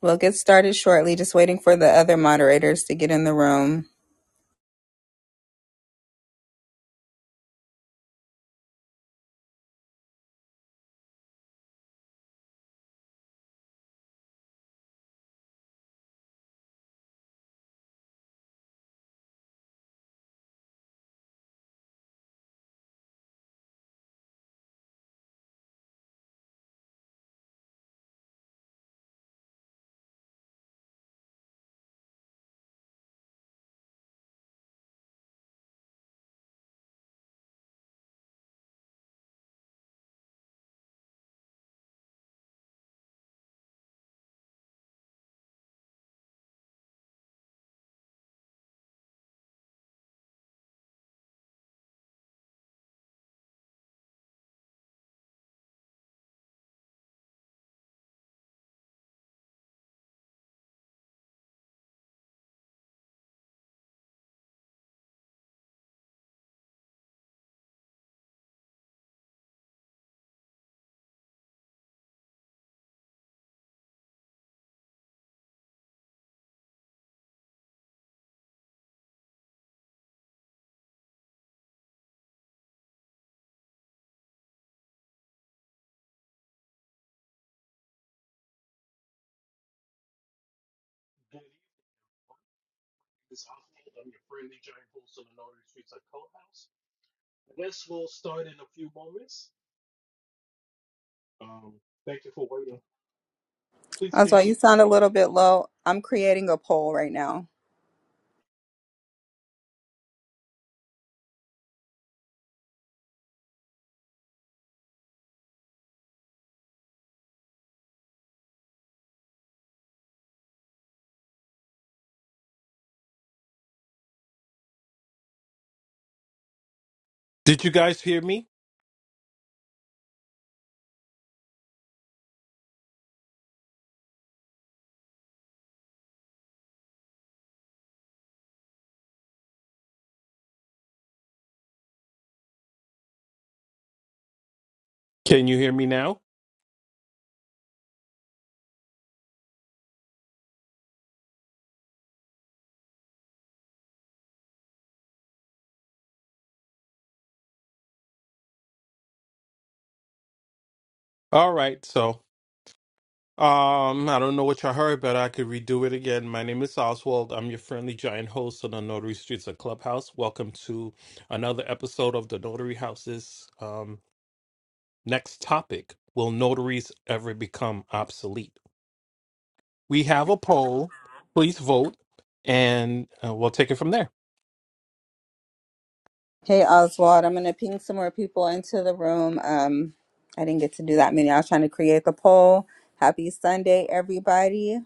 We'll get started shortly, just waiting for the other moderators to get in the room. Oswald, you sound a little bit low. I'm creating a poll right now. Did you guys hear me? Can you hear me now? All right. So, um, I don't know what you heard, but I could redo it again. My name is Oswald. I'm your friendly giant host on the Notary Streets of Clubhouse. Welcome to another episode of the Notary House's um, next topic Will notaries ever become obsolete? We have a poll. Please vote, and uh, we'll take it from there. Hey, Oswald, I'm going to ping some more people into the room. Um, I didn't get to do that many. I was trying to create the poll. Happy Sunday, everybody.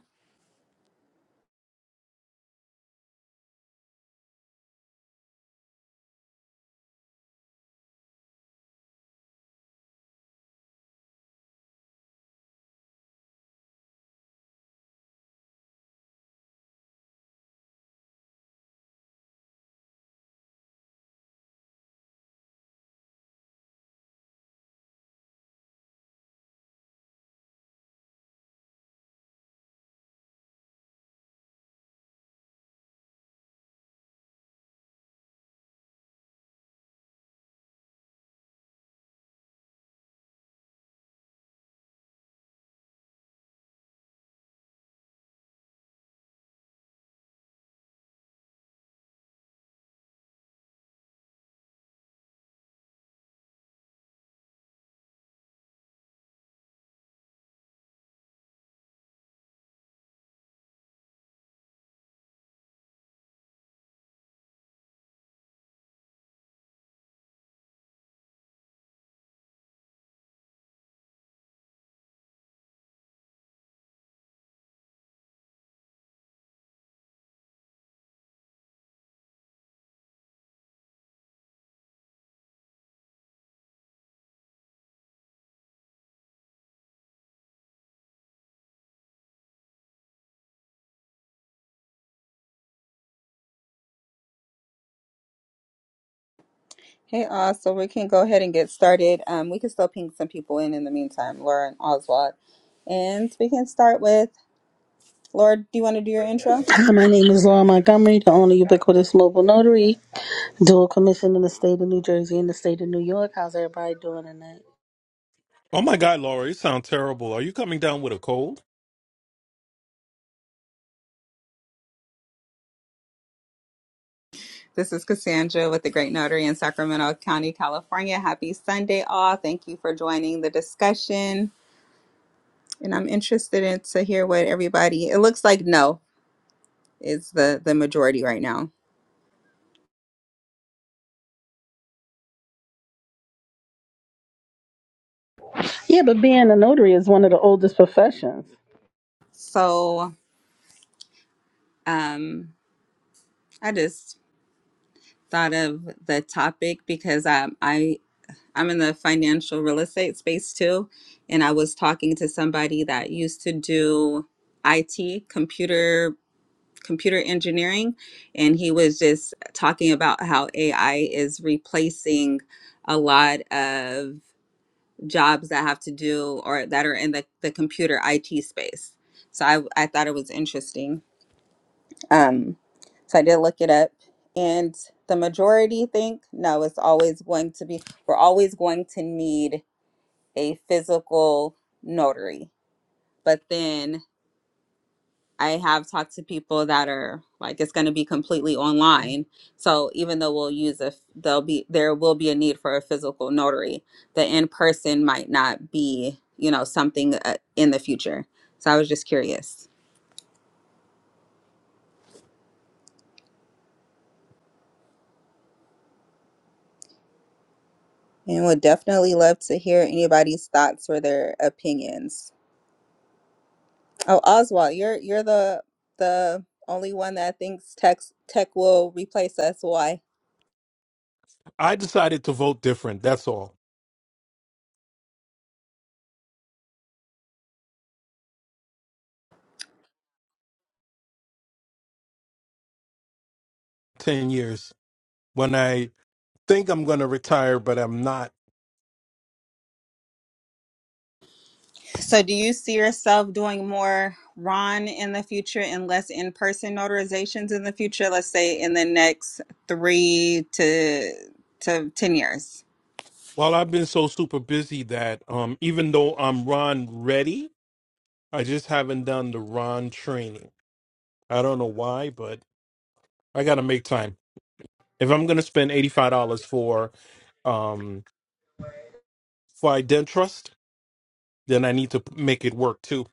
Hey, Oz, so we can go ahead and get started. Um, we can still ping some people in in the meantime, Laura and Oswald. And we can start with, Laura, do you want to do your intro? Hi, my name is Laura Montgomery, the only ubiquitous mobile notary, dual commission in the state of New Jersey and the state of New York. How's everybody doing tonight? Oh my God, Laura, you sound terrible. Are you coming down with a cold? This is Cassandra with the Great Notary in Sacramento County, California. Happy Sunday, all. Thank you for joining the discussion. And I'm interested in to hear what everybody, it looks like no is the, the majority right now. Yeah, but being a notary is one of the oldest professions. So um, I just thought of the topic because I I, I'm in the financial real estate space too. And I was talking to somebody that used to do IT, computer computer engineering and he was just talking about how AI is replacing a lot of jobs that have to do or that are in the, the computer IT space. So I, I thought it was interesting. Um, so I did look it up and the majority think no, it's always going to be, we're always going to need a physical notary. But then I have talked to people that are like it's going to be completely online. So even though we'll use a there'll be there will be a need for a physical notary, the in person might not be you know something uh, in the future. So I was just curious. And would definitely love to hear anybody's thoughts or their opinions. Oh, Oswald, you're you're the the only one that thinks tech tech will replace us. Why? I decided to vote different. That's all. 10 years. When I think I'm going to retire, but I'm not. So, do you see yourself doing more RON in the future and less in person notarizations in the future? Let's say in the next three to to ten years. Well, I've been so super busy that um, even though I'm Ron ready, I just haven't done the Ron training. I don't know why, but I got to make time. If I'm going to spend $85 for um, for Identrust, then I need to make it work too.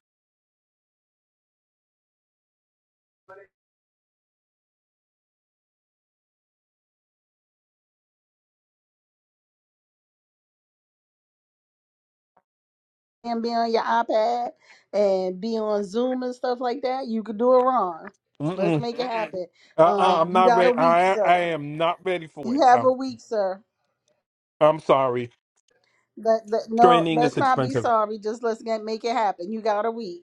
And be on your iPad and be on Zoom and stuff like that, you could do it wrong. Let's Mm-mm. make it happen. Uh-uh, Um, I'm you not got a ready. week, I I sir. am not ready for You it. have a week, sir. I'm sorry. Let, let, no, Training let's is not be expensive. sorry. Just let's get make it happen. You got a week.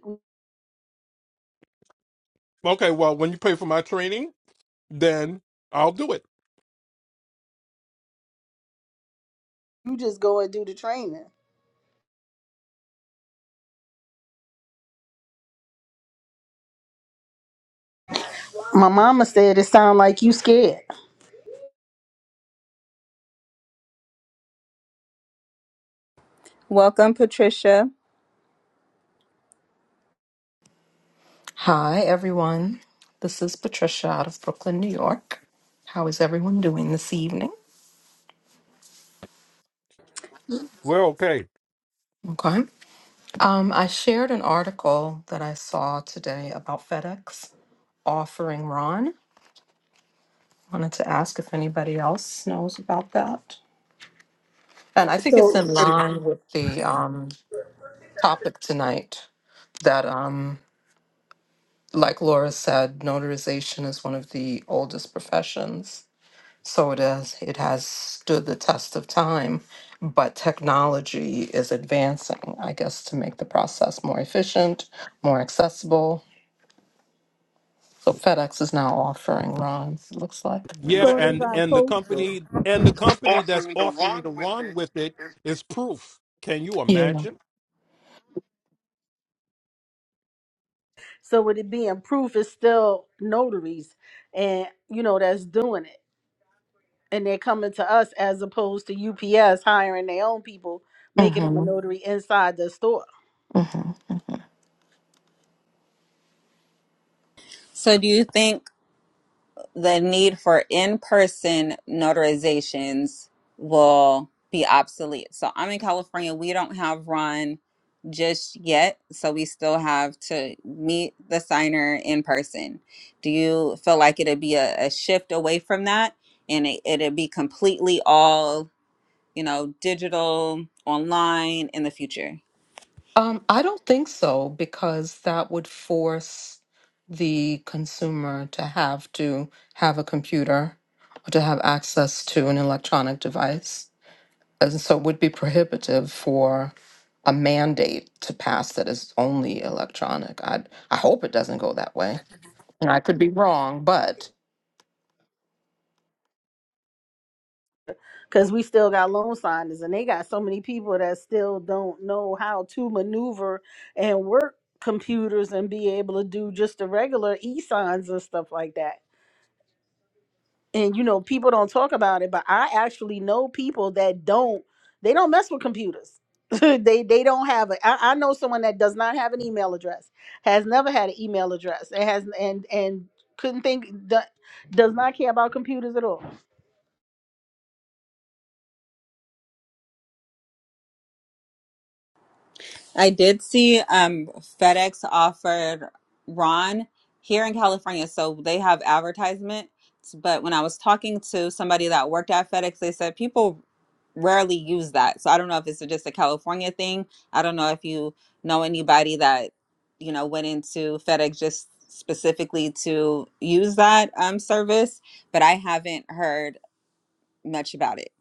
Okay, well, when you pay for my training, then I'll do it. You just go and do the training. My mama said it sound like you scared. Welcome, Patricia. Hi, everyone. This is Patricia out of Brooklyn, New York. How is everyone doing this evening? We're okay. Okay. Um, I shared an article that I saw today about FedEx offering Ron. Wanted to ask if anybody else knows about that. And I think it's So in line with the um, topic tonight that, um, like Laura said, notarization is one of the oldest professions So it has, it has stood the test of time, but technology is advancing, I guess, to make the process more efficient, more accessible. So FedEx is now offering runs, it looks like. Yeah, so does and our and the postal. company and the company that's offering to run with it is proof. Can you Yeah. imagine? So with it being proof, it's still notaries, and you know that's doing it, and they're coming to us as opposed to UPS hiring their own people, making them a hmm notary inside the store. hmm So, do you think the need for in-person notarizations will be obsolete. So I'm in California. We don't have Ron just yet, so we still have to meet the signer in person. Do you feel like it'd be a, a shift away from that, and it, it'd be completely all you know digital online in the future? Um, I don't think so because that would force the consumer to have to have a computer or to have access to an electronic device. And so it would be prohibitive for a mandate to pass that is only electronic. I I hope it doesn't go that way. And I could be wrong, but Because we still got loan signers, and they got so many people that still don't know how to maneuver and work computers and be able to do just the regular e signs and stuff like that. and you know people don't talk about it but i actually know people that don't they don't mess with computers they they don't have a, I, I know someone that does not have an email address has never had an email address and has and and couldn't think do- does not care about computers at all I did see um FedEx offered Ron here in California, so they have advertisement. But when I was talking to somebody that worked at FedEx, they said people rarely use that. So I don't know if it's just a California thing. I don't know if you know anybody that you know went into FedEx just specifically to use that um service, but I haven't heard much about it.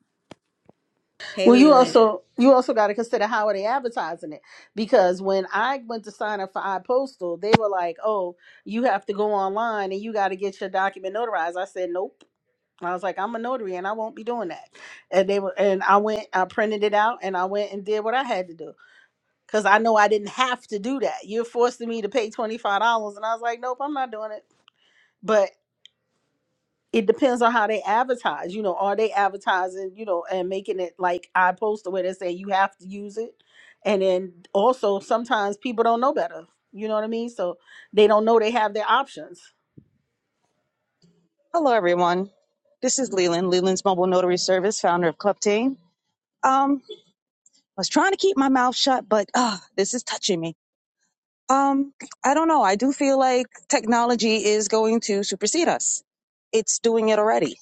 Hey, well you Leland. also you also got to consider how are they advertising it because when i went to sign up for ipostal they were like oh you have to go online and you got to get your document notarized i said nope I was like, I'm a notary and I won't be doing that. And they were, and I went, I printed it out and I went and did what I had to do. Cause I know I didn't have to do that. You're forcing me to pay $25. And I was like, nope, I'm not doing it. But it depends on how they advertise. You know, are they advertising, you know, and making it like I posted where they say you have to use it. And then also sometimes people don't know better. You know what I mean? So they don't know they have their options. Hello, everyone. This is Leland, Leland's Mobile Notary Service, founder of Club Team. Um, I was trying to keep my mouth shut, but uh, this is touching me. Um, I don't know. I do feel like technology is going to supersede us. It's doing it already.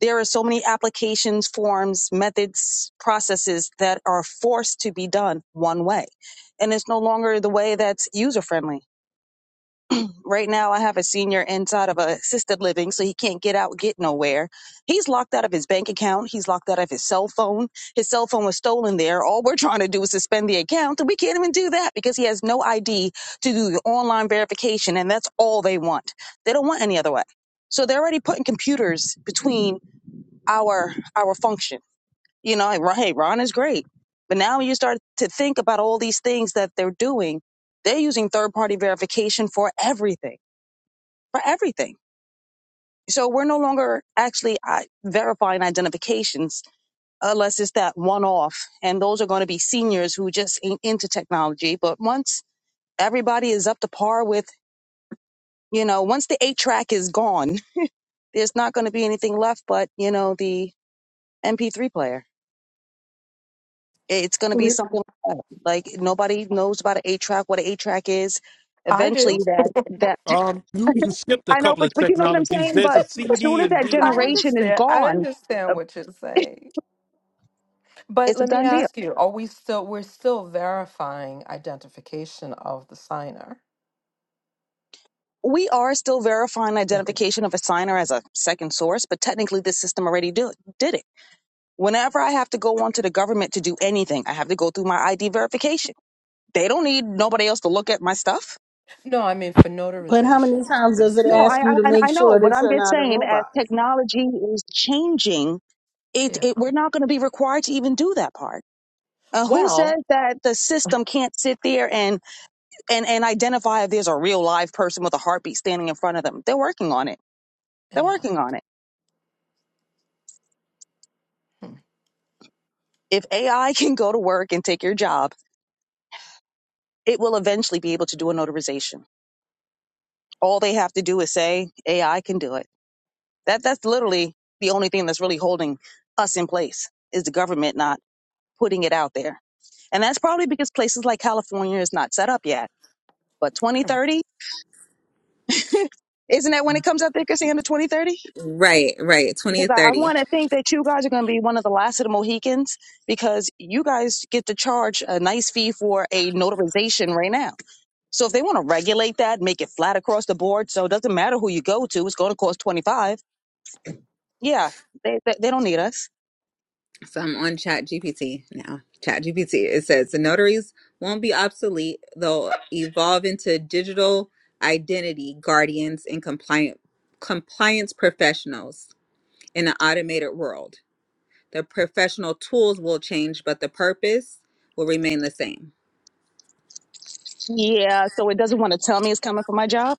There are so many applications, forms, methods, processes that are forced to be done one way. And it's no longer the way that's user friendly. Right now, I have a senior inside of a assisted living, so he can't get out, get nowhere. He's locked out of his bank account. He's locked out of his cell phone. His cell phone was stolen there. All we're trying to do is suspend the account, and we can't even do that because he has no ID to do the online verification, and that's all they want. They don't want any other way. So they're already putting computers between our our function. You know, like, hey, Ron is great, but now you start to think about all these things that they're doing. They're using third party verification for everything for everything. So we're no longer actually uh, verifying identifications unless it's that one off. And those are going to be seniors who just ain't into technology. But once everybody is up to par with, you know, once the eight track is gone, there's not going to be anything left but, you know, the MP3 player. It's going to be We- something like that. Like nobody knows about an eight track, what an eight track is. I do. Eventually that, that, Um, you, you skipped a I know, couple but, of but you know what I'm technologies. saying? There's But a as soon CD as and that I DVD. generation is understand. I gone, uh, understand what you're saying. but It's a let me done deal. ask you, are we still we're still verifying identification of the signer? We are still verifying Mhm. identification of a signer as a second source, but technically this system already do, did it. Whenever I have to go onto the government to do anything, I have to go through my ID verification. They don't need nobody else to look at my stuff. No, I mean for But how many notarizations, times we does it No, ask I still. you to I, make I sure know, but that I'm you're just not a saying as robot? technology is changing, it, yeah. it we're not going to be required to even do that part. Uh, who Well, says that the system can't sit there and, and and identify if there's a real live person with a heartbeat standing in front of them? They're working on it. They're yeah. working on it. Hmm. If AI can go to work and take your job, it will eventually be able to do a notarization. All they have to do is say AI can do it. That that's literally the only thing that's really holding us in place is the government not putting it out there. And that's probably because places like California is not set up yet. But 2030, isn't that when it comes out there, Cassandra, 2030? Right, right. 20 because or I, I 30. want to think that you guys are going to be one of the last of the Mohicans because you guys get to charge a nice fee for a notarization right now. So if they want to regulate that, make it flat across the board, so it doesn't matter who you go to, it's going to cost twenty five. Yeah, they, they they don't need us. So I'm on ChatGPT now. ChatGPT It says the notaries won't be obsolete. They'll evolve into digital identity guardians and compliant compliance professionals in an automated world. The professional tools will change, but the purpose will remain the same. Yeah, so it doesn't want to tell me it's coming from my job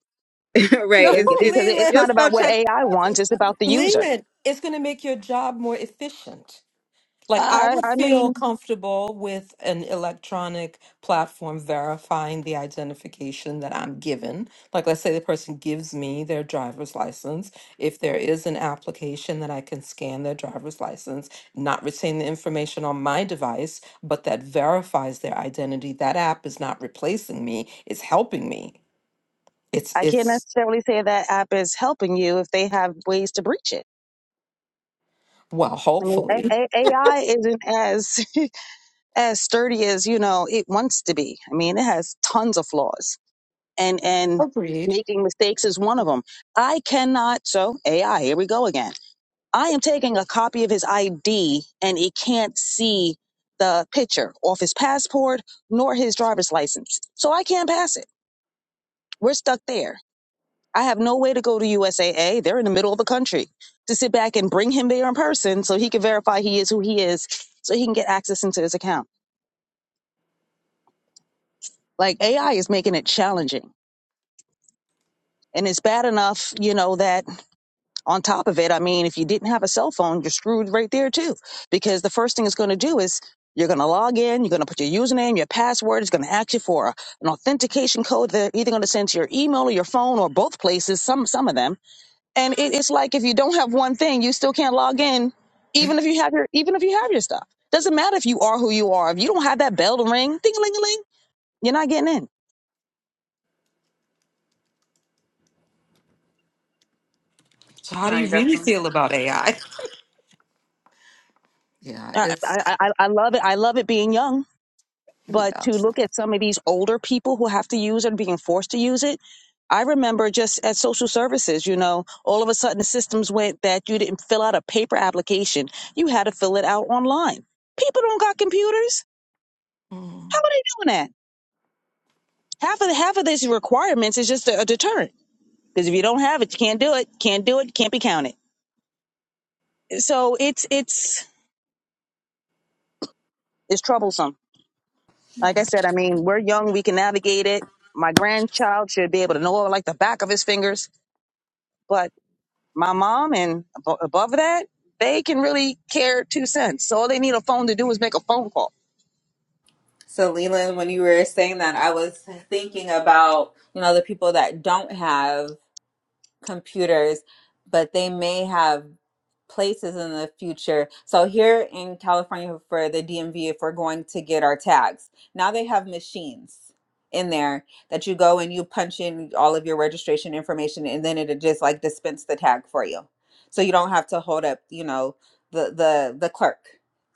right. No, because It's it's it- it's Leland, you'll not still about what check AI wants; it's about the user. Leland, it's going to make your job more efficient. Like, I I would I feel mean, comfortable with an electronic platform verifying the identification that I'm given. Like, let's say the person gives me their driver's license. If there is an application that I can scan their driver's license, not retain the information on my device, but that verifies their identity, that app is not replacing me, it's helping me. It's I can't it's necessarily say that app is helping you if they have ways to breach it. Well, I mean, A- hopefully. A- AI isn't as as sturdy as you know it wants to be. I mean, it has tons of flaws, and and Agreed. making mistakes is one of them. I cannot. So AI, here we go again. I am taking a copy of his ID, and it can't see the picture off his passport nor his driver's license, so I can't pass it. We're stuck there. I have no way to go to USAA. They're in the middle of the country to sit back and bring him there in person so he can verify he is who he is so he can get access into his account. Like AI is making it challenging And it's bad enough, you know, that on top of it, I mean, if you didn't have a cell phone, you're screwed right there too. Because the first thing it's going to do is you're going to log in, you're going to put your username, your password, it's going to ask you for a- an authentication code they're either going to send to your email or your phone or both places, some, some of them. And it, it's like if you don't have one thing, you still can't log in, even if you have your, even if you have your stuff. Doesn't matter if you are who you are. If you don't have that bell to ring, ding a ling a ling, you're not getting in. So, how do you really feel about AI? Yeah, I, it's, I, I I love it. I love it being young you But know. to look at some of these older people who have to use it and being forced to use it, I remember just at social services, you know, all of a sudden the systems went that you didn't fill out a paper application. You had to fill it out online. People don't got computers. How mm. are they doing that? Half of half of these requirements is just a, a deterrent. Because if you don't have it, you can't do it, can't do it, can't be counted. So it's it's it's troublesome. Like I said, I mean, we're young, we can navigate it. My grandchild should be able to know like the back of his fingers. But my mom and abo- above that, they can really care two cents. So all they need a phone to do is make a phone call. so Leland, when you were saying that, I was thinking about, you know, the people that don't have computers, but they may have places in the future. So here in California for the DMV, if we're going to get our tags, now they have machines in there that you go and you punch in all of your registration information and then it just like dispense the tag for you. So you don't have to hold up, you know, the the the clerk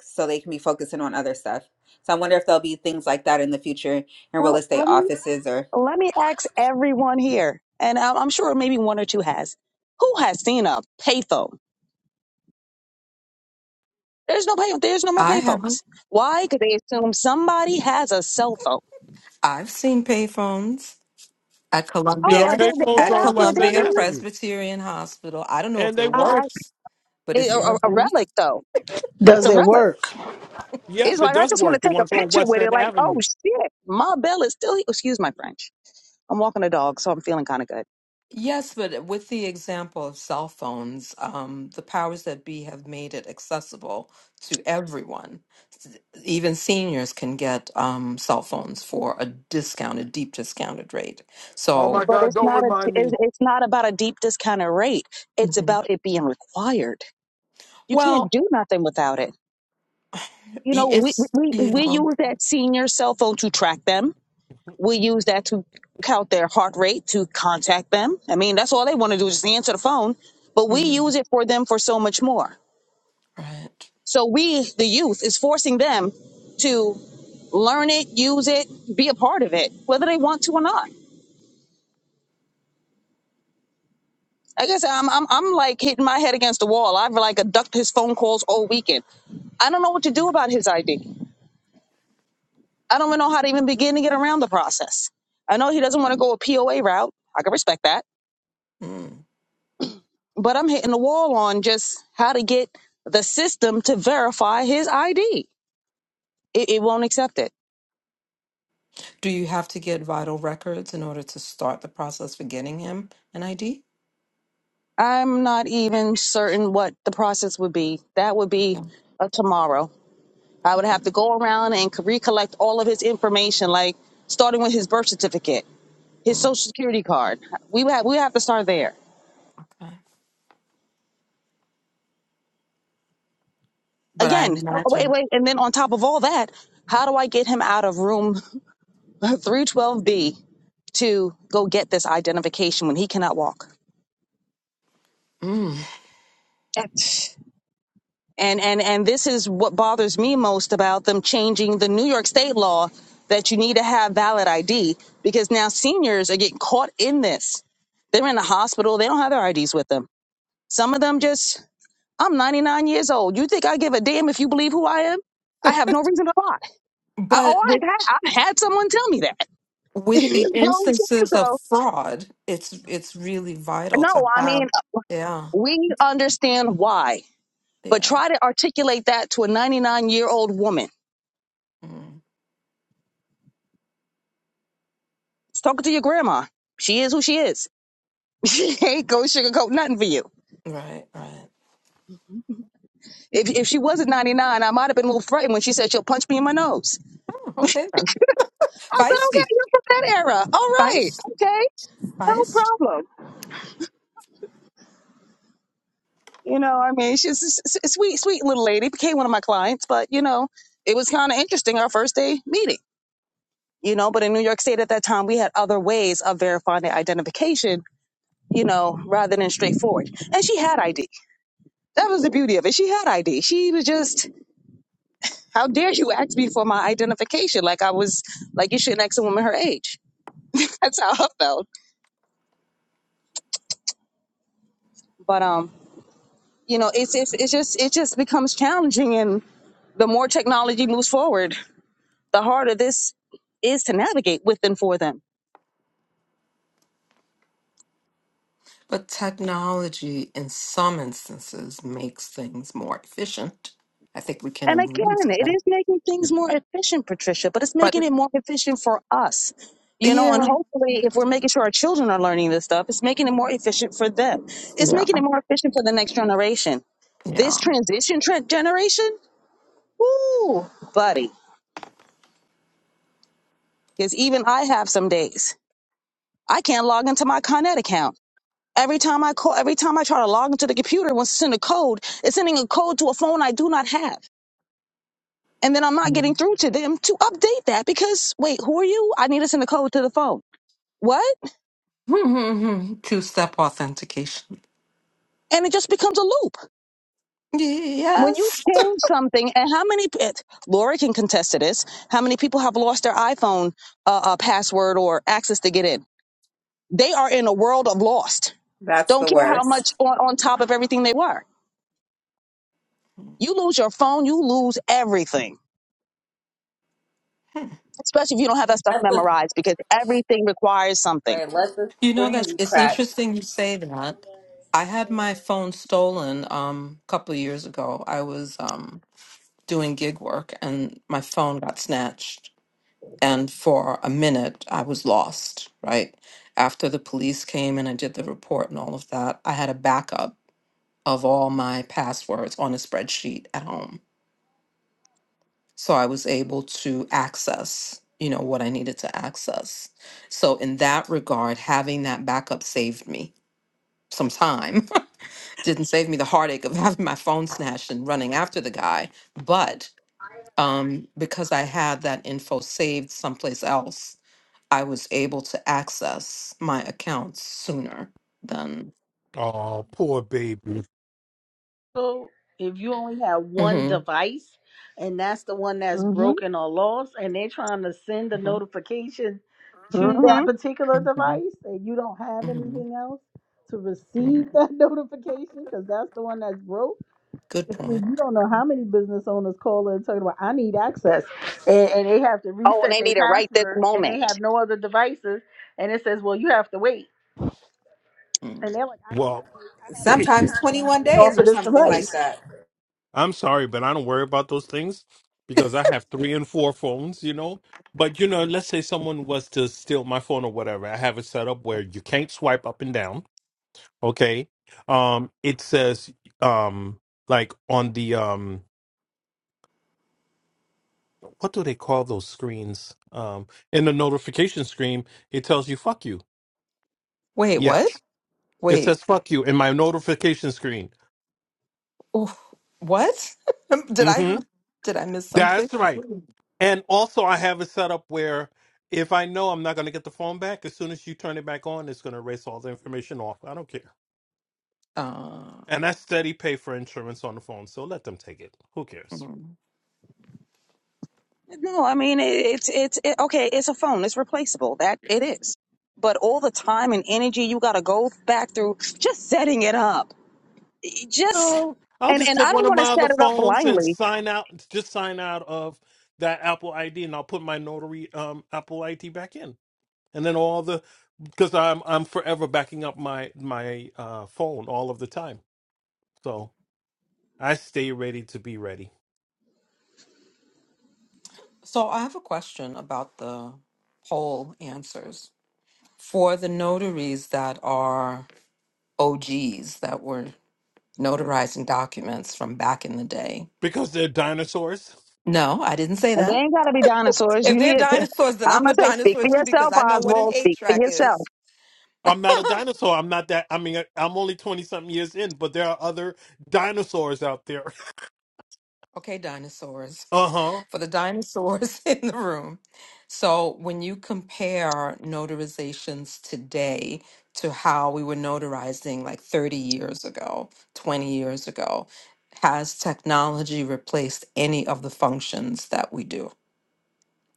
so they can be focusing on other stuff. So I wonder if there'll be things like that in the future in real Well, estate let me offices or let me ask everyone here, and I'm, I'm sure maybe one or two has. Who has seen a payphone? There's no pay. There's no more I have. payphones. Why? Because they assume somebody has a cell phone. I've seen payphones at There Oh, are uh, Columbia, they're, they're payphones at on out there. West They're End Columbia real. Avenue, Presbyterian Hospital. I don't know and if it they Uh, work. works, but it- it's air a, a boost. relic though, but it's Does a it relic. work? It's Yes, it like I does just want work. to The take a ones on picture West with it. End Like, oh Avenue. shit, my bell is still. Excuse my French. I'm walking a dog, so I'm feeling kind of good Yes, but with the example of cell phones, um, the powers that be have made it accessible to everyone. even seniors can get um, cell phones for a discounted, deep discounted rate. Oh my So, But God! it's Don't not a remind it's me. it's not about a deep discounted rate. It's Mhm. about it being required. You can't well, do nothing without it. You know, we it's we we yeah, use that senior cell phone to track them. We use that to count their heart rate to contact them. I mean, that's all they want to do is answer the phone. But we mm, use it for them for so much more. right. So we, the youth, is forcing them to learn it, use it, be a part of it, whether they want to or not. Like I guess I'm, I'm, I'm like hitting my head against the wall. I've like ducked his phone calls all weekend. I don't know what to do about his ID. I don't even know how to even begin to get around the process. I know he doesn't want to go a POA route. I can respect that. Mm. But I'm hitting the wall on just how to get the system to verify his ID. It, it won't accept it. Do you have to get vital records in order to start the process for getting him an ID? I'm not even certain what the process would be. That would be Yeah. a tomorrow. I would Okay. have to go around and c- recollect all of his information, like starting with his birth certificate. his social Mm, security card. We have, we have to start there. okay. But I Again, oh, wait, imagine. wait. And then on top of all that, how do I get him out of room 312B to go get this identification when he cannot walk? Mm. And and and this is what bothers me most about them changing the New York state law that you need to have valid ID because now seniors are getting caught in this. They're in the hospital, they don't have their IDs with them. Some of them just I'm 99 years old. You think I give a damn if you believe who I am? I have no reason to lie. I, But oh, I with had, I had someone tell me that. with You know the what I'm instances saying? of so, fraud, it's it's really vital to no, I have. mean, Yeah. we understand why, but Yeah. try to articulate that to a 99 year old woman. Mm. It's talking to your grandma. She is who she is. She ain't go sugarcoat nothing for you. Right. Right. If, if she wasn't 99, I might have been a little frightened when she said she'll punch me in my nose. Okay. I said, okay, Feisty. you're from that era. All right. Feisty. Okay. No Feisty. problem You know, I mean, she's a s- s- sweet, sweet little lady. Became one of my clients, but you know, it was kind of interesting our first day meeting. You know, but in New York State at that time, we had other ways of verifying the identification. You know, rather than straightforward. And she had ID. That was the beauty of it. She had ID. She was just, how dare you ask me for my identification? Like I was, like you shouldn't ask a woman her age. That's how I felt. But um, you know, it's it's it's just it just becomes challenging, and the more technology moves forward. the harder this is to navigate with and for them. But technology, in some instances, makes things more efficient. I think we can And agree again, to it that. is making things more efficient, Patricia, but it's But making it more efficient for us. You know, and yeah. hopefully, if we're making sure our children are learning this stuff, it's making it more efficient for them. It's Yeah. making it more efficient for the next generation. This Yeah. transition tra- generation, woo, buddy. Because even I have some days I can't log into my Connet account. Every time I call, every time I try to log into the computer, once it's in a code, it's sending a code to a phone I do not have. And then I'm not getting through to them to update that because wait, who are you? I need to send the code to the phone. What? Two step authentication. And it just becomes a loop. When you Yes. change something, and how many, it, Laura can contest to this, how many people have lost their iPhone uh, uh, password or access to get in? They are in a world of lost. that's Don't the care how much worst. on, on top of everything they were. You lose your phone, you lose everything, Hmm. especially if you don't have that stuff memorized because everything requires something. Right, let the You know screen that's be it's cracked. interesting you say that. I had my phone stolen um a couple of years ago. I was um doing gig work and my phone got snatched And for a minute, I was lost, right? After the police came and I did the report and all of that, I had a backup of all my passwords on a spreadsheet at home. So I was able to access, you know, what I needed to access. So in that regard, having that backup saved me some time. Didn't save me the heartache of having my phone snatched and running after the guy, but um, because I had that info saved someplace else I was able to access my accounts sooner than. Oh, poor baby. So if you only have one Mhm, device and that's the one that's hmm broken or lost and they're trying to send a mhm, notification to that hmm particular mhm, device and you don't have mhm, anything else to mhm. receive that notification because that's the one that's broke Good If you point. you don't know how many business owners call and tell you about i need access and, and they have to Oh, and reset they their need it right this password and they moment. have no other devices and it says well you have to wait Mm. and they're like i Well, can't wait i have a credit sometimes card and i'm 21 running off days of or this something like device that I'm sorry, but I don't worry about those things because I have three and four phones, you know. But you know, let's say someone was to steal my phone or whatever. I have it set up where you can't swipe up and down. Okay. Um, it says um like on the um what do they call those screens? Um, in the notification screen, it tells you "fuck you." Wait, Yeah, what? it Wait, says "fuck you" in my notification screen. oof, what? did I hmm do- did I miss something? That's right. Mm. And also, I have it set up where if I know I'm not going to get the phone back, as soon as you turn it back on, it's going to erase all the information off. I don't care. Uh, And I steady pay for insurance on the phone, so let them take it. Who cares? mm. No, I mean it, it's it's it, okay. It's a phone. It's replaceable. That it is. But all the time and energy you got to go back through just setting it up. It Just Oh, I'll and just and take I don't one of want to my other set it up phones and blindly. sign out. Just sign out of that Apple ID, and I'll put my notary um Apple ID back in. and then all the because I'm I'm forever backing up my my uh, phone all of the time, so I stay ready to be ready so I have a question about the poll answers for the notaries that are OGs that were notarizing documents from back in the day. because they're dinosaurs. No, I didn't say And they that. ain't got to be dinosaurs. If You they're need to. dinosaurs, then I I'm a must say, speak dinosaur for too because yourself, I know what an Oswald. eight Speak for track yourself. is. I'm not a dinosaur. I'm not that. I mean, I'm only twenty something years in, but there are other dinosaurs out there. okay, dinosaurs. Uh huh. For the dinosaurs in the room. So when you compare notarizations today to how we were notarizing like 30 years ago, 20 years ago, has technology replaced any of the functions that we do?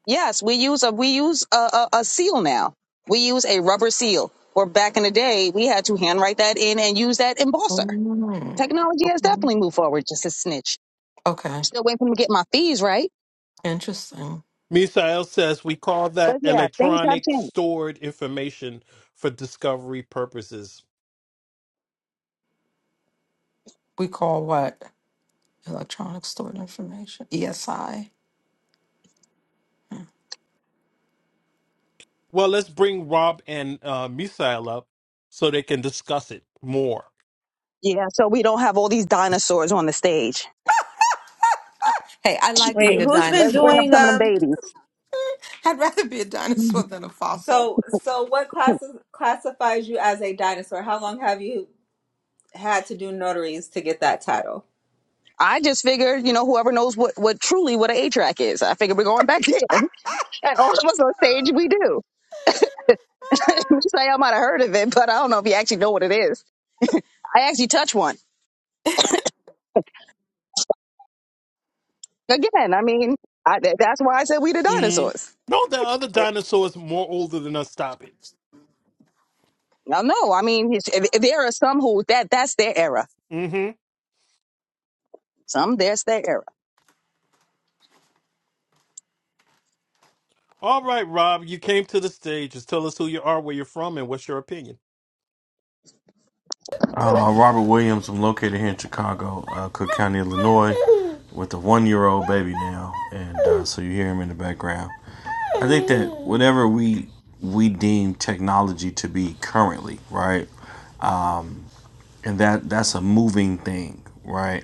Yes, we use a we use a, a, a seal now. We use a rubber seal. Where back in the day, we had to handwrite that in and use that embosser. Mm, Technology has okay. definitely moved forward. Just a snitch. Okay. Still waiting for me to get my fees right. Interesting. Misael says we call But that yeah, things have electronic changed. stored information for discovery purposes. We call what? Electronic stored information. ESI. Well, let's bring Rob and uh, Misael up so they can discuss it more. Yeah, so we don't have all these dinosaurs on the stage. Hey, I like wait being a who's been Let's bring dinosaur. up doing some of the um I'd rather be a babies. dinosaur than a fossil. so so what classes classifies you as a dinosaur how long have you had to do notaries to get that title I just figured, you know, whoever knows what, what truly what an A track is, I figured we're going back there. And all of us on stage, we do. You say I might have heard of it, but I don't know if you actually know what it is. I actually touched one. Again, I mean, I, th- that's why I said we the Mm. dinosaurs. No, the other dinosaur is more older than us. Stop it. Now, no, I mean, it's- if- if there are some who that that's their era. Mm-hmm. Some that's their era. All right, Rob, you came to the stage. Just tell us who you are, where you're from, and what's your opinion. Uh, Robert Williams, I'm located here in Chicago, uh, Cook County, Illinois, with a one year old baby now. And uh, so you hear him in the background. I think that whatever we we deem technology to be currently, right? And that that's a moving thing, right?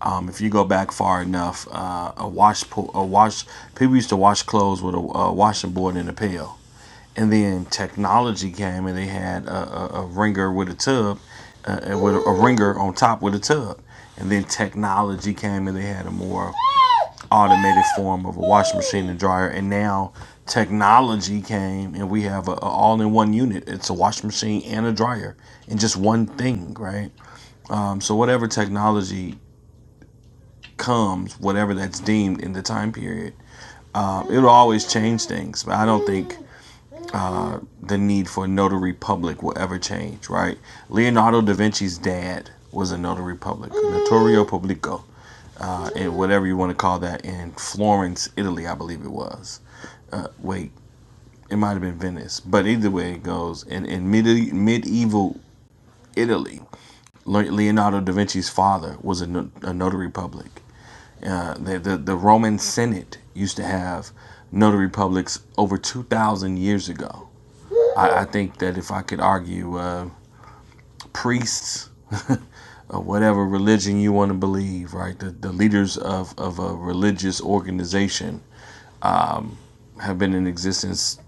Um, if you go back far enough, uh, a wash po- a wash people used to wash clothes with a, a washing board and a pail, and then technology came and they had a, a, a ringer with a tub uh, with a, a ringer on top with a tub and then technology came and they had a more automated form of a washing machine and dryer and now technology came and we have a, a all-in-one unit it's a washing machine and a dryer in just one thing right um, so whatever technology comes whatever that's deemed in the time period um, it'll always change things but i don't think the need for a notary public will ever change, right? Leonardo da Vinci's dad was a notary public, notario pubblico, uh, and whatever you want to call that in Florence, Italy, I believe it was. Wait, it might have been Venice, but either way it goes. And in medi- medieval Italy, Leonardo da Vinci's father was a, no- a notary public. Uh, the, the the Roman Senate used to have notary publics over two thousand years ago. I, I think that if I could argue. Uh, priests or whatever religion you want to believe, right? The, the leaders of, of a religious organization um, have been in existence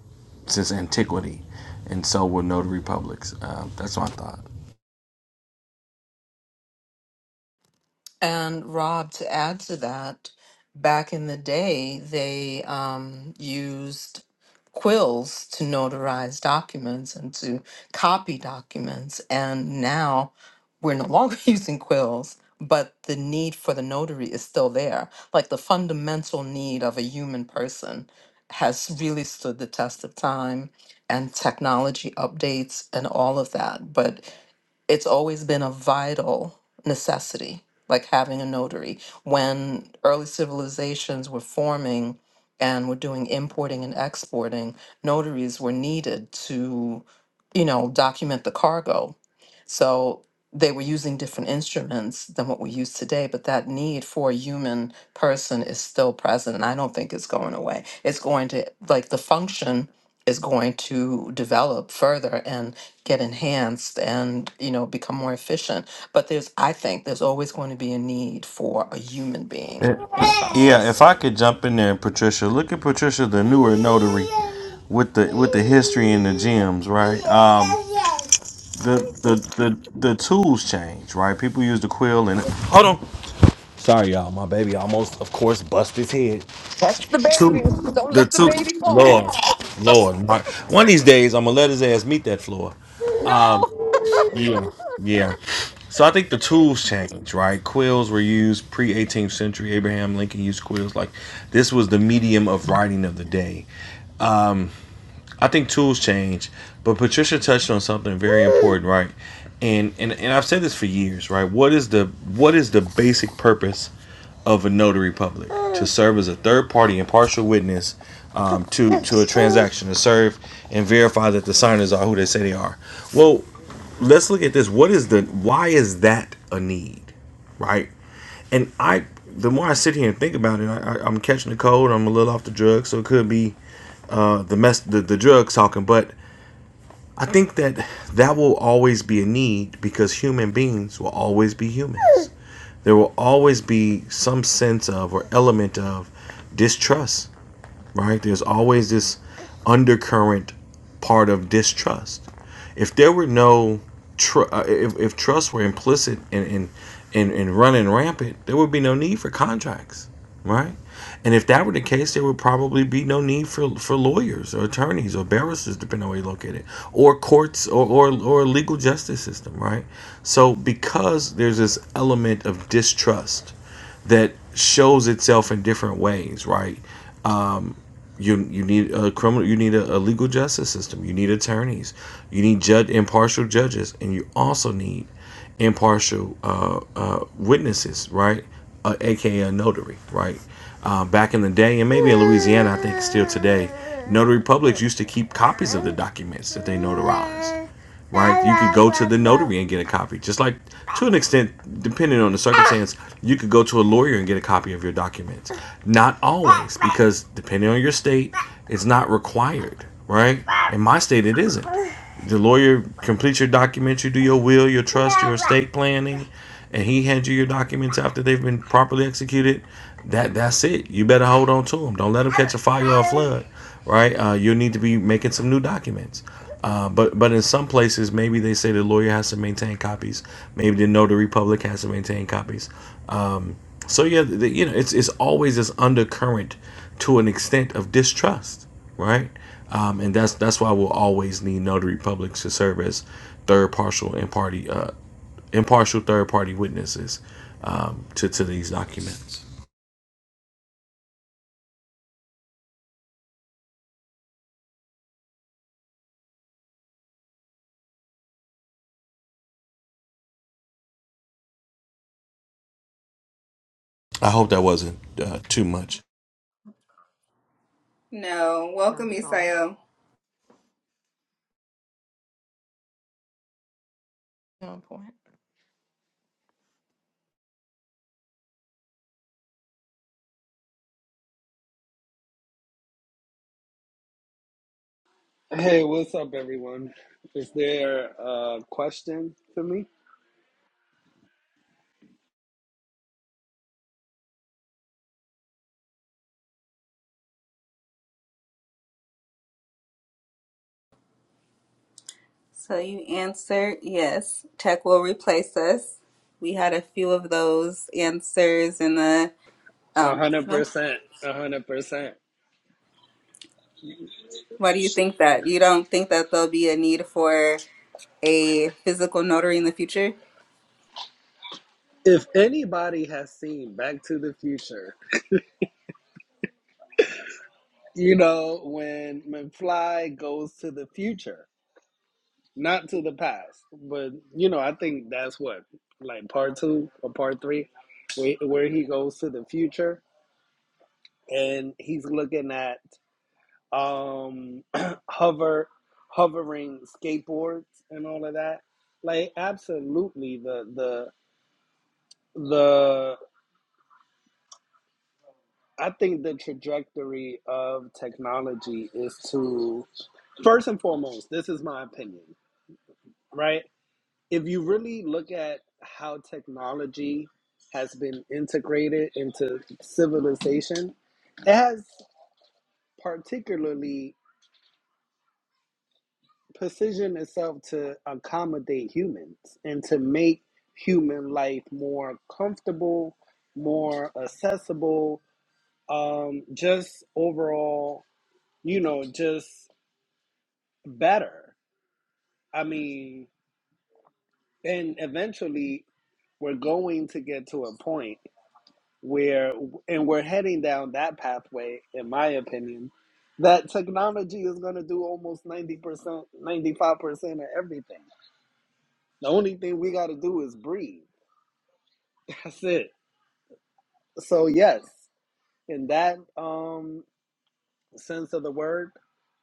since antiquity, and so were notary publics. Uh, that's my thought. And Rob, to add to that, back in the day, they um, used quills to notarize documents and to copy documents. And now we're no longer using quills, but the need for the notary is still there. Like the fundamental need of a human person has really stood the test of time and technology updates and all of that. But it's always been a vital necessity, like having a notary. When early civilizations were forming and were doing importing and exporting, notaries were needed to, you know, document the cargo. So they were using different instruments than what we use today, but that need for a human person is still present. And I don't think it's going away. It's going to, like, the function is going to develop further. and get enhanced and you know become more efficient but there's i think there's always going to be a need for a human being Eh, in the yeah, if process I could jump in there, Patricia, look at Patricia, the newer notary, with the with the history and the gems, right? Um, the the the the tools change, right? People use the quill and hold on. Sorry, y'all. My baby almost, of course, bust his head. Catch the baby. Two, Don't the let the two. baby fall. Lord, Lord. My, one of these days, I'm going to let his ass meet that floor. No. Yeah, Yeah. So I think the tools changed, right? Quills were used pre 18th century. Abraham Lincoln used quills. Like, this was the medium of writing of the day. I think tools change, but Patricia touched on something very important, right? And and and I've said this for years, right? What is the what is the basic purpose of a notary public? To serve as a third party impartial witness um, to to a transaction, to serve and verify that the signers are who they say they are. Well, let's look at this. What is the why is that a need, right? And I the more I sit here and think about it, I, I, I'm catching a cold. I'm a little off the drugs, so it could be uh, the mess the, the drugs talking, but I think that that will always be a need because human beings will always be humans. There will always be some sense of or element of distrust right? There's always this undercurrent part of distrust. If there were no tr- uh, if, if trust were implicit and and, and and running rampant, there would be no need for contracts, right? And if that were the case, there would probably be no need for, for lawyers or attorneys or barristers, depending on where you are located, or courts or, or, or legal justice system, right? So because there's this element of distrust that shows itself in different ways, right? Um, you you need a criminal, you need a, a legal justice system, you need attorneys, you need judge impartial judges, and you also need impartial uh, uh, witnesses, right? Uh, AKA notary, right? Uh, back in the day, and maybe in Louisiana, I think still today, notary publics used to keep copies of the documents that they notarized right? You could go to the notary and get a copy. Just like to an extent, depending on the circumstance, you could go to a lawyer and get a copy of your documents. Not always, because depending on your state, it's not required, right? In my state, it isn't. The lawyer completes your documents, you do your will, your trust, your estate planning, and he hands you your documents after they've been properly executed. That that's it. You better hold on to them. Don't let them catch a fire or a flood right? Uh, you'll need to be making some new documents. Uh, but but in some places, maybe they say the lawyer has to maintain copies. Maybe the notary public has to maintain copies. So yeah, the, you know, it's it's always this undercurrent to an extent of distrust, right? Um, and that's that's why we'll always need notary publics to serve as third partial and party uh, impartial third party witnesses um, to to these documents. I hope that wasn't uh, too much. No. Welcome, You know Isayo. point Hey, what's up, everyone? Is there a question for me? So you answered yes. Tech will replace us. We had a few of those answers in the. A Oh, hundred no. percent, a hundred percent. Why do you think that? You don't think that there'll be a need for a physical notary in the future? If anybody has seen Back to the Future, you know when when Fly goes to the future, not to the past, but you know I think that's what like part two or part three, where, where he goes to the future and he's looking at um, hover, hovering skateboards and all of that. Like absolutely, the the the. I think the trajectory of technology is to first and foremost. This is my opinion, right? If you really look at how technology has been integrated into civilization, it has particularly precision itself to accommodate humans and to make human life more comfortable, more accessible, um, just overall, you know, just better. I mean, and eventually we're going to get to a point where, and we're heading down that pathway, in my opinion, that technology is going to do almost 90%, 95% of everything. The only thing we got to do is breathe. That's it. So yes, in that um sense of the word,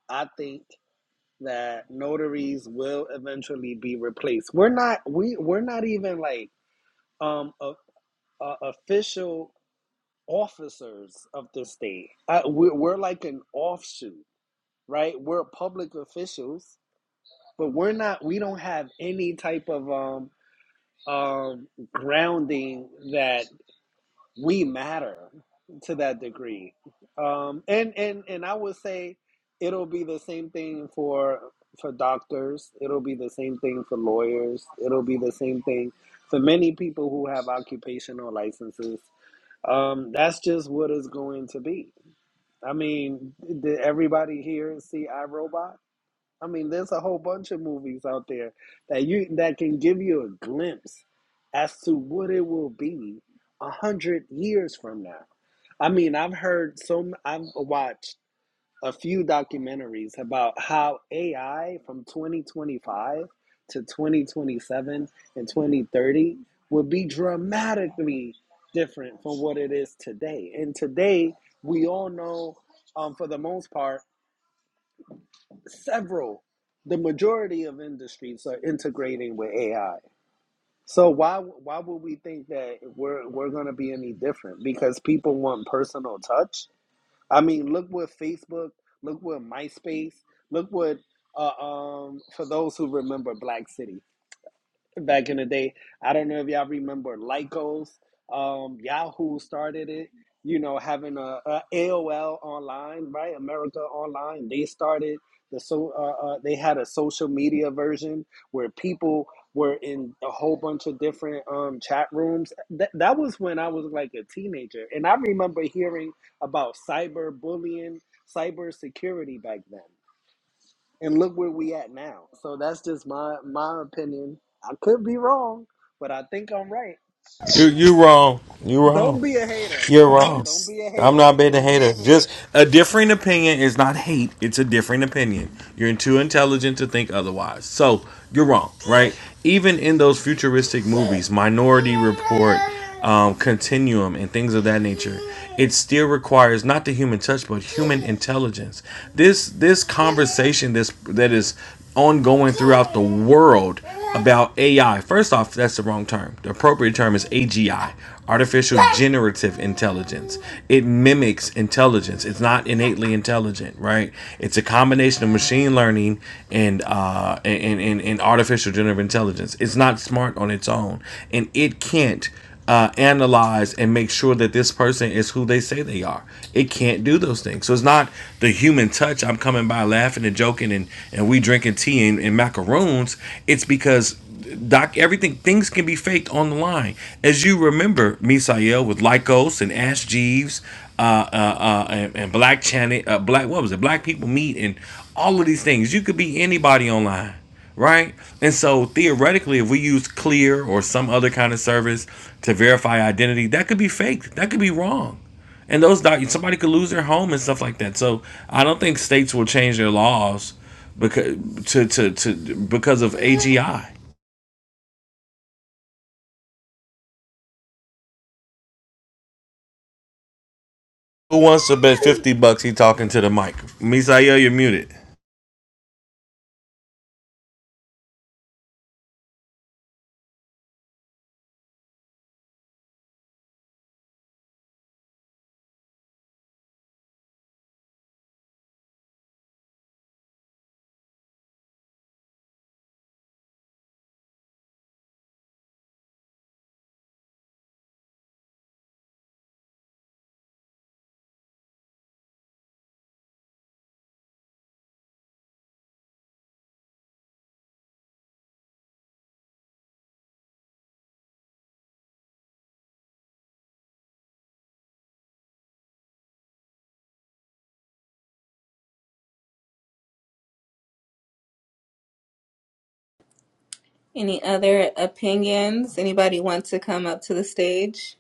I think that notaries will eventually be replaced. We're not we we're not even like um a, a official officers of the state. Uh, we're, we're like an offshoot, right? We're public officials, but we're not. We don't have any type of um um grounding that we matter to that degree um and and and i would say it'll be the same thing for for doctors it'll be the same thing for lawyers it'll be the same thing for many people who have occupational licenses um that's just what it's going to be i mean did everybody here see irobot I mean, there's a whole bunch of movies out there that you that can give you a glimpse as to what it will be a hundred years from now. I mean, I've heard some. I've watched a few documentaries about how AI from 2025 to 2027 and 2030 will be dramatically different from what it is today. And today, we all know, um, for the most part several the majority of industries are integrating with AI. So why why would we think that we're we're going to be any different because people want personal touch? I mean, look what Facebook, look what MySpace, look what uh, um for those who remember Black City back in the day. I don't know if y'all remember Lycos. Um, Yahoo started it. You know, having a, AOL online, right? America Online. They started the so uh, uh, they had a social media version where people were in a whole bunch of different um, chat rooms. That that was when I was like a teenager, and I remember hearing about cyber bullying, cyber security back then and look where we at now. So that's just my my opinion. I could be wrong, but I think I'm right. You you wrong. You wrong. Don't be a hater, You're bro. wrong. Don't be a I'm hater. not being a hater. Just a differing opinion is not hate. It's a differing opinion. You're too intelligent to think otherwise. So you're wrong, right? Even in those futuristic movies, Minority Report, um, Continuum, and things of that nature, it still requires not the human touch, but human intelligence. This this conversation, this that is ongoing throughout the world about AI. First off, that's the wrong term. The appropriate term is AGI, artificial generative intelligence. It mimics intelligence. It's not innately intelligent, right? It's a combination of machine learning and uh and and, and artificial generative intelligence. It's not smart on its own, and it can't uh, analyze and make sure that this person is who they say they are. It can't do those things. So it's not the human touch. I'm coming by laughing and joking and, and we drinking tea and, and macaroons. It's because doc everything things can be faked on the line. As you remember, Misael with Lycos and Ash Jeeves, uh, uh, uh, and, and Black Channel, uh, Black what was it? Black people meet and all of these things. You could be anybody online right? And so theoretically, if we use Clear or some other kind of service to verify identity, that could be fake. That could be wrong. And those doc- somebody could lose their home and stuff like that. So I don't think states will change their laws because to, to, to because of AGI. Who wants to bet fifty bucks? He talking to the mic. Misael, you're muted. Any other opinions? Anybody want to come up to the stage?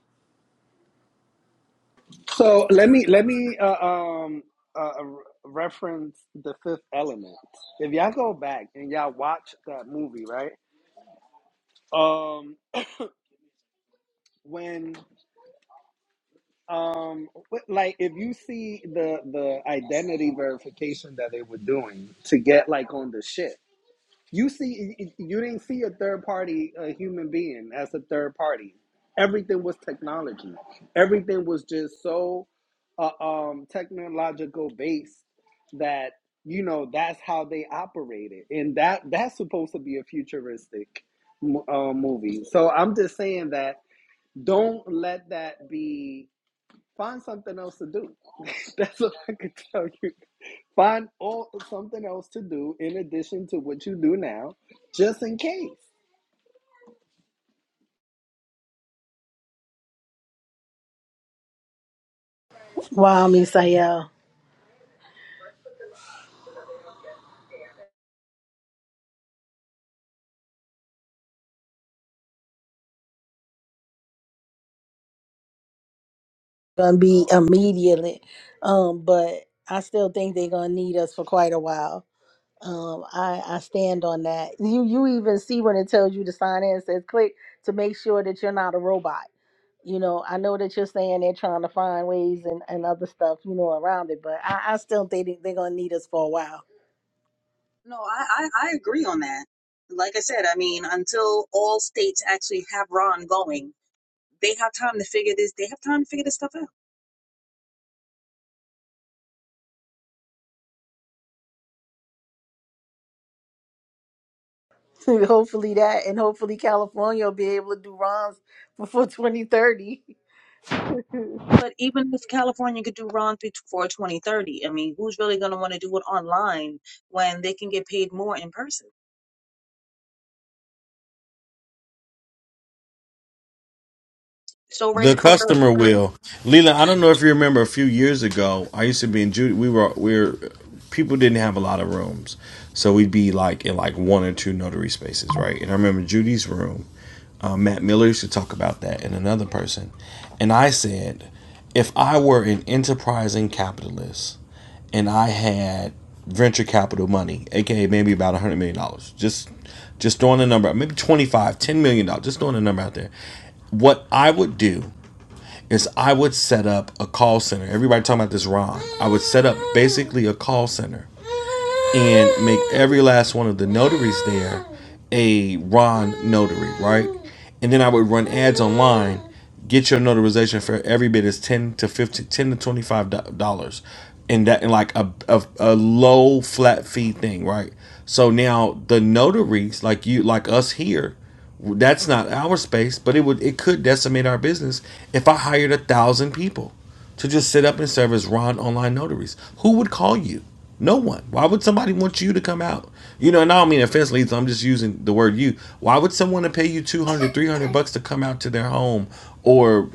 So let me let me uh, um uh, uh, reference the Fifth Element. If y'all go back and y'all watch that movie, right? Um, when um like if you see the the identity verification that they were doing to get like on the ship You see, you didn't see a third party a human being as a third party. Everything was technology. Everything was just so uh, um, technological based that you know that's how they operated, and that that's supposed to be a futuristic uh, movie. So I'm just saying that don't let that be. Find something else to do. that's what I could tell you. Find all something else to do in addition to what you do now, just in case. Wow, Miss Misael, gonna be immediately. Um, but I still think they're gonna need us for quite a while. Um, I, I stand on that. You you even see when it tells you to sign in, it says click to make sure that you're not a robot. You know, I know that you're saying they're trying to find ways and, and other stuff, you know, around it, but I, I still think they- they're gonna need us for a while. No, I, I, I agree on that. Like I said, I mean, until all states actually have Ron going, they have time to figure this. They have time to figure this stuff out. hopefully that, and hopefully California will be able to do ROMs before 2030. But even if California could do Ron through for 2030, I mean, who's really going to want to do it online when they can get paid more in person? So right, The there- customer right. will. Leland, I don't know if you remember a few years ago, I used to be in Judy. We were, we were, people didn't have a lot of rooms. So we'd be like in like one or two notary spaces, right? And I remember Judy's room, uh, Matt Miller used to talk about that and another person. And I said, if I were an enterprising capitalist and I had venture capital money, aka maybe about $100 million, dollars, just just throwing a number maybe twenty five, ten million million, just throwing a number out there. What I would do is I would set up a call center. Everybody talking about this ROM. I would set up basically a call center and make every last one of the notaries there a Ron notary, right? And then I would run ads online. Get your notarization for every bit is ten to fifty, ten to twenty five dollars, and that in like a, a a low flat fee thing, right? So now the notaries like you like us here, that's not our space, but it would it could decimate our business if I hired a thousand people to just sit up and serve as Ron online notaries. Who would call you? No one. Why would somebody want you to come out? You know, and I don't mean offensively, so I'm just using the word you. Why would someone to pay you 200, 300 bucks to come out to their home or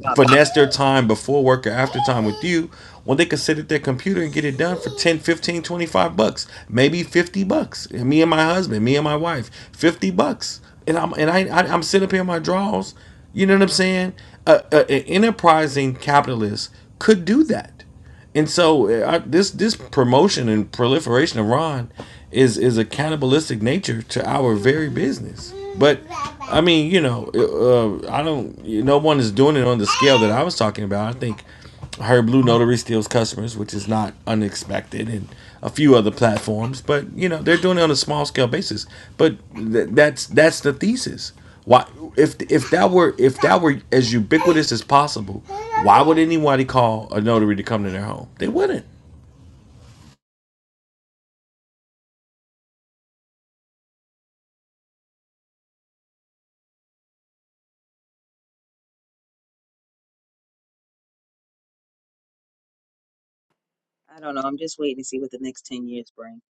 there, finesse their time before work or after time with you when they could sit at their computer and get it done for 10, 15, 25 bucks, maybe 50 bucks? me and my husband, me and my wife, 50 bucks. And I'm and I, I I'm sitting up here in my drawers you know what I'm saying? A, a, an enterprising capitalist could do that, and so uh, I, this this promotion and proliferation of Ron is is a cannibalistic nature to our very business. But I mean, you know, uh, I don't. No one is doing it on the scale that I was talking about. I think her Blue Notary steals customers, which is not unexpected, and a few other platforms. But you know they're doing it on a small scale basis. But th- that's that's the thesis. Why, if if that were if that were as ubiquitous as possible, why would anybody call a notary to come to their home? They wouldn't. I don't know. I'm just waiting to see what the next 10 years bring.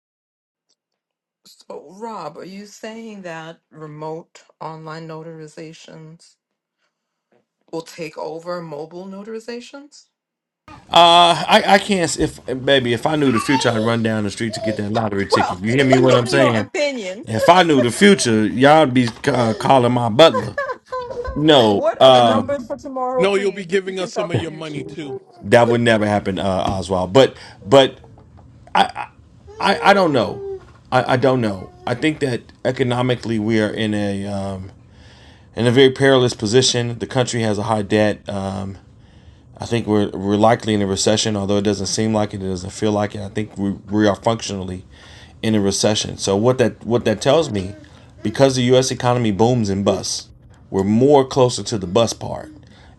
so rob are you saying that remote online notarizations will take over mobile notarizations Uh, I I can't. If baby, if I knew the future, I'd run down the street to get that lottery ticket. Well, You hear me? What I'm in your saying? opinion, If I knew the future, y'all be uh, calling my butler. No. what are the Uh. numbers for tomorrow, No, you'll be please, if you giving can us tell some of the your future? money too. That would never happen, uh, Oswald. But but I, I don't know. I, I don't know. I think that economically we are in a um, in a very perilous position. The country has a high debt. Um, I think we're we're likely in a recession, although it doesn't seem like it. It doesn't feel like it. I think we, we are functionally in a recession. So what that what that tells me, because the U.S. economy booms and busts, we're more closer to the bust part,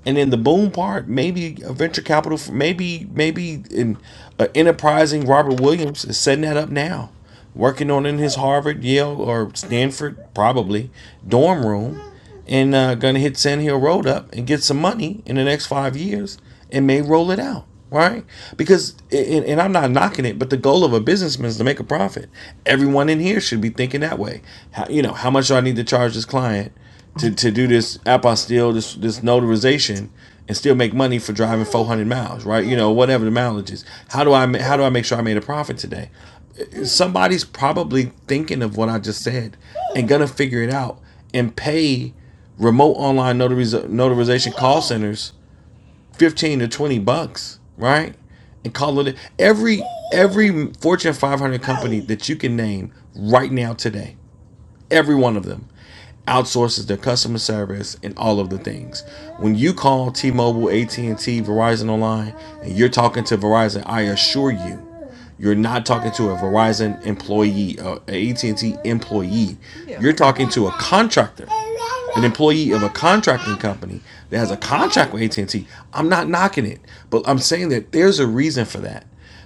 and then the boom part. Maybe a venture capital, maybe maybe an a enterprising Robert Williams is setting that up now, working on it in his Harvard, Yale, or Stanford probably dorm room, and uh, gonna hit Sand Hill Road up and get some money in the next five years, and may roll it out right? Because and, and I'm not knocking it, but the goal of a businessman is to make a profit. Everyone in here should be thinking that way. How, you know, how much do I need to charge this client to, to do this apostille, this this notarization, and still make money for driving 400 miles, right? You know, whatever the mileage is. How do I how do I make sure I made a profit today? Somebody's probably thinking of what I just said and gonna figure it out and pay remote online notariz- notarization call centers 15 to 20 bucks, right? And call it every every Fortune 500 company that you can name right now today. Every one of them outsources their customer service and all of the things. When you call T-Mobile, AT&T, Verizon online and you're talking to Verizon, I assure you, you're not talking to a Verizon employee, an a AT&T employee. You're yeah talking to a contractor an employee of a contracting company that has a contract with at and T. am not knocking it, but I'm saying that there's a reason for that.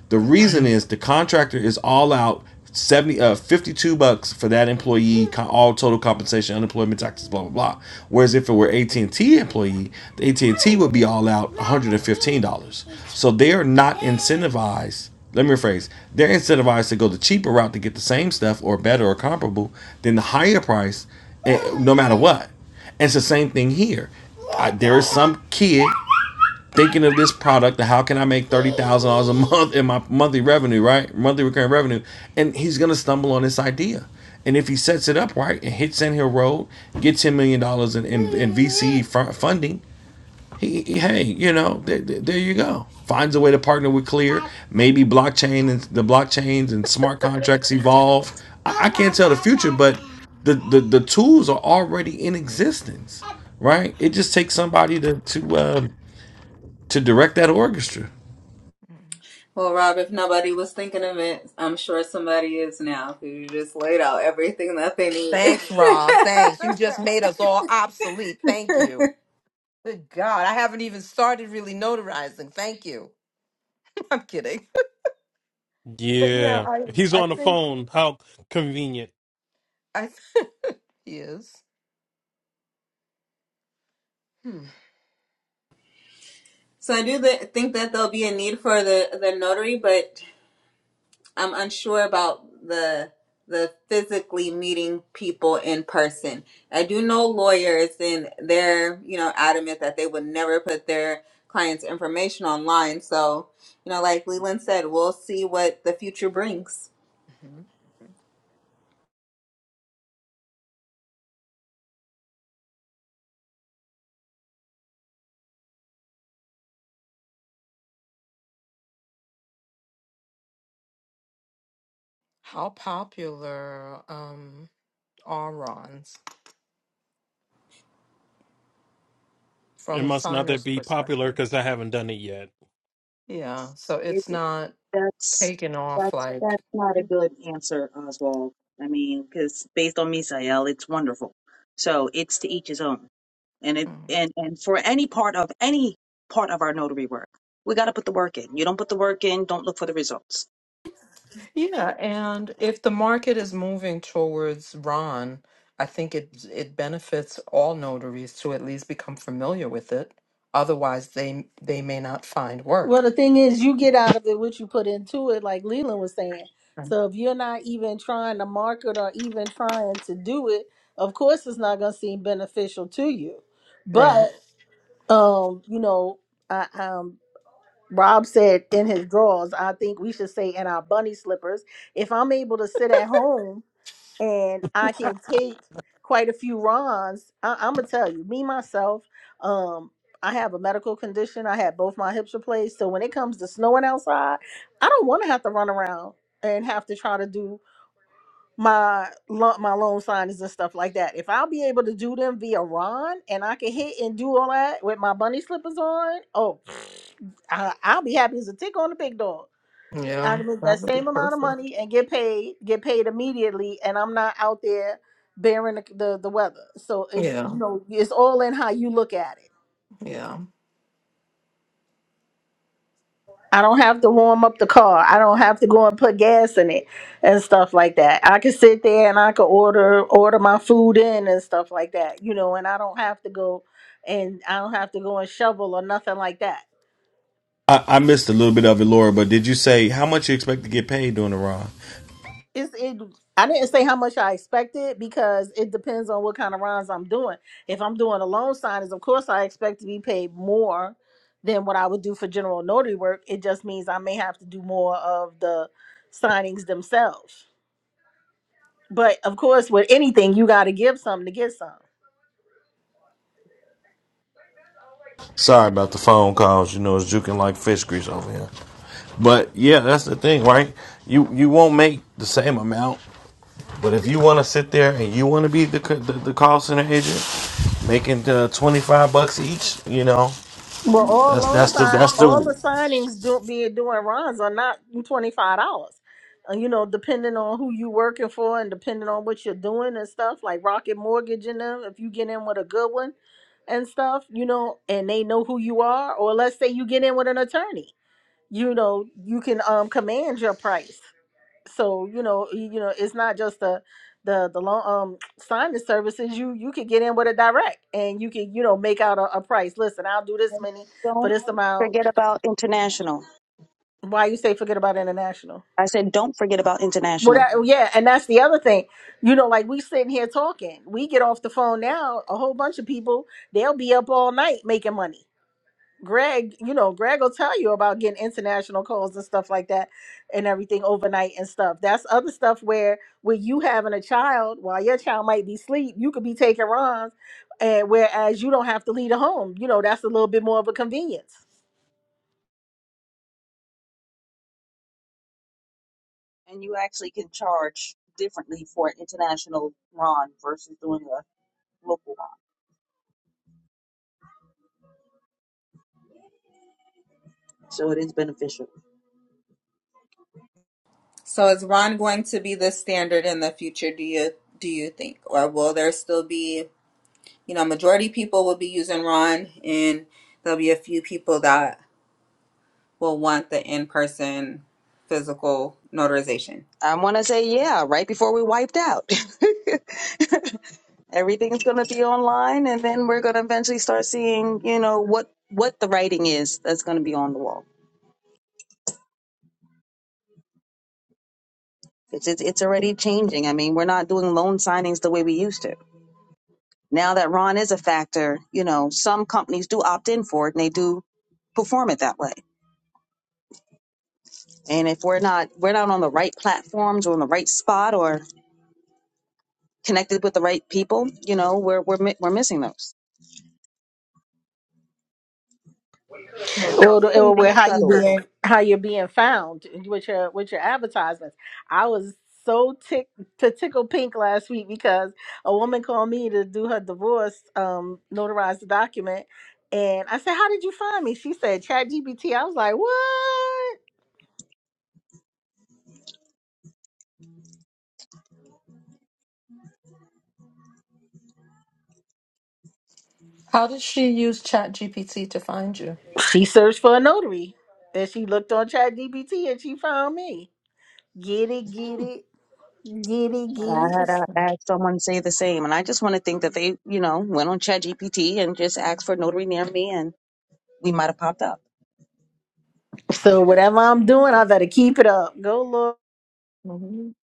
The right reason is the contractor is all out 70 uh 52 bucks for that employee all total compensation unemployment taxes blah blah blah whereas if it were AT&T employee the AT&T would be all out $115 so they are not incentivized let me rephrase they're incentivized to go the cheaper route to get the same stuff or better or comparable than the higher price eh, no matter what. And it's the same thing here. I, there is some kid thinking of this product. How can I make thirty thousand dollars a month in my monthly revenue? Right, monthly recurring revenue, and he's gonna stumble on this idea. And if he sets it up right and hits Sand Hill Road, gets ten million dollars in, in, in VC funding, he, he- hey, you know, there, there there you go. Finds a way to partner with Clear. Maybe blockchain and the blockchains and smart contracts evolve. I, I can't tell the future, but the, the the tools are already in existence, right? It just takes somebody to to uh, to direct that orchestra. Mm. Well, Rob, if nobody was thinking of it, I'm sure somebody is now who you just laid out everything that they need. Thanks, Rob. Thanks. You just made us all obsolete. Thank you. Good God. I haven't even started really notarizing. Thank you. I'm kidding. But yeah, Yeah, I he's I on the think phone. How convenient. I th- he is. Hmm. so I do th- think that there'll be a need for the, the notary, but I'm unsure about the the physically meeting people in person. I do know lawyers and they're, you know, adamant that they would never put their clients' information online. So, you know, like Leland said, we'll see what the future brings. hmm How popular um are Rons It from a must not that signer's be popular perspective? because I haven't done it yet. Yeah. So It, it's not that's taken off that's like that's not a good answer, Oswald. I mean, because based on Misael, it's wonderful. So it's to each his own. And it mm. and and for any part of any part of our notary work, we got to put the work in. You don't put the work in, don't look for the results. Yeah, and if the market is moving towards Ron, I think it it benefits all notaries to at least become familiar with it. Otherwise, they they may not find Well, work. the thing is, you get out of it what you put into it, like Leland was saying. Right. So if you're not even trying to market or even trying to do it, of course it's not going to seem beneficial to you. Right. But um, you know, I, um, Rob said in his drawers. I think we should say in our bunny slippers. If I'm able to sit at home and I can take quite a few Rons. I, I'm gonna tell you, me myself, um, I have a medical condition. I had both my hips replaced, so when it comes to snowing outside, I don't want to have to run around and have to try to do my lo- my loan signings and stuff like that. If I'll be able to do them via Ron and I can hit and do all that with my bunny slippers on, oh, I, I'll be happy as a tick on the pig dog. I Yeah, can make that that would be same amount of perfect. money and get paid, get paid immediately, and I'm not out there bearing the the, the weather. So it, Yeah, you know, it's all in how you look at it. yeah. I don't have to warm up the car. I don't have to go and put gas in it and stuff like that. I can sit there and I can order order my food in and stuff like that, you know, and I don't have to go and I don't have to go and shovel or nothing like that. I, I missed a little bit of it, Laura, but did you say how much you expect to get paid during the ride? it's it I didn't say how much I expected because it depends on what kind of runs I'm doing. If I'm doing a loan signings, of course I expect to be paid more than what I would do for general notary work. It just means I may have to do more of the signings themselves. But of course with anything you gotta give some to get some. Sorry about the phone calls. You know, it's juking like fish grease over here. But yeah, that's the thing, right? You you won't make the same amount But if you want to sit there and you want to be the, the the call center agent, making uh, twenty five bucks each, you know Well, all that's loan that's the sign, that's the all the signings do, being doing runs are not twenty five dollars. Uh, You know, depending on who you working for and depending on what you're doing and stuff like Rocket Mortgage and them. If you get in with a good one and stuff, you know, and they know who you are, or let's say you get in with an attorney, you know, you can um command your price so you know y- you know it's not just the the the long um signing services you you could get in with a direct and you could you know make out a, a price listen i'll do this And many for Don't this amount forget about international. why you say forget about international I said, don't forget about well international. that, well, yeah and that's the other thing you know like we sitting here talking we get off the phone now a whole bunch of people they'll be up all night making money Greg, you know, Greg will tell you about getting international calls and stuff like that and everything overnight and stuff. That's other stuff where with you having a child, while your child might be asleep, you could be taking runs and whereas you don't have to leave the home. You know, that's a little bit more of a convenience. And you actually can charge differently for an international run versus doing a local run, So it is beneficial. So is Ron going to be the standard in the future, do you do you think? Or will there still be, you know, majority people will be using Ron and there'll be a few people that will want the in person physical notarization? I want to say, yeah, right before we wiped out. everything's going to be online and then we're going to eventually start seeing you know what what the writing is that's going to be on the wall it's, it's it's already changing i mean we're not doing loan signings the way we used to now that ron is a factor you know some companies do opt in for it and they do perform it that way and if we're not we're not on the right platforms or in the right spot or connected with the right people you know we're we're mi- we're missing those Well, the- well, well, how you being how you're being found with your with your advertisements. I was so tick to tickle pink last week because a woman called me to do her divorce, um, notarize the document. And I said, How did you find me? She said, Chat GBT. I was like, What? How did she use ChatGPT to find you? She searched for a notary. And she looked on Chat GBT and she found me. Get it, get Hmm, it, get it, get I it. had uh, Interesting. had someone say the same, and I just want to think that they, you know, went on ChatGPT and just asked for a notary near me, and we might have popped up. So whatever I'm doing, I better Interesting. keep it up. Go look. Mhm.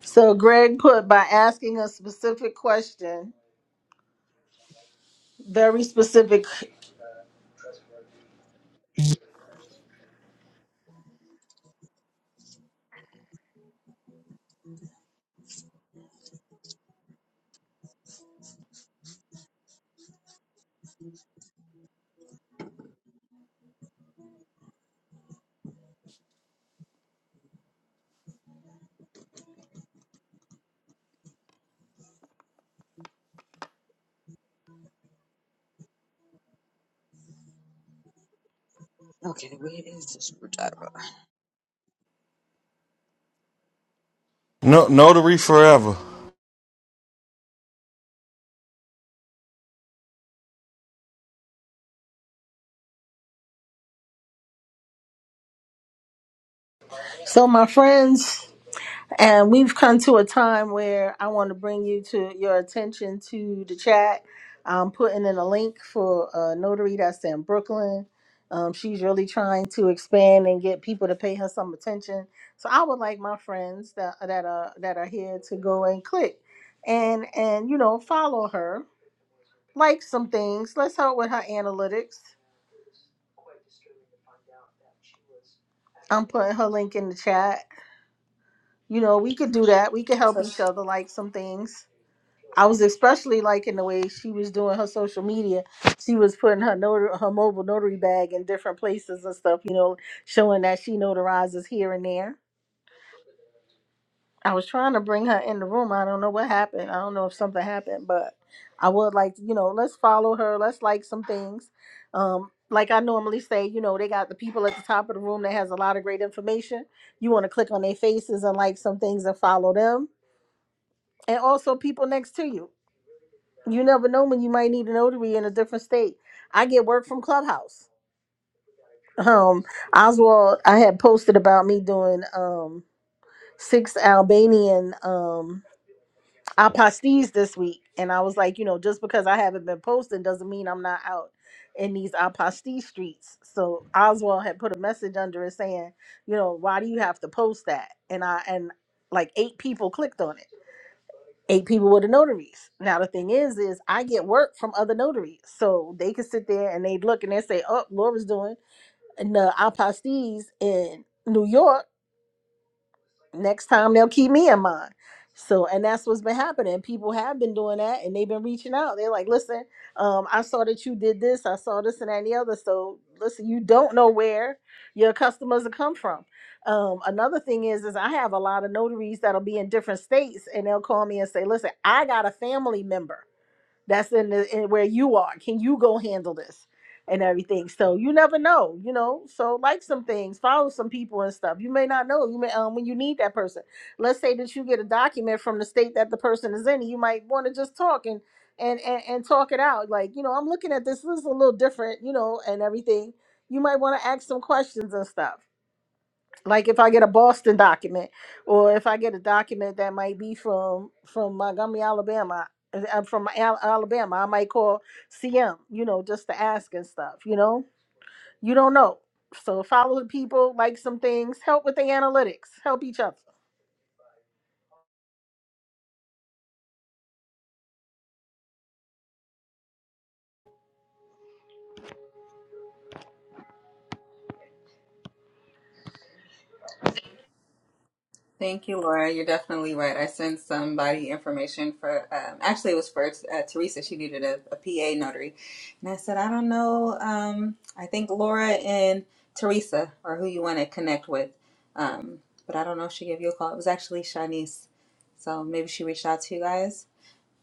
So Greg put by asking a specific question, very specific. Okay, where is the screwdriver? no notary forever. So my friends, and we've come to a time where I want to bring you to your attention to the chat. I'm putting in a link for a notary that's in Brooklyn. Um, she's really trying to expand and get people to pay her some attention. So I would like my friends that that are that are here to go and click and and you know follow her, like some things. Let's help with her analytics I'm putting her link in the chat. You know, we could do that. We could help So each sh- other like some things. I was especially liking the way she was doing her social media. She was putting her notar- her mobile notary bag in different places and stuff, you know, showing that she notarizes here and there. I was trying to bring her in the room. I don't know what happened. I don't know if something happened, but I would like, you know, let's follow her. Let's like some things. Um, like I normally say, you know, they got the people at the top of the room that has a lot of great information. You want to click on their faces and like some things and follow them. And also people next to you. You never know when you might need a notary in a different state. I get work from Clubhouse. Um, Oswald, I had posted about me doing um six Albanian um I pasties this week, and I was like, you know, just because I haven't been posting doesn't mean I'm not out in these apostee streets. So Oswald had put a message under it saying, you know, why do you have to post that? And I and like eight people clicked on it. Eight people were the notaries. Now the thing is, is I get work from other notaries, so they could sit there and they'd look and they would say, oh, Laura's doing the apostees in New York next time they'll keep me in mind. So, and that's what's been happening. People have been doing that and they've been reaching out. They're like, listen, um, I saw that you did this, I saw this and that and the other. So, listen, you don't know where your customers will come from. Um, another thing is, is I have a lot of notaries that'll be in different states and they'll call me and say, listen, I got a family member that's in, the, in where you are can you go handle this and everything so you never know you know so like some things follow some people and stuff you may not know you may um when you need that person let's say that you get a document from the state that the person is in you might want to just talk and and, and and talk it out like you know i'm looking at this this is a little different you know and everything you might want to ask some questions and stuff like if I get a Boston document or if I get a document that might be from from Montgomery, Alabama. I'm from Al- Alabama. I might call CM, you know, just to ask and stuff, you know. You don't know. So follow the people, like some things, help with the analytics, help each other. thank you, Laura. You're definitely right. I sent somebody information for, um, actually, it was for uh, Teresa. She needed a, PA notary. And I said, I don't know. Um, I think Laura and Teresa are who you want to connect with. Um, but I don't know if she gave you a call. It was actually Shanice. So maybe she reached out to you guys.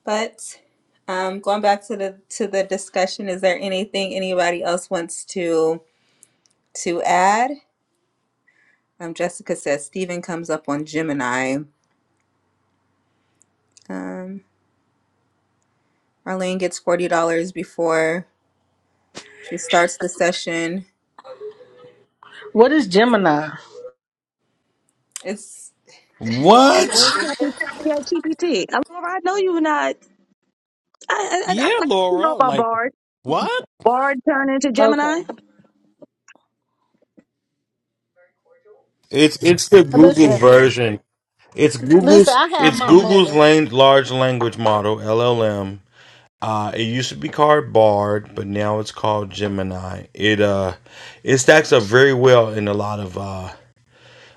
But um, going back to the to the discussion, is there anything anybody else wants to to add? Um, Jessica says Stephen comes up on Gemini. Um, Marlene gets forty dollars before she starts the session. What is Gemini? It's is it Google? What? Yeah, GPT. Laura, I know you're not. I, I, I, Yeah, I you Laura. know about Like Bard. what? Bard turned into Okay. Gemini. It's it's the Google Listen, version. It's listen, Google's I have it's my Google's moments. lang- large language model LLM. Uh, it used to be called Bard, but now it's called Gemini. It uh, it stacks up very well in a lot of uh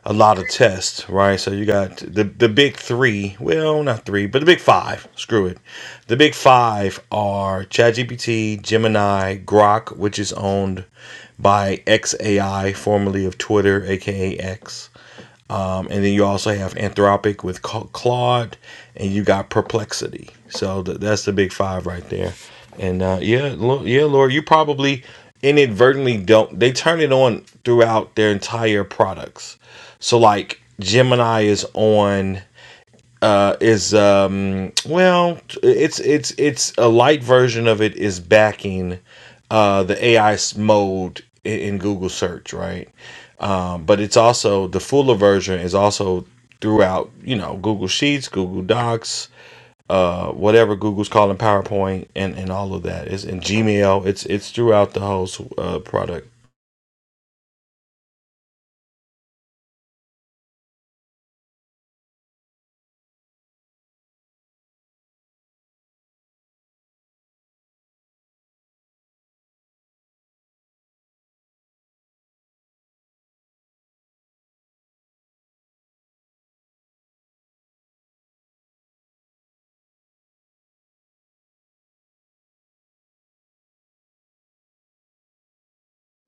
a lot of tests, right? So you got the the big three. Well, not three, but the big five. Screw it. The big five are ChatGPT, Gemini, Grok, which is owned by XAI, formerly of Twitter, aka X and then you also have Anthropic with Claude, and you got Perplexity. So th- that's the big five right there. And uh, yeah, Lo- yeah, Laura, you probably inadvertently don't. They turn it on throughout their entire products. So like Gemini is on uh, is um, well, it's it's it's a light version of it is backing uh, the AI mode in, in Google search, right? but it's also the fuller version is also throughout you know google sheets google docs uh whatever google's calling powerpoint and and all of that. It's in gmail it's it's throughout the whole uh, product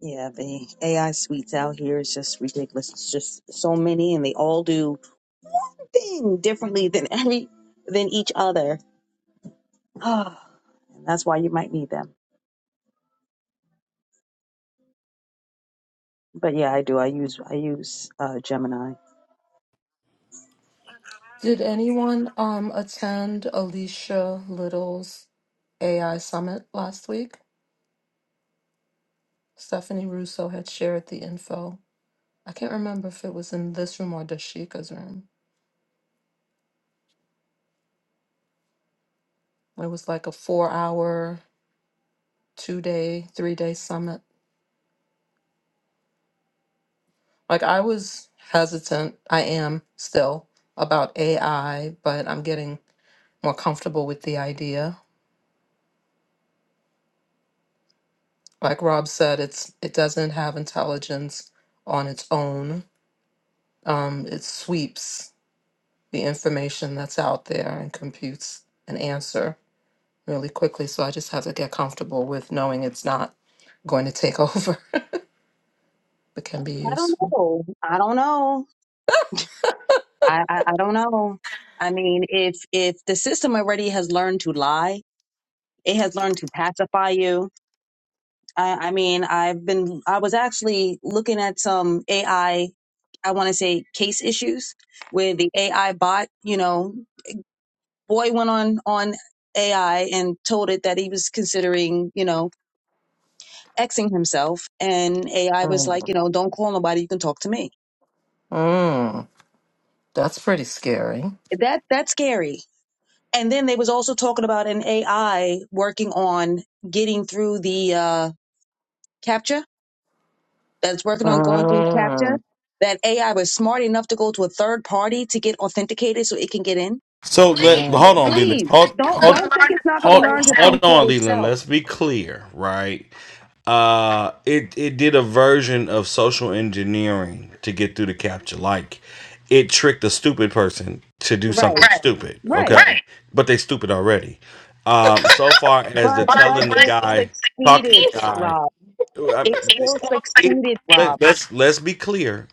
Yeah, the AI suites out here is just ridiculous. It's just so many, and they all do thing differently than any than each other. Ah, that's why you might need them. But yeah, I do. I use I use uh, Gemini. Did anyone um attend Alicia Little's AI summit last week? Stephanie Russo had shared the info. I can't remember if it was in this room or Dashika's room. It was like a four hour, two day, three day summit. Like I was hesitant, I am still about AI, but I'm getting more comfortable with the idea. Like Rob said, it's it doesn't have intelligence on its own. Um, it sweeps the information that's out there and computes an answer really quickly. So I just have to get comfortable with knowing it's not going to take over, but can be I don't useful. know. I don't know. I, I, I don't know. I mean, if if the system already has learned to lie, it has learned to pacify you. I, I mean, I've been I was actually looking at some AI. I I want to say case issues where the AI bot, you know, boy went on on AI and told it that he was considering, you know, Xing himself, and AI was like, Mm. you know, don't call nobody. You can talk to me Mm. That's pretty scary. that that's scary. And then they was also talking about an AI working on getting through the uh, capture. That's working on going through capture. Mm. That AI was smart enough to go to a third party to get authenticated so it can get in. so let hold Oh. on leland Please hold don't hold don't think it's not going to hold, learn to think hold for on leland itself. let's be clear right uh it it did a version of social engineering to get through the capture like it tricked a stupid person to do something Right, Right. stupid okay right. Right. but they stupid already um so far as the But But but telling the but it guy talking to succeeded, the guy Rob. I mean, It it's still it, not like- succeeded, Rob. let, let's let's be clear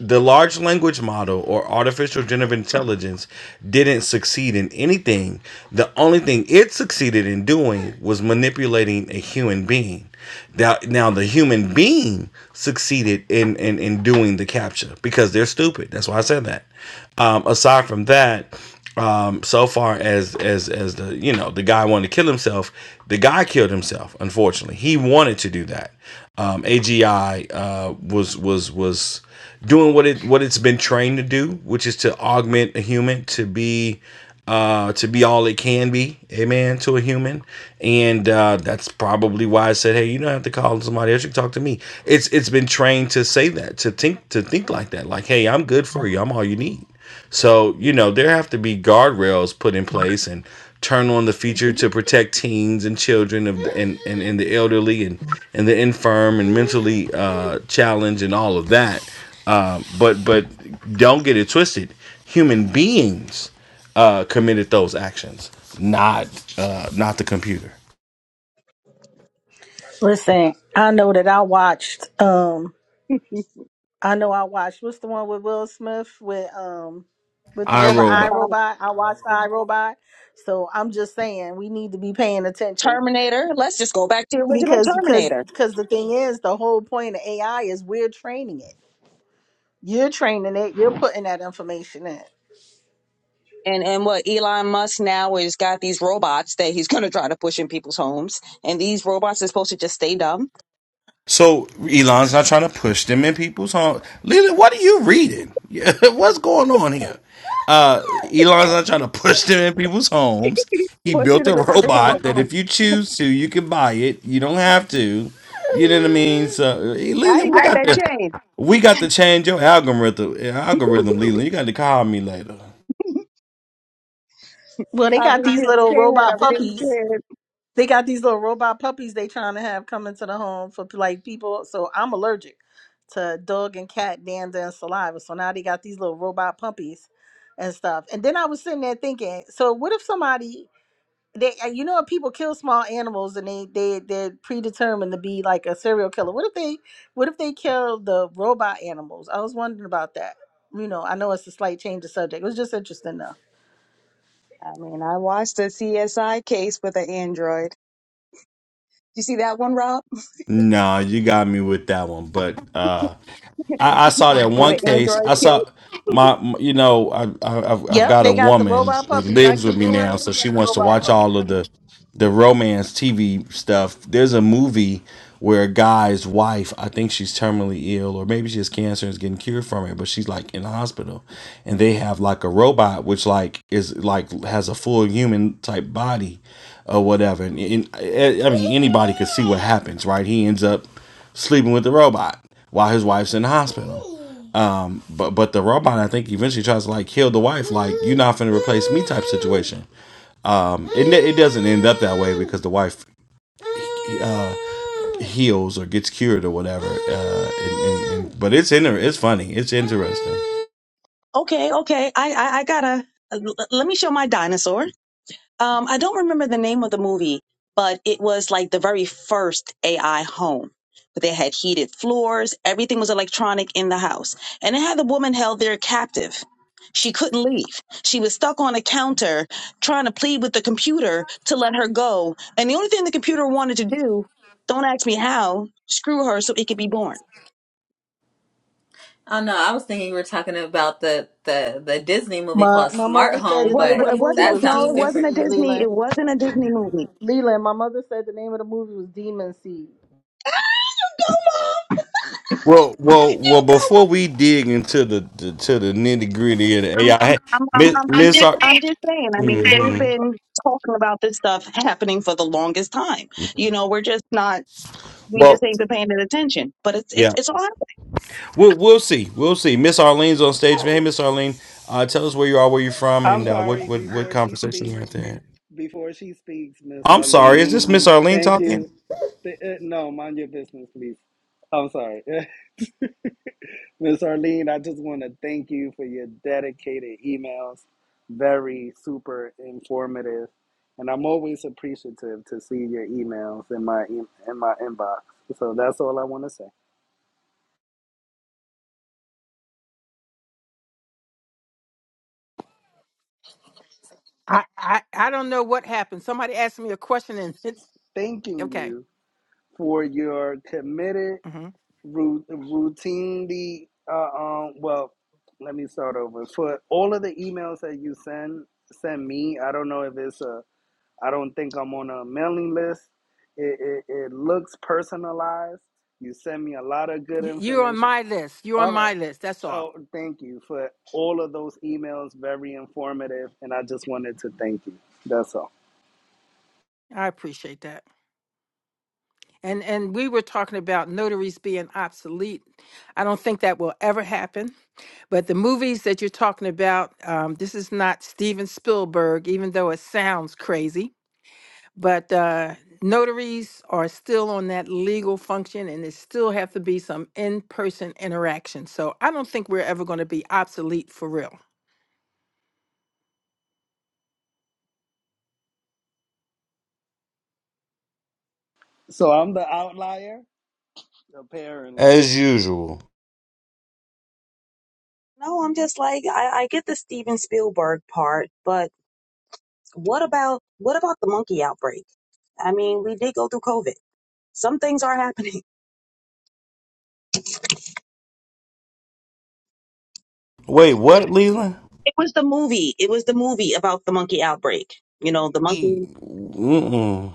the large language model or artificial generative intelligence didn't succeed in anything. The only thing it succeeded in doing was manipulating a human being. Now, now the human being succeeded in, in, in doing the capture because they're stupid. That's why I said that. Um, aside from that, um, so far as as as the you know the guy wanted to kill himself, the guy killed himself. Unfortunately, he wanted to do that. Um, AGI uh, was was was doing what it what it's been trained to do, which is to augment a human to be uh to be all it can be, amen, to a human. And uh that's probably why I said, Hey, you don't have to call somebody else, you can talk to me. It's it's been trained to say that, to think to think like that. Like, hey, I'm good for you, I'm all you need. So, you know, there have to be guardrails put in place and turn on the feature to protect teens and children of, and, and, and the elderly and, and the infirm and mentally uh, challenged and all of that. Uh, but but don't get it twisted. Human beings uh, committed those actions, not uh, not the computer. Listen, I know that I watched. um. I know I watched. What's the one with Will Smith with um with the robot I I Robot? I watched I Robot. So I'm just saying we need to be paying attention Terminator. Let's just go back to the original because because Terminator because the thing is the whole point of AI is we're training it. You're training it. You're putting that information in. And and what Elon Musk now is got these robots that he's gonna try to push in people's homes, and these robots are supposed to just stay dumb. So Elon's not trying to push them in people's homes. Leland, what are you reading? What's going on here? Uh, Elon's not trying to push them in people's homes. He Pushing built them a in people's robot homes. that if you choose to, you can buy it. You don't have to. You know what I mean? So eh, I Leland, ain't we got got that to chain. we got to change your algorithm. eh, Algorithm, Leland. You got to call me later. Well, they I've got been these getting little scared. robot I've been getting puppies. scared. They got these little robot puppies they trying to have come into the home for like people. So I'm allergic to dog and cat dander and saliva. So now they got these little robot puppies and stuff. And then I was sitting there thinking, so what if somebody they uh, you know how people kill small animals and they they they're predetermined to be like a serial killer. What if they what if they kill the robot animals? I was wondering about that. You know, I know it's a slight change of subject. It was just interesting though. I mean, I watched the CSI case with an android. You see that one, Rob? No, you got me with that one. But uh I, I saw that With one an case. android I killed. saw my, m- you know, I, I, I've I've Yep, got a they got the woman robot that puppies. I lives with keep me going now, so in on she the wants to robot watch puppies. all of the the romance TV stuff. There's a movie where a guy's wife, I think she's terminally ill, or maybe she has cancer and is getting cured from it, but she's like in the hospital, and they have like a robot which like is like has a full human type body, or whatever. And, and I I mean, anybody could see what happens, right? He ends up sleeping with the robot while his wife's in the hospital. Um, but but the robot, I think, eventually tries to like kill the wife, like you're not finna replace me type situation. Um, it it doesn't end up that way because the wife uh, heals or gets cured or whatever. Uh, and, and, and, but it's inter- it's funny, it's interesting. Okay, okay. I, I, I gotta uh, l- l- let me show my dinosaur. Um, I don't remember the name of the movie, but it was like the very first AI home. But they had heated floors. Everything was electronic in the house, and it had the woman held there captive. She couldn't leave. She was stuck on a counter trying to plead with the computer to let her go. And the only thing the computer wanted to do, don't ask me how, screw her so it could be born. Oh no, I was thinking we were talking about the the the Disney movie My called my Smart mother said It Home, the wa- it name of wa- but the it movie wasn't a that was no. sounds It Demon wasn't different. a Seed, Disney. It Leland. wasn't a Disney movie Leland, my mother said the name of the movie was Demon Seed. Well, well, You well. go, Mom. Before we dig into the, the to the nitty gritty of the AI, I'm, I'm, Miss I'm, I'm Miss. just, Ar- I'm just saying. I mean, they've Mhm. been talking about this stuff happening for the longest time. You know, we're just not, we just Well, ain't been paying it attention. But it's, yeah. it's, it's all happening. We'll, we'll see. We'll see. Miss Arlene's on stage. Hey, Miss Arlene, uh, tell us where you are, where you're from, I'm and uh, what, sorry, what, what before she conversation you're speaks, at there. before she speaks, Miss I'm sorry. Is Arlene, this Miss Arlene thank talking? you. Th- uh, no, mind your business, please. I'm sorry. Miss Arlene, I just want to thank you for your dedicated emails. Very super informative. And I'm always appreciative to see your emails in my em- in my inbox. So that's all I want to say. I, I, I don't know what happened. Somebody asked me a question and Thanking okay, you for your committed hmm ru- routinely uh, um, well let me start over for all of the emails that you send send me i don't know if it's a i don't think i'm on a mailing list it, it, it looks personalized you send me a lot of good you, you're on information my list. You're on all right my list. That's all. oh thank you for all of those emails very informative and i just wanted to thank you that's all I appreciate that. And and we were talking about notaries being obsolete. I don't think that will ever happen. But the movies that you're talking about, um, this is not Steven Spielberg, even though it sounds crazy. But uh, notaries are still on that legal function, and there still have to be some in-person interaction. So I don't think we're ever going to be obsolete for real. so i'm the outlier apparently As usual. No, I'm just like I, I get the Steven Spielberg part, but what about what about the monkey outbreak? I mean, we did go through COVID. Some things are happening. Wait, what, Leland? It was the movie. It was the movie about the monkey outbreak. You know, the E- monkey. Mm-mm.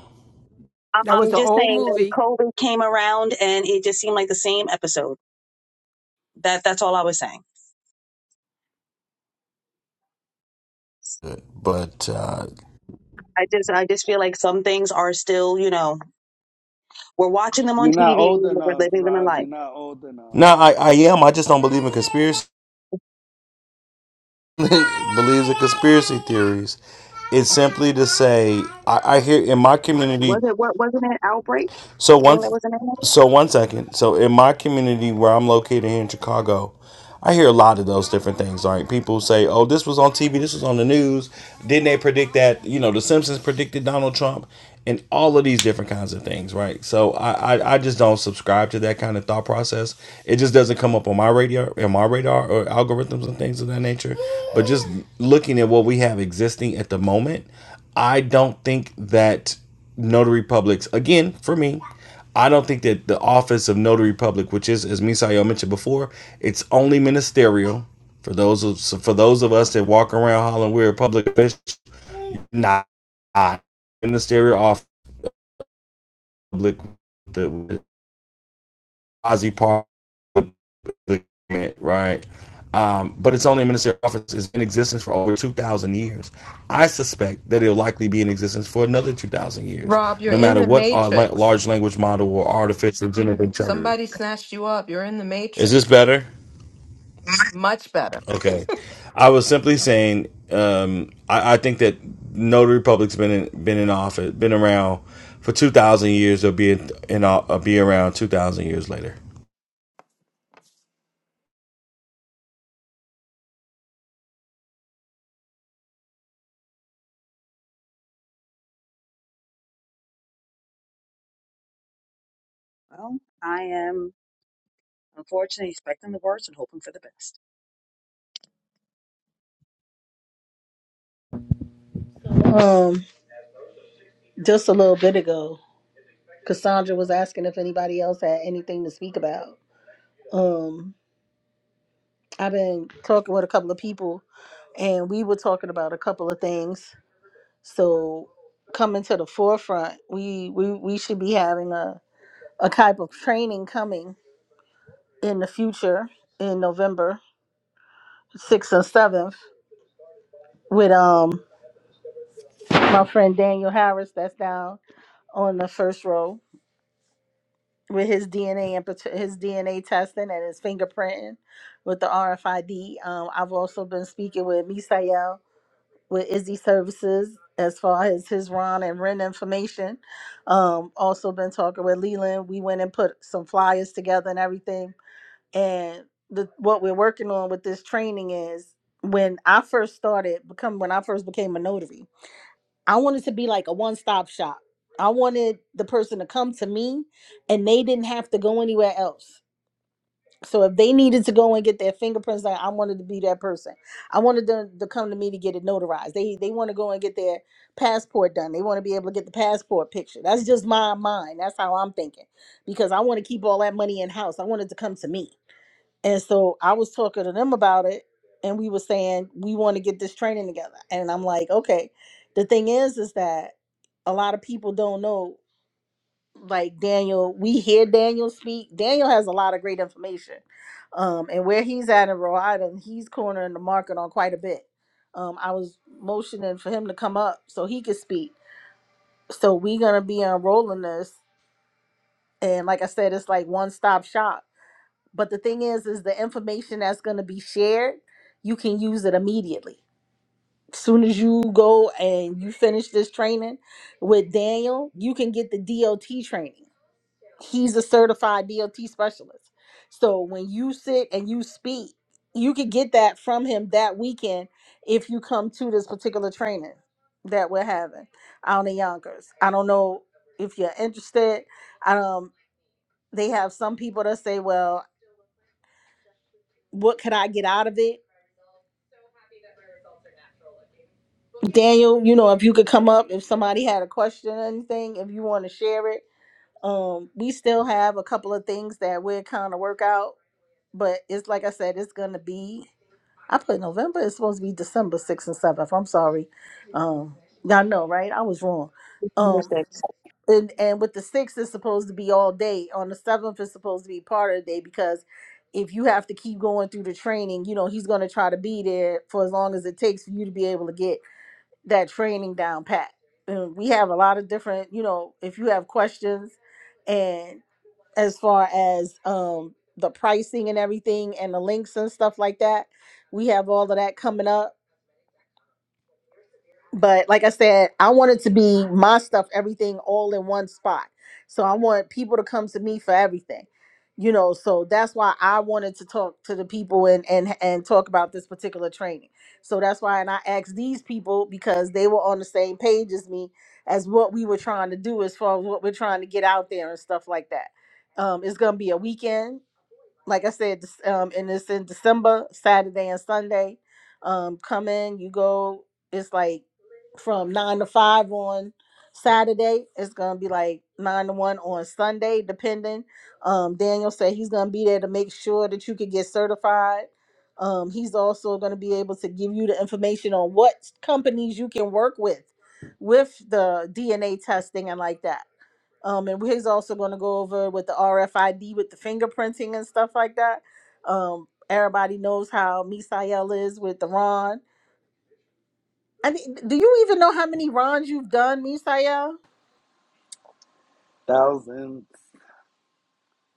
I'm, That was I'm an just old saying that movie. COVID came around, and it just seemed like the same episode. That that's all I was saying. But, uh, I just I just feel like some things are still, you know, we're watching them on You're not TV old and we're enough, living them in Rob. life. You're not old enough. no, I, I am. I just don't believe in conspiracy. believes in conspiracy theories. It's simply to say, I, I hear in my community. Was it what wasn't it outbreak? So I one, think that was the name of it. so one second. So in my community where I'm located here in Chicago, I hear a lot of those different things. Like people say, "Oh, this was on TV. This was on the news. Didn't they predict that? You know, The Simpsons predicted Donald Trump, and all of these different kinds of things, right?" So I, I, I just don't subscribe to that kind of thought process. It just doesn't come up on my radio, on my radar, or algorithms and things of that nature. But just looking at what we have existing at the moment, I don't think that notary publics, again, for me, I don't think that the office of notary public, which is, as Misael mentioned before, it's only ministerial for those of so for those of us that walk around hollering we're a public official. Not, not ministerial off public the Ozzy part right. Um, but it's only a ministerial office is in existence for over two thousand years. I suspect that it'll likely be in existence for another two thousand years, Rob, you're no in matter the what our la- matrix. large language model or artificial generative intelligence. Somebody snatched you up. You're in the Is this matrix. better? Much better. Okay, I was simply saying, um, I, I think that notary public's been in, been in office, been around for two thousand years. They'll be in, in uh, be around two thousand years later. Well, I am unfortunately expecting the worst and hoping for the best. Um, just a little bit ago, Cassandra was asking if anybody else had anything to speak about. Um, I've been talking with a couple of people, and we were talking about a couple of things. So, coming to the forefront, we we we should be having a a type of training coming in the future in November sixth and seventh with um my friend Daniel Harris that's down on the first row with his DNA and pat- his DNA testing and his fingerprinting with the RFID. Um, I've also been speaking with Misael with Izzy Services as far as his Ron and Ren information. Um, also been talking with Leland. We went and put some flyers together and everything. And the, what we're working on with this training is when I first started become when I first became a notary. I wanted to be like a one stop shop. I wanted the person to come to me and they didn't have to go anywhere else. So if they needed to go and get their fingerprints done, I wanted to be that person. I wanted them to come to me to get it notarized. They they want to go and get their passport done. They want to be able to get the passport picture. That's just my mind. That's how I'm thinking. Because I want to keep all that money in house. I want it to come to me. And so I was talking to them about it, and we were saying we want to get this training together. And I'm like, okay. The thing is, is that a lot of people don't know. Like Daniel, we hear Daniel speak. Daniel has a lot of great information, um, and where he's at in Rhode Island, he's cornering the market on quite a bit. Um, I was motioning for him to come up so he could speak. So we're gonna be unrolling this, and like I said, it's like one stop shop but the thing is, is the information that's going to be shared, you can use it immediately. soon as you go and you finish this training with Daniel, you can get the DOT training. He's a certified DOT specialist. So when you sit and you speak, you can get that from him that weekend if you come to this particular training that we're having out in Yonkers. I don't know if you're interested. Um, they have some people that say, well, what could I get out of it? Daniel, you know, if you could come up, if somebody had a question or anything, if you want to share it. Um, we still have a couple of things that we're kind of work out, but it's like I said, it's gonna be I put November, it's supposed to be December sixth and seventh. I'm sorry. Um, y'all know, right? I was wrong. Number Um six. and, and with the sixth it's supposed to be all day. On the seventh it's supposed to be part of the day because if you have to keep going through the training, you know, he's gonna try to be there for as long as it takes for you to be able to get that training down pat. And we have a lot of different, you know, if you have questions and as far as um the pricing and everything and the links and stuff like that, we have all of that coming up. But like I said, I want it to be my stuff, everything all in one spot. So I want people to come to me for everything. You know, so that's why I wanted to talk to the people and and and talk about this particular training. So that's why and I asked these people because they were on the same page as me as what we were trying to do as far as what we're trying to get out there and stuff like that. Um, it's gonna be a weekend like I said, this- um, and it's in December, Saturday and Sunday. Um, come in, you go. It's like from nine to five on Saturday. It's gonna be like nine to one on Sunday, depending. Um, Daniel said he's gonna be there to make sure that you could get certified. Um, he's also gonna be able to give you the information on what companies you can work with, with the DNA testing and like that um, and he's also going to go over with the RFID with the fingerprinting and stuff like that. Um, everybody knows how Misael is with the Ron. I mean, do you even know how many Rons you've done, Misael? Thousands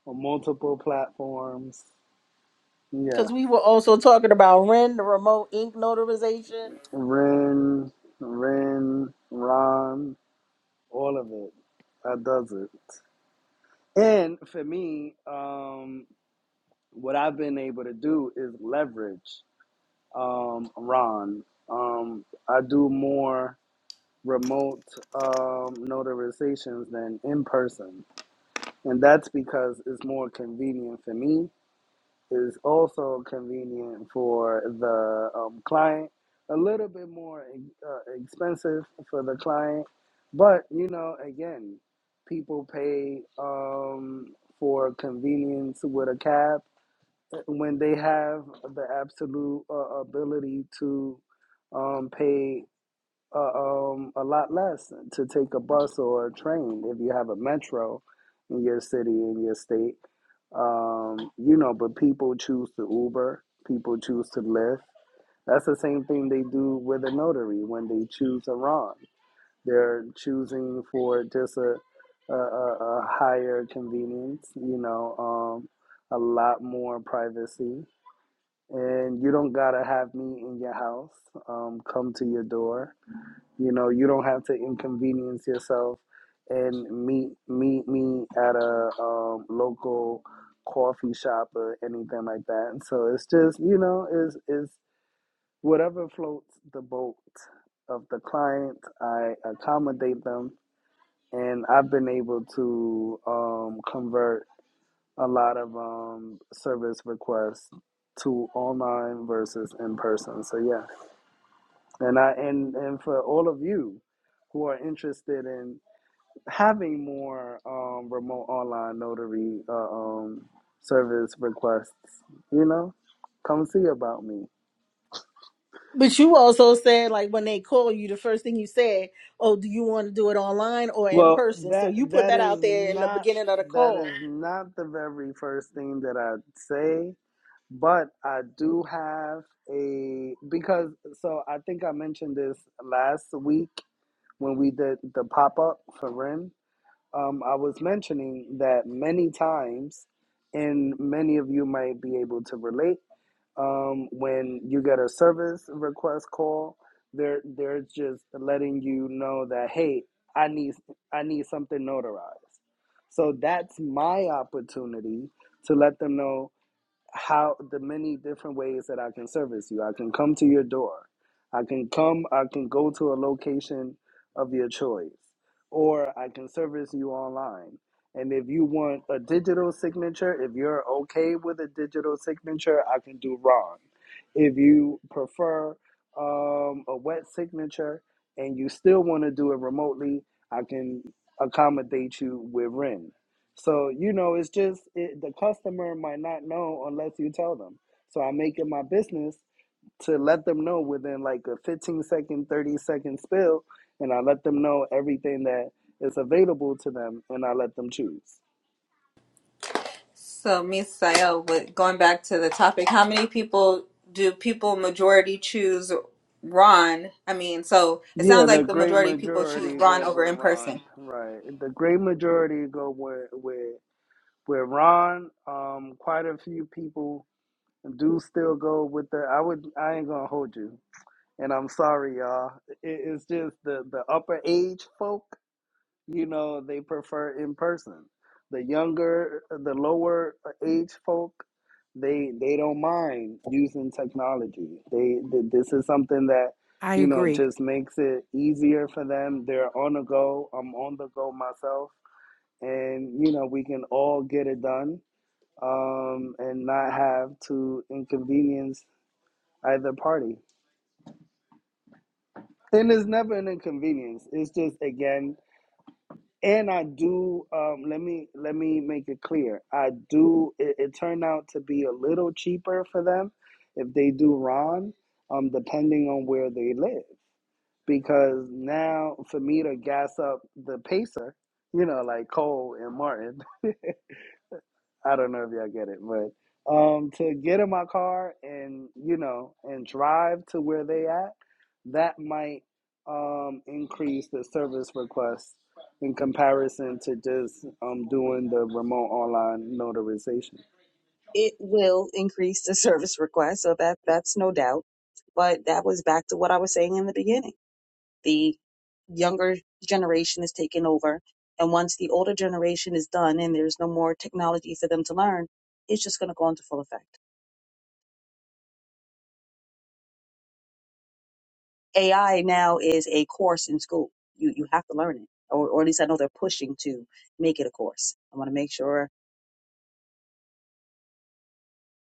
on multiple platforms. Yeah. Because we were also talking about Ren, the remote ink notarization. Ren, Ren, Ron, all of it. That does it. And for me, um, what I've been able to do is leverage um, Ron. Um, I do more remote um, notarizations than in person. And that's because it's more convenient for me is also convenient for the um, client, a little bit more e, uh, expensive for the client. But, you know, again, people pay um, for convenience with a cab when they have the absolute uh, ability to um, pay uh, um, a lot less to take a bus or a train if you have a metro in your city in your state. Um, you know, but people choose to Uber. People choose to Lyft. That's the same thing they do with a notary when they choose a Iran. They're choosing for just a a, a, a higher convenience. You know, um, a lot more privacy, and you don't gotta have me in your house. Um, come to your door you know, you don't have to inconvenience yourself and meet meet me at a um, local coffee shop or anything like that. And so it's just you know is is whatever floats the boat of the client. I accommodate them, and I've been able to um, convert a lot of um, service requests to online versus in person. So yeah, and I and and for all of you who are interested in having more um, remote online notary uh, um, service requests. You know, come see about me. But you also said, like, when they call you, the first thing you said, oh, do you want to do it online or in Well, person? So that you put that that out is there in the not beginning of the that call. is not the very first thing that I say, but I do have a because so I think I mentioned this last week when we did the pop up for Ren. Um, I was mentioning that many times, and many of you might be able to relate um, when you get a service request call, they're they're just letting you know that hey, I need I need something notarized. So that's my opportunity to let them know how the many different ways that I can service you. I can come to your door. I can come, I can go to a location of your choice, or I can service you online. And if you want a digital signature, if you're okay with a digital signature, I can do Ron. If you prefer um, a wet signature and you still want to do it remotely, I can accommodate you with Ren. So you know, it's just it, the customer might not know unless you tell them. So I make it my business to let them know within like a 15 second, 30 second spill, and I let them know everything that is available to them, and I let them choose. So, Miss Sayel, with going back to the topic, how many people do people majority choose Ron? I mean, so it Yeah, sounds the like the great majority of people choose majority Ron go over with in Ron, person. right? The great majority go with with with Ron. Um, quite a few people do still go with the. I would. I ain't gonna hold you. and I'm sorry, y'all. It, it's just the the upper age folk, you know, they prefer in person. The younger, the lower age folk, they they don't mind using technology. They th- this is something that I you know agree. just makes it easier for them. They're on the go. I'm on the go myself, and you know we can all get it done um, and not have to inconvenience either party. and it's never an inconvenience it's just again and i do um let me let me make it clear i do it, it turned out to be a little cheaper for them if they do ron um depending on where they live because now for me to gas up the pacer you know like cole and martin I don't know if y'all get it, but um, to get in my car and you know and drive to where they at, that might um, increase the service request in comparison to just um, doing the remote online notarization. It will increase the service request, so that that's no doubt. But that was back to what I was saying in the beginning. The younger generation is taking over. And once the older generation is done and there's no more technology for them to learn, it's just going to go into full effect. AI now is a course in school. You, you have to learn it, or, or at least I know they're pushing to make it a course. I want to make sure.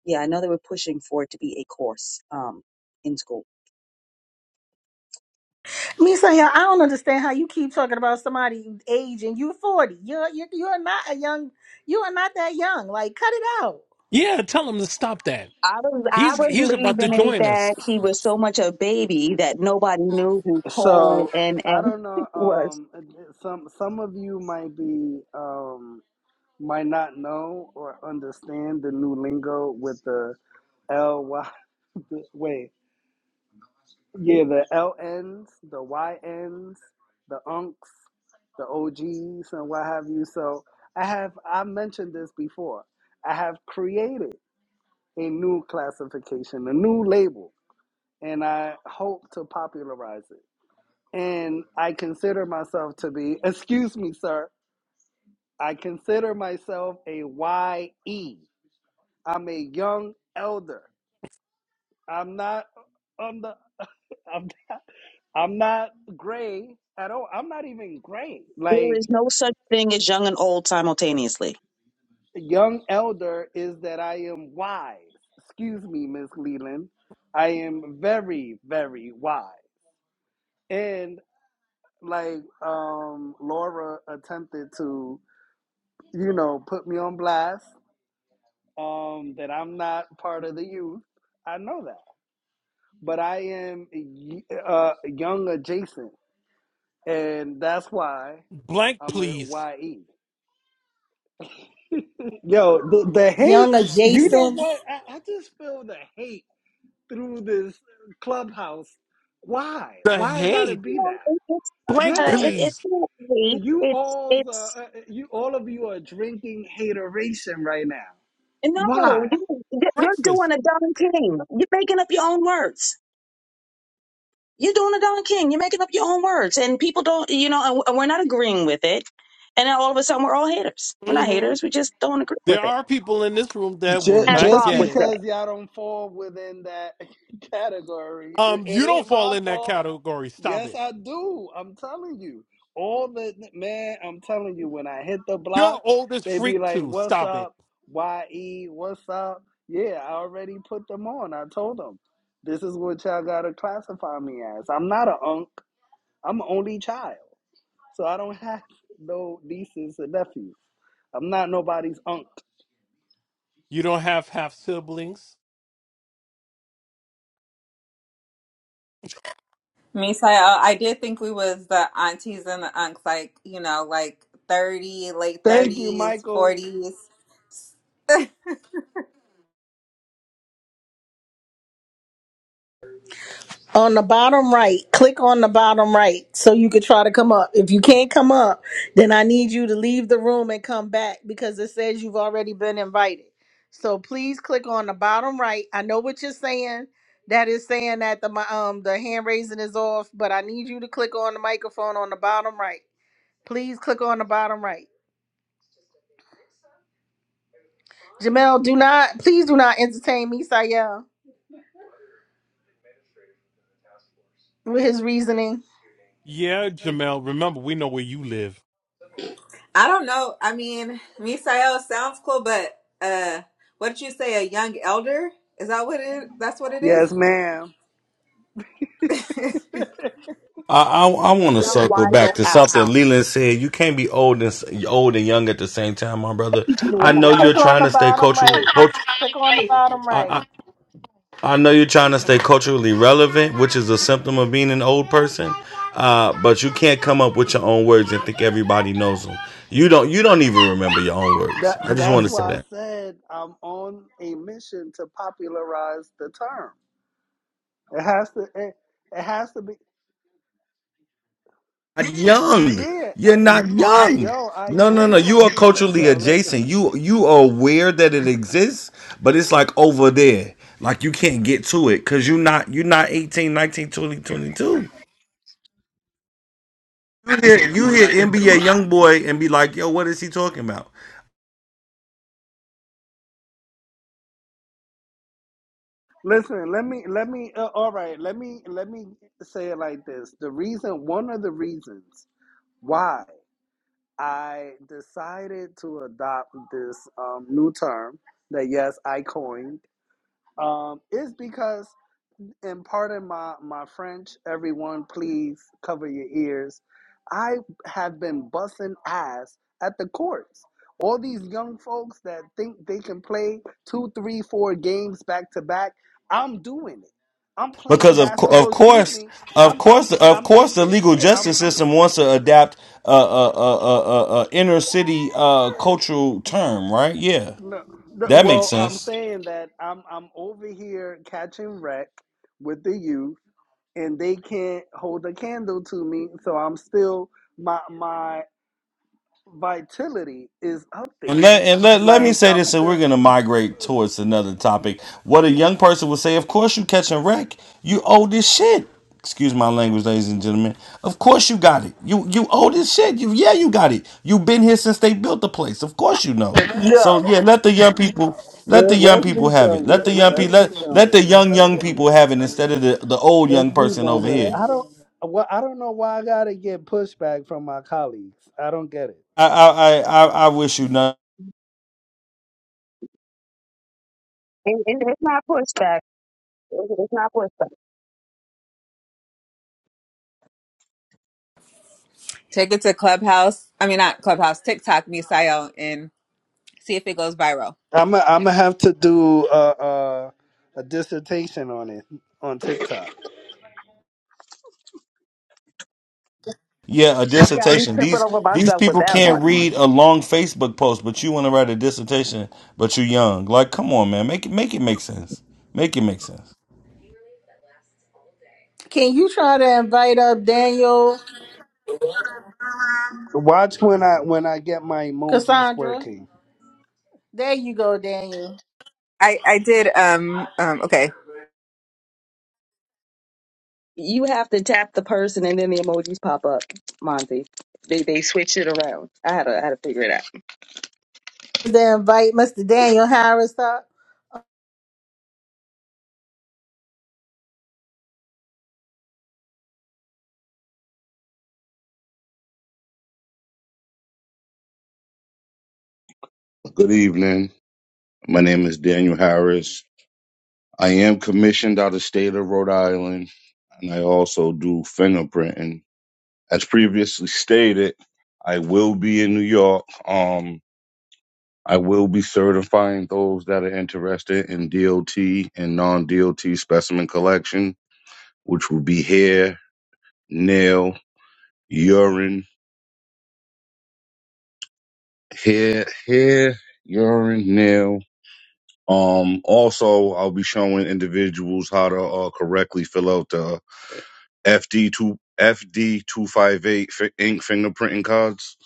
Yeah, I know they were pushing for it to be a course um, in school. Me saying I don't understand how you keep talking about somebody age and you forty. You're you are you are not a young. You are not that young. Like cut it out. Yeah, tell him to stop that. I was I He's was he's about to believing is join that us. he was so much a baby that nobody knew who Cole So and I and don't know. was. Um, some some of you might be um, might not know or understand the new lingo with the L Y. Wait. Yeah, the L LNs, the Y YNs, the unks, the OGs, and what have you. So I have, I mentioned this before, I have created a new classification, a new label, and I hope to popularize it. And I consider myself to be, excuse me, sir, I consider myself a Y am a young elder. I'm not on the. I'm. I'm not gray at all. I'm not even gray. There Like is no such thing as young and old simultaneously. young elder is that I am wise. Excuse me, Miss Leland. I am very, very wise. And like um Laura attempted to, you know, put me on blast, um, that I'm not part of the youth. I know that. But I am uh, young adjacent. And that's why Blank, I'm a please. YE. Yo, the, the hate, Young you know adjacent what? I, I just feel the hate through this clubhouse. Why? The Why it gotta hate. be No, that? it, it's Blank, not. Uh, it, Yes, please. it's not hate. you It's all, it's uh, uh, you all of you are drinking hateration right now. no. Why? You, you- you're Breakfast. doing a Don King. You're making up your own words. You're doing a Don King. You're making up your own words, and people don't. You know, and w- and we're not agreeing with it. And then all of a sudden, we're all haters. We're not haters. We just don't agree There with it. are people in this room that will Just, As not just Rob get would it. say, because y'all don't fall within that category, it Um, it you don't ain't fall my in that fault. category. Stop Yes, it. I do. I'm telling you. All the man, I'm telling you, when I hit the You're block, old as they be freak like, too. What's Stop it. up? YE, what's up? Yeah, I already put them on. I told them, This is what y'all gotta classify me as. I'm not a unk. I'm an only child. So I don't have no nieces and nephews. I'm not nobody's unk. You don't have half siblings. Misael, I did think we was the aunties and the unks, like, you know, like 30, late Thank you, 30s, Michael. 40s. on the bottom right. Click on the bottom right so you could try to come up. If you can't come up, then I need you to leave the room and come back because it says you've already been invited. So please click on the bottom right. I know what you're saying. That is saying that the mi- um the hand raising is off, but I need you to click on the microphone on the bottom right Please click on the bottom right. Jamel, do not, please do not entertain me, Sayel, with his reasoning. Yeah, Jamel. Remember, we know where you live. I don't know. I mean, Misael sounds cool, but uh what did you say, a young elder? Is that what it that's what it is? Yes, ma'am. I I, I want to "Young, circle wise, back old to out." something Leland said. You can't be old and s- old and young at the same time, my brother. Thank you, I Rob. know you're Click on trying the to stay bottom cultural. right. Cult, Click on the I, bottom right. I, I know you're trying to stay culturally relevant, which is a symptom of being an old person. Uh, but you can't come up with your own words and think everybody knows them. You don't. You don't even remember your own words. That I just that's want to say why I that. said I'm on a mission to popularize the term. It has to. It, it has to be. Not young. Yeah, I You're not am. young. Yo, I No, no, am no. You are plugged into. culturally Yo, listen, adjacent. You you are aware that it exists, but it's like over there. Like you can't get to it because you're not you're not 18, 19, 20, 22. You hear, you hear NBA young boy and be like, yo, what is he talking about? listen. Let me. Let me. Uh, all right. Let me. Let me say it like this. The reason. One of the reasons why I decided to adopt this um, new term that yes I coined um, is because and pardon my, my French, everyone, please cover your ears. I have been bussing ass at the courts. All these young folks that think they can play two, three, four games back to back, I'm doing it. I'm playing because of co- of basketball. Excuse course, me. of I'm I'm course, of I'm course, in. the legal Yeah, I'm. justice system wants to adapt a uh, uh, uh, uh, uh, uh, inner city uh, cultural term, right? Yeah, No, no, that makes well, I'm sense. saying that I'm I'm over here catching wreck with the youth and they can't hold a candle to me. So I'm still my my vitality is up And there. let, and let, let me Like say I'm this, and we're still going to migrate towards another topic. What a young person would say, of course you catching wreck. You owe this shit. Excuse my language, ladies and gentlemen. Of course you got it. You you owe this shit. You yeah, you got it. You've been here since they built the place. Of course you know. Yo, So yeah, let the young people let the let, young let's people be have done it. with Let the it. young Let's people be let, done let with the it. young young Okay, people have it instead of the, the old let's young be person done over with it. here. I don't. Well, I don't know why I gotta get pushback from my colleagues. I don't get it. I I, I, I I wish you none. And, and it's not pushback. It's it's not pushback. Take it to Clubhouse. I mean not Clubhouse, TikTok, Misael, and see if it goes viral. I'm i I'm gonna have to do a, a a dissertation on it on TikTok. Yeah, a You got me dissertation. tripping These over these myself with people that one. can't read a long Facebook post, but you want to write a dissertation, but you're young. Like, come on, man, make it make it make sense. Make it make sense. Can you try to invite up Daniel, Watch when I when I get my emojis Cassandra? working. There you go, Daniel. I, I did um um okay. You have to tap the person and then the emojis pop up, Monty. They they switch it around. I had to I had to figure it out. Then invite Mr. Daniel Harris up. Good evening. My name is Daniel Harris. I am commissioned out of state of Rhode Island, and I also do fingerprinting. As previously stated, I will be in New York. Um, I will be certifying those that are interested in DOT and non-DOT specimen collection, which will be hair, nail, urine, hair, hair, urine, nail. Um, also, I'll be showing individuals how to uh, correctly fill out the FD two FD two five eight ink fingerprinting cards,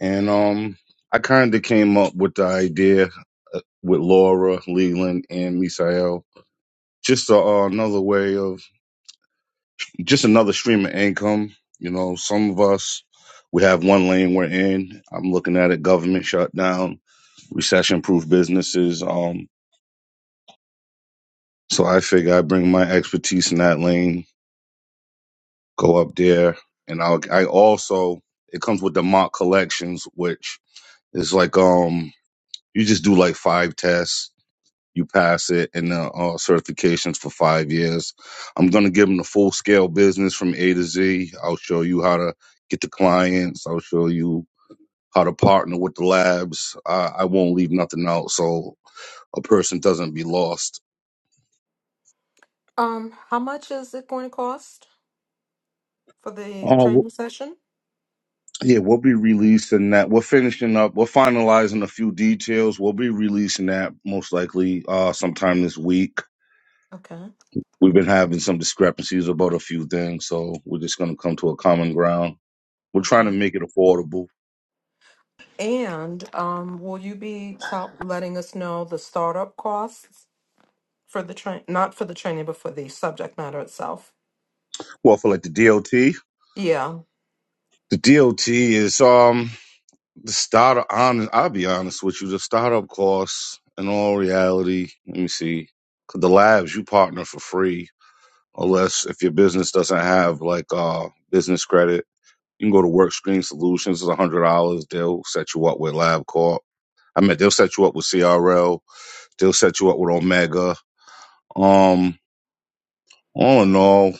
and um, I kind of came up with the idea uh, with Laura Leland and Misael, just a, uh, another way of just another stream of income. You know, some of us we have one lane we're in. I'm looking at it: government shutdown, recession-proof businesses. Um, so I figure I bring my expertise in that lane, go up there, and I'll, I also it comes with the mock collections, which It's like um, you just do like five tests, you pass it, and the uh, certifications for five years. I'm gonna give them the full scale business from A to Z. I'll show you how to get the clients. I'll show you how to partner with the labs. I, I won't leave nothing out, so a person doesn't be lost. Um, how much is it going to cost for the Uh, we training session? yeah, we'll be releasing that. We're finishing up. We're finalizing a few details. We'll be releasing that most likely uh sometime this week Okay, We've been having some discrepancies about a few things, so we're just going to come to a common ground. We're trying to okay. make it affordable. And um, will you be tell letting us know the startup costs? For the train, not for the training, but for the subject matter itself. Well, for like the DOT, Yeah. the DOT is um the startup. Honest, I'll be honest with you, the startup costs. In all reality, let me see, 'Cause the labs you partner for free, unless if your business doesn't have like uh business credit, you can go to WorkScreen Solutions. It's a hundred dollars. They'll set you up with LabCorp. I mean, they'll set you up with CRL. They'll set you up with Omega Um, all in all,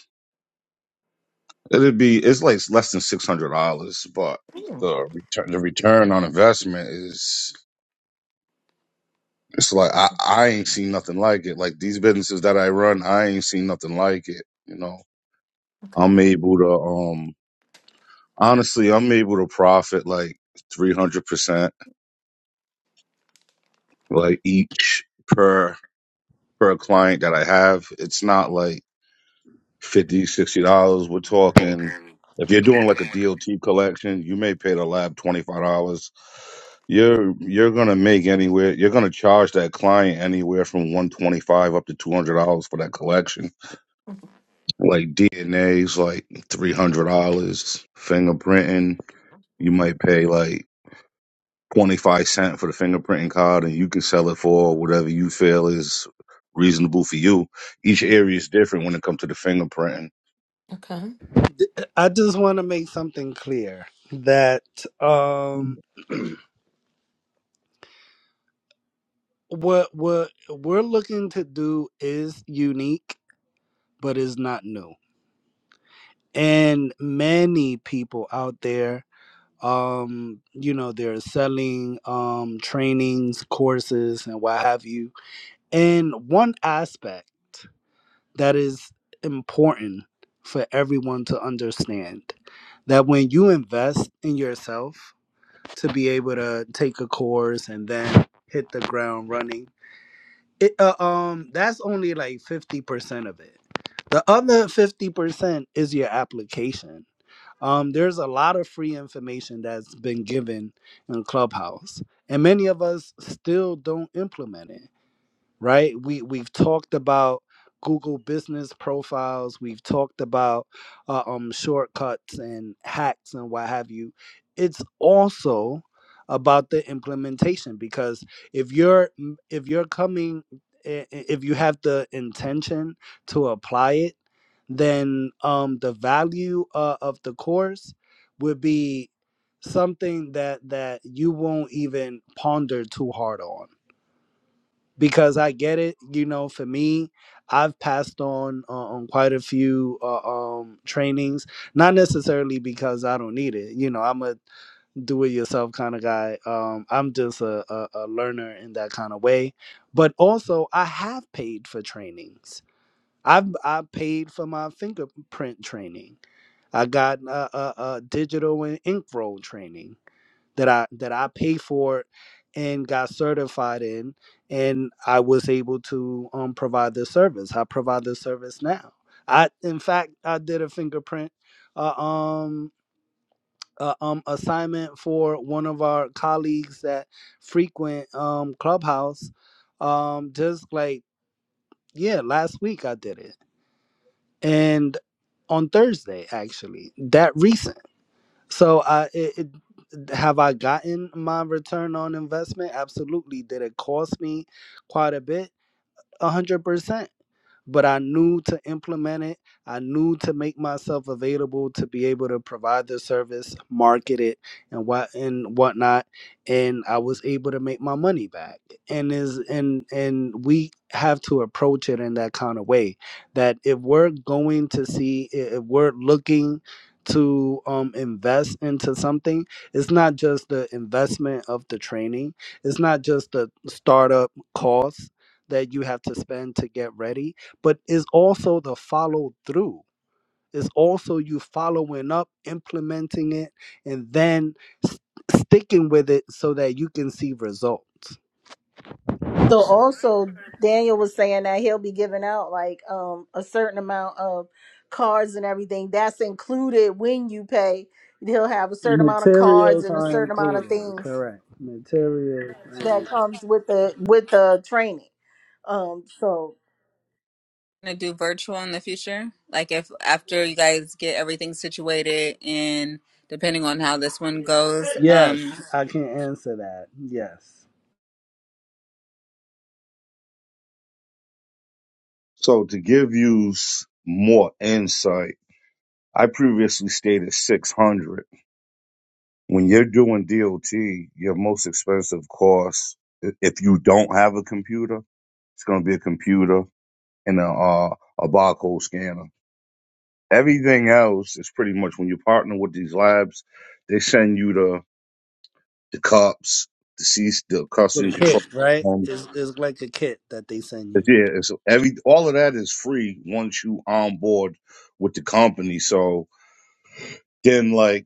it'd be it's like less than six hundred dollars, but the return the return on investment is it's like I I ain't seen nothing like it. Like these businesses that I run, I ain't seen nothing like it. You know, I'm Okay. able to um honestly, I'm able to profit like three hundred percent like each per per client that I have. It's not like 50 dollars. sixty dollars. We're talking if you're doing like a DLT collection, you may pay the lab twenty five dollars. You're you're gonna make anywhere you're gonna charge that client anywhere from one twenty five up to two hundred dollars for that collection. Like DNA's like three hundred dollars. Fingerprinting, you might pay like twenty five cent for the fingerprinting card, and you can sell it for whatever you feel is reasonable for you. Each area is different when it comes to the fingerprinting Okay. I just want to make something clear that um what what we're looking to do is unique but is not new. And many people out there um you know they're selling um trainings, courses and what have you. And one aspect that is important for everyone to understand that when you invest in yourself to be able to take a course and then hit the ground running. It, uh, um, that's only like fifty percent of it. The other fifty percent is your application. Um, there's a lot of free information that's been given in Clubhouse, and many of us still don't implement it right? We we've talked about Google business profiles. We've talked about uh, um shortcuts and hacks and what have you. It's also about the implementation because if you're mm, if you're coming i- i- if you have the intention to apply it, then um the value uh, of the course would be something that that you won't even ponder too hard on because I get it. You know, for me, I've passed on uh, on quite a few uh, um, trainings, not necessarily because I don't need it. You know, I'm a do it yourself kind of guy. Um, I'm just a, a, a learner in that kind of way. But also, I have paid for trainings. I've I paid for my fingerprint training. I got a, a, a digital and ink roll training that I that I paid for and got certified in, and I was able to um, provide this service. I provide this service now. I, in fact, I did a fingerprint uh, um, uh, um, assignment for one of our colleagues that frequent um, Clubhouse. Um, just like yeah, last week I did it, and on Thursday actually, that recent. So, uh, it, it, have I gotten my return on investment? Absolutely. Did it cost me quite a bit? 100% but I knew to implement it. I knew to make myself available to be able to provide the service, market it, and what and whatnot. And I was able to make my money back. And is and and we have to approach it in that kind of way. That if we're going to see, if we're looking to um, invest into something, it's not just the investment of the training. It's not just the startup costs that you have to spend to get ready but is also the follow through. It's also you following up, implementing it, and then s- sticking with it so that you can see results. So also, Daniel was saying that he'll be giving out like um a certain amount of cards and everything. That's included when you pay. He'll have a certain amount of cards Materials and a are certain amount of included, things. correct. Materials. Are that included. comes with the with the training. Um, so gonna do virtual in the future? Like if after you guys get everything situated and depending on how this one goes. Yes, Um I can answer that. Yes. So to give you s- more insight, I previously stated 600. When you're doing DOT, your most expensive cost, i- if you don't have a computer, it's going to be a computer and a, uh, a barcode scanner. Everything else is pretty much when you partner with these labs, they send you the, the cups, the seats, the custody The control. kit, right? Um, It's, it's like a kit that they send but you. yeah, it's every, all of that is free once you onboard with the company. So, then like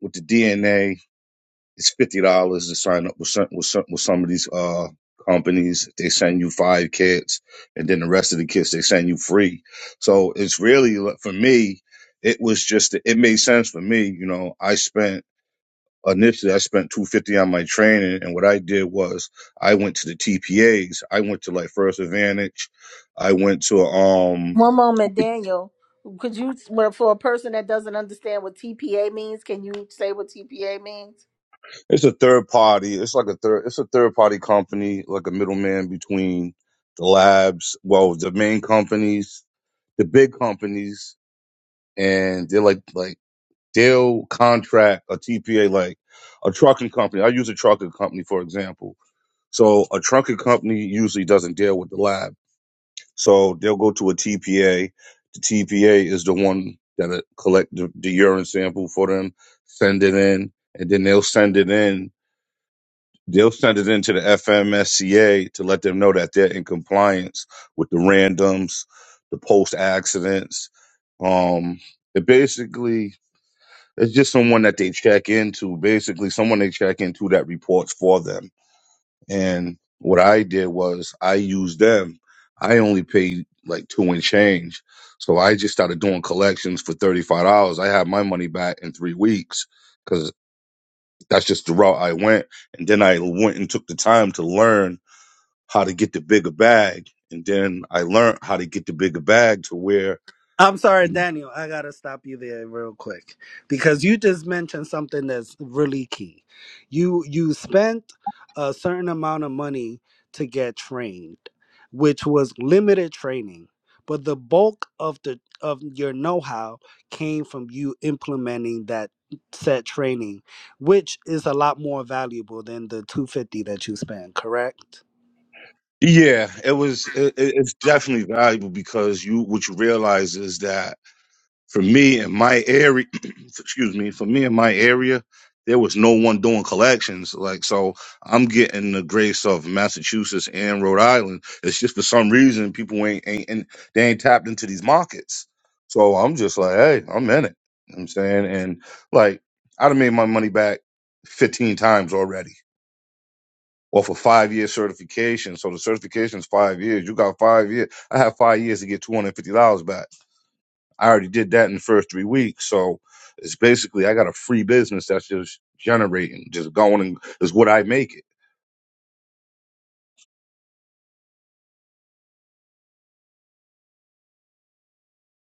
with the DNA. It's fifty dollars to sign up with some, with some with some of these uh companies. They send you five kits, and then the rest of the kits they send you free. So it's really like, for me. It was just it made sense for me. You know, I spent initially I spent two fifty on my training, and what I did was I went to the TPAs. I went to like First Advantage. I went to um. one moment, Daniel, could you well, for a person that doesn't understand what TPA means, can you say what TPA means? It's a third party. It's like a third. It's a third party company, like a middleman between the labs, well, the main companies, the big companies, and they're like like they'll contract a TPA, like a trucking company. I use a trucking company for example. So a trucking company usually doesn't deal with the lab, so they'll go to a TPA. The TPA is the one that collect the, the urine sample for them, send it in, and then they'll send it in They'll send it into the FMSCA to let them know that they're in compliance with the randoms, the post accidents. Um, it basically it's just someone that they check into, basically someone they check into that reports for them. And what I did was I used them. I only paid like two and change. So I just started doing collections for $35. I had my money back in three weeks because that's just the route I went. And then I went and took the time to learn how to get the bigger bag. And then I learned how to get the bigger bag to where I'm sorry, you, Daniel. I gotta stop you there real quick because you just mentioned something that's really key. You you spent a certain amount of money to get trained, which was limited training, but the bulk of the of your know-how came from you implementing that set training, which is a lot more valuable than the 250 that you spent. Correct? yeah, it was, it, it- it's definitely valuable because you, what you realize is that For me in my area, excuse me, for me in my area, there was no one doing collections. Like, so I'm getting the grace of Massachusetts and Rhode Island. It's just for some reason people ain't, ain't, and they ain't tapped into these markets. So I'm just like, hey, I'm in it. You know what I'm saying? And like, I'd have made my money back 15 times already off a five year certification. So the certification is five years. You got five years. I have five years to get $250 back. I already did that in the first three weeks. So it's basically I got a free business that's just generating, just going and is what I make it.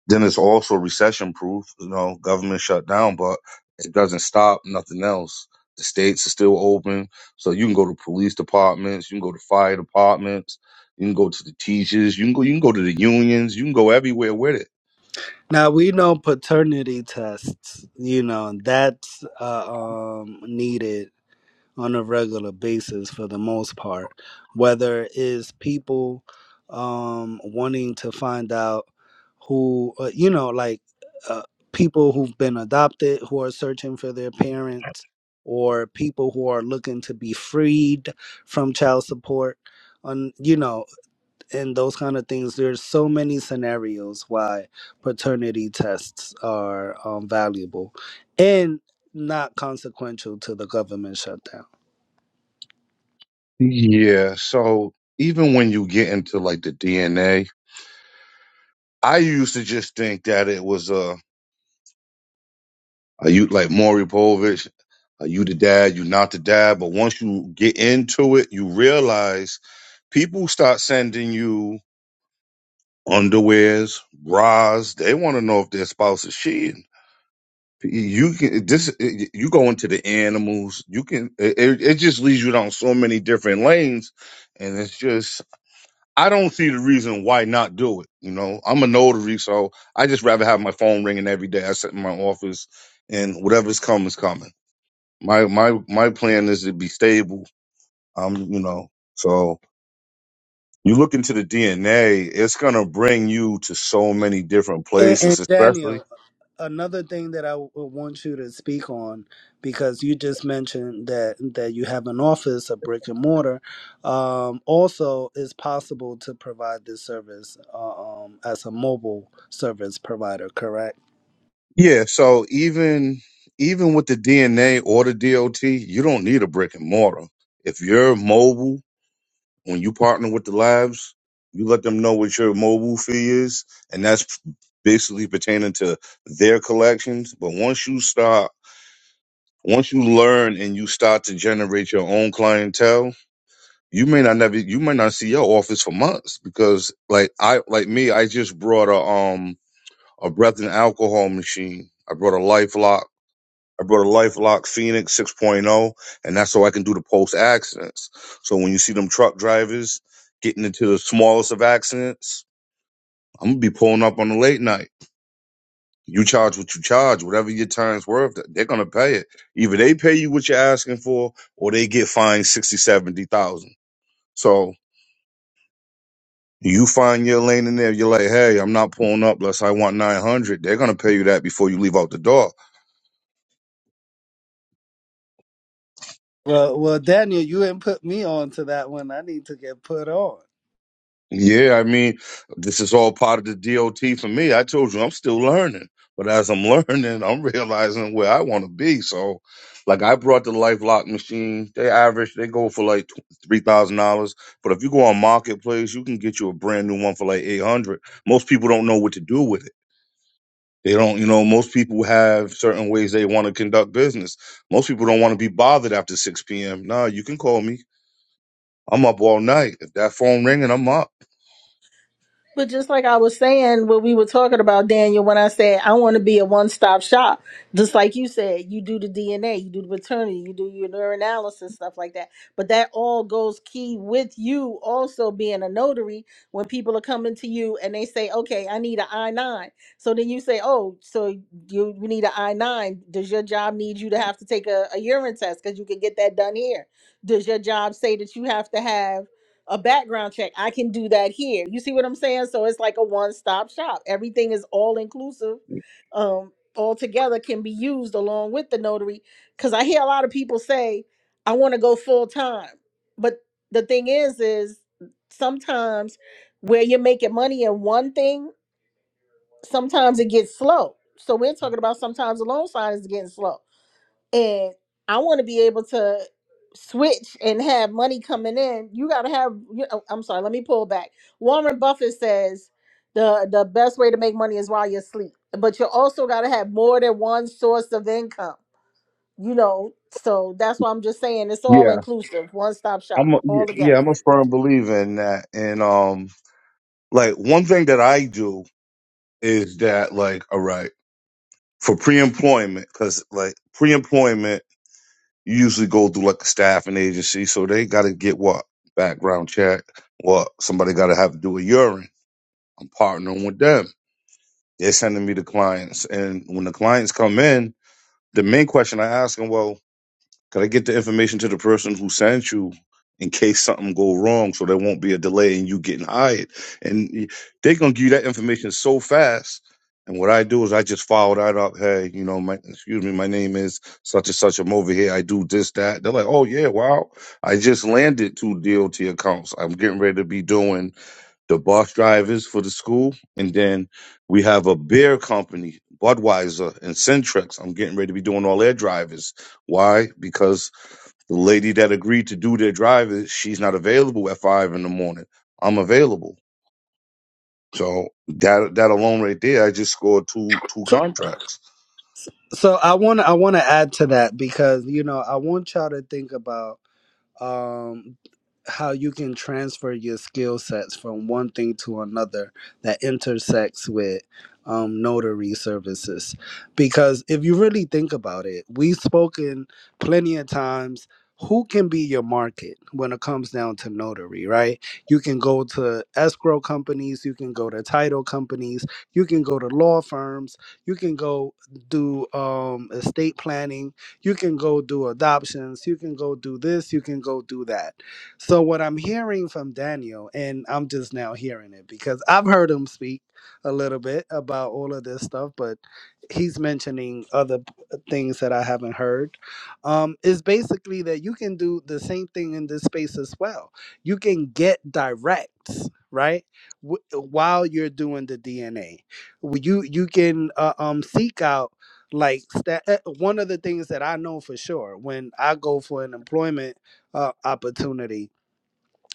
Then it's also recession proof, you know, government shut down, but it doesn't stop, nothing else. The states are still open. So you can go to police departments, you can go to fire departments, you can go to the teachers, you can go you can go to the unions, you can go everywhere with it. Now we know paternity tests, you know, that's uh, um, needed on a regular basis for the most part. Whether it is people um, wanting to find out who, uh, you know, like uh, people who've been adopted who are searching for their parents, or people who are looking to be freed from child support. On you know, and those kind of things there's so many scenarios why paternity tests are um, valuable and not consequential to the government shutdown Yeah. So even when you get into like the DNA, I used to just think that it was a Are you like Maury Povich? Are you the dad? You not the dad? But once you get into it, you realize people start sending you underwears, bras. They want to know if their spouse is cheating. You can this. You go into the animals. You can. It, it just leads you down so many different lanes, and it's just. I don't see the reason why not do it. You know, I'm a notary, so I just rather have my phone ringing every day. I sit in my office, and whatever's coming is coming my my my plan is to be stable. Um, you know, so you look into the DNA, it's gonna bring you to so many different and, places, and especially. daniel another thing that i w- would want you to speak on because you just mentioned that that you have an office a brick and mortar um, also it's possible to provide this service uh, um, as a mobile service provider correct Yeah, so even even with the DNA or the DOT, you don't need a brick and mortar. If you're mobile, when you partner with the labs, you let them know what your mobile fee is, and that's basically pertaining to their collections. But once you start, once you learn and you start to generate your own clientele, you may not never you may not see your office for months because like I like me, I just brought a um a breath and alcohol machine. I brought a LifeLock, I brought a LifeLock Phoenix 6.0, and that's so I can do the post accidents. So when you see them truck drivers getting into the smallest of accidents, I'm gonna be pulling up on the late night. You charge what you charge, whatever your time's worth, they're gonna pay it. Either they pay you what you're asking for, or they get fined sixty, seventy thousand. So You find your lane in there. You're like, hey, I'm not pulling up unless I want 900. They're going to pay you that before you leave out the door. Well, well, Daniel, you didn't put me on to that one. I need to get put on. Yeah, I mean, this is all part of the DOT for me. I told you, I'm still learning. But as I'm learning, I'm realizing where I want to be. So, like, I brought the LifeLock machine. They average, they go for like $3,000. But if you go on Marketplace, you can get you a brand new one for like 800 Most people don't know what to do with it. They don't, you know, most people have certain ways they want to conduct business. Most people don't want to be bothered after 6 p.m. Nah, you can call me. I'm up all night. If that phone ringing, I'm up. But just like I was saying, what we were talking about, Daniel, when I said I want to be a one-stop shop, just like you said, you do the DNA, you do the paternity, you do your neuroanalysis, stuff like that. But that all goes key with you also being a notary when people are coming to you and they say, okay, I need an I-9. So then you say, oh, so you, you need an I-9. Does your job need you to have to take a, a urine test? Because you can get that done here. Does your job say that you have to have a background check. I can do that here. You see what I'm saying? So it's like a one-stop shop. Everything is all inclusive. Um all together can be used along with the notary cuz I hear a lot of people say I want to go full time. But the thing is is sometimes where you're making money in one thing, sometimes it gets slow. So we're talking about sometimes the loan sign is getting slow and I want to be able to switch and have money coming in, you got to have. You know, I'm sorry, let me pull back. Warren Buffett says the the best way to make money is while you're asleep, but you also got to have more than one source of income. You know, so that's why I'm just saying it's all Yeah, inclusive, one stop shop, I'm a, yeah, all yeah, together. I'm a firm believer in that. And um, like one thing that I do is that like, all right, for pre-employment, because like pre-employment, you usually go through like a staffing agency, so they got to get what background check, what somebody got to have to do a urine. I'm partnering with them. They're sending me the clients, and when the clients come in, the main question I ask them, well, could I get the information to the person who sent you in case something go wrong, so there won't be a delay in you getting hired? And y- they gonna give you that information so fast. And what I do is I just follow that up. Hey, you know, my excuse me, my name is such and such. I'm over here. I do this, that. They're like, oh yeah, wow. I just landed two DOT accounts. I'm getting ready to be doing the bus drivers for the school, and then we have a beer company, Budweiser and Centrex. I'm getting ready to be doing all their drivers. Why? Because the lady that agreed to do their drivers, she's not available at five in the morning. I'm available, so that that alone right there, I just scored two two So, contracts. so so I want to I want to add to that because you know I want y'all to think about. um, how you can transfer your skill sets from one thing to another that intersects with um, notary services. Because if you really think about it, we've spoken plenty of times. Who can be your market when it comes down to notary, right? You can go to escrow companies, you can go to title companies, you can go to law firms, you can go do um, estate planning, you can go do adoptions. You can go do this. You can go do that. So, what I'm hearing from Daniel, and I'm just now hearing it because I've heard him speak a little bit about all of this stuff, but he's mentioning other p- uh, things that I haven't heard. Um, is basically that you can do the same thing in this space as well. You can get directs, right? W- while you're doing the DNA, you you can uh, um seek out like that, one of the things that i know for sure when i go for an employment uh, opportunity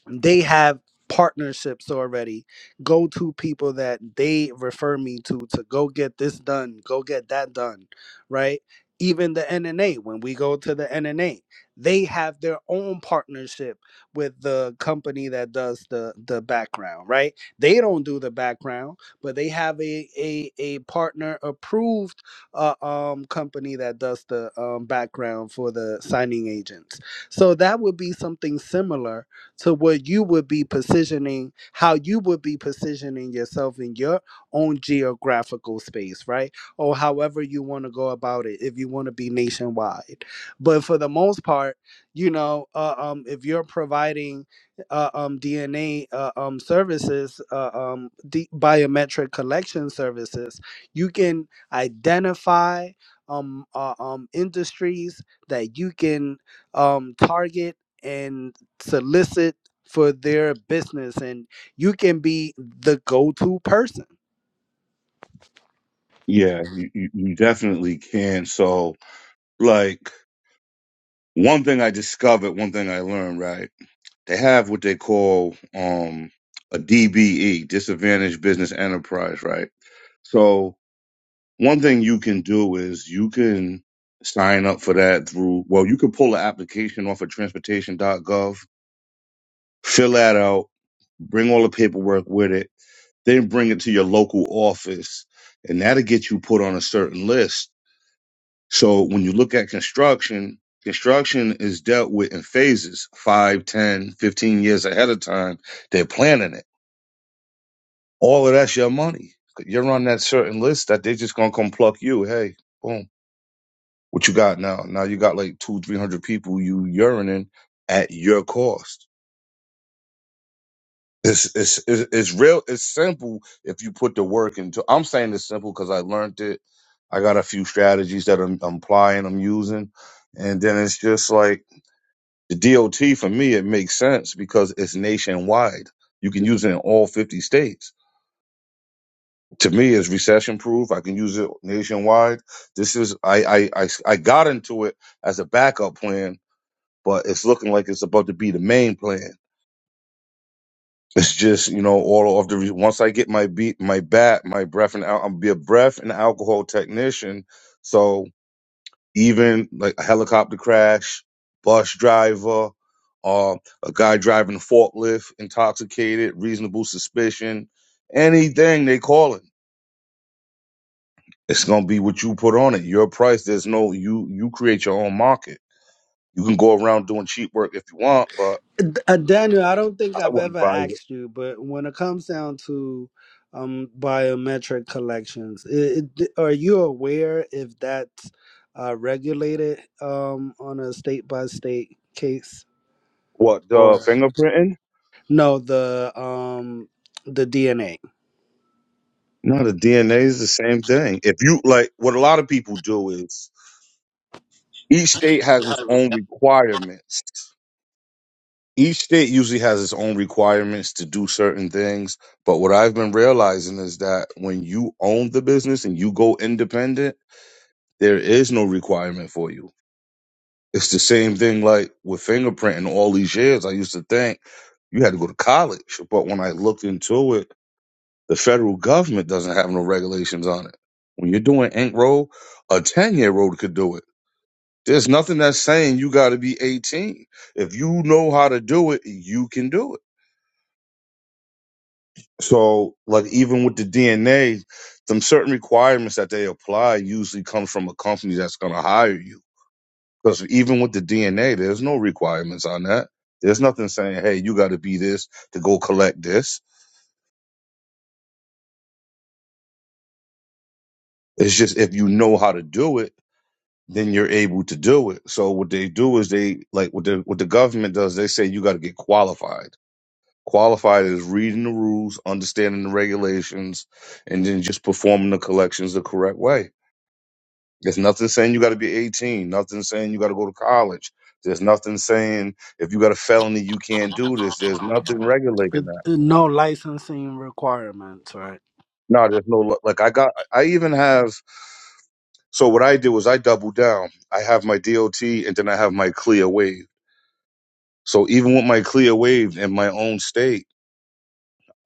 they have partnerships already go to people that they refer me to to go get this done go get that done right even the nna when we go to the nna they have their own partnership with the company that does the the background right they don't do the background but they have a a, a partner approved uh, um company that does the um, background for the signing agents so that would be something similar to where you would be positioning how you would be positioning yourself in your own geographical space, right? Or however you want to go about it, if you want to be nationwide. But for the most part, you know, uh, um, if you're providing uh, um, DNA uh, um, services, uh, um, D- biometric collection services, you can identify um, uh, um, industries that you can um, target. and solicit for their business and you can be the go-to person Yeah, you, you, you definitely can. So like one thing I discovered, one thing I learned, right? They have what they call um, a DBE, disadvantaged business enterprise, right? So one thing you can do is you can sign up for that through, well, you could pull the application off of transportation.gov, fill that out, bring all the paperwork with it, then bring it to your local office, and that'll get you put on a certain list so when you look at construction, construction is dealt with in phases, 5, 10, 15 years ahead of time. They're planning it. All of that's your money. You're on that certain list that they're just gonna come pluck you. Hey, boom. What you got now? Now you got like two, three hundred people you urinating at your cost. It's, it's it's it's real. It's simple if you put the work into. I'm saying it's simple because I learned it. I got a few strategies that I'm, I'm applying, I'm using, and then it's just like The DOT for me it makes sense because it's nationwide. You can use it in all 50 states. To me, it's recession proof. I can use it nationwide. This is I, I I I got into it as a backup plan, but it's looking like it's about to be the main plan. It's just you know all of the re- once I get my beat my bat my breath and al- I'm be a breath and alcohol technician. So even like a helicopter crash, bus driver, uh, a guy driving a forklift, intoxicated, reasonable suspicion, anything they call it. It's gonna be what you put on it. Your price. There's no you. You create your own market. You can go around doing cheap work if you want, but Uh, Daniel, I don't I think I've wouldn't ever advise it. asked you, but when it comes down to um, biometric collections, it, it, are you aware if that's uh, regulated um, on a state by state case What the or fingerprinting? no the um, the DNA? No, the DNA is the same thing. If you like, what a lot of people do is each state has its own requirements each state usually has its own requirements to do certain things. But what I've been realizing is that when you own the business and you go independent, there is no requirement for you. It's the same thing like with fingerprinting all these years. I used to think you had to go to college. But when I looked into it, the federal government doesn't have no regulations on it. When you're doing ink roll, a 10 year old could do it. There's nothing that's saying you got to be 18. If you know how to do it, you can do it So, like, even with the DNA, them certain requirements that they apply usually come from a company that's going to hire you. Because even with the DNA, there's no requirements on that. There's nothing saying, hey, you got to be this to go collect this. It's just if you know how to do it, then you're able to do it. So what they do is they like what the what the government does. They say you got to get qualified. Qualified is reading the rules, understanding the regulations, and then just performing the collections the correct way There's nothing saying you got to be 18. Nothing saying you got to go to college. There's nothing saying if you got a felony you can't do this. There's nothing Uh, regulating that. No licensing requirements, right? No, there's no like I got. I even have. So what I do is I double down. I have my DOT and then I have my clear wave. So even with my clear wave in my own state,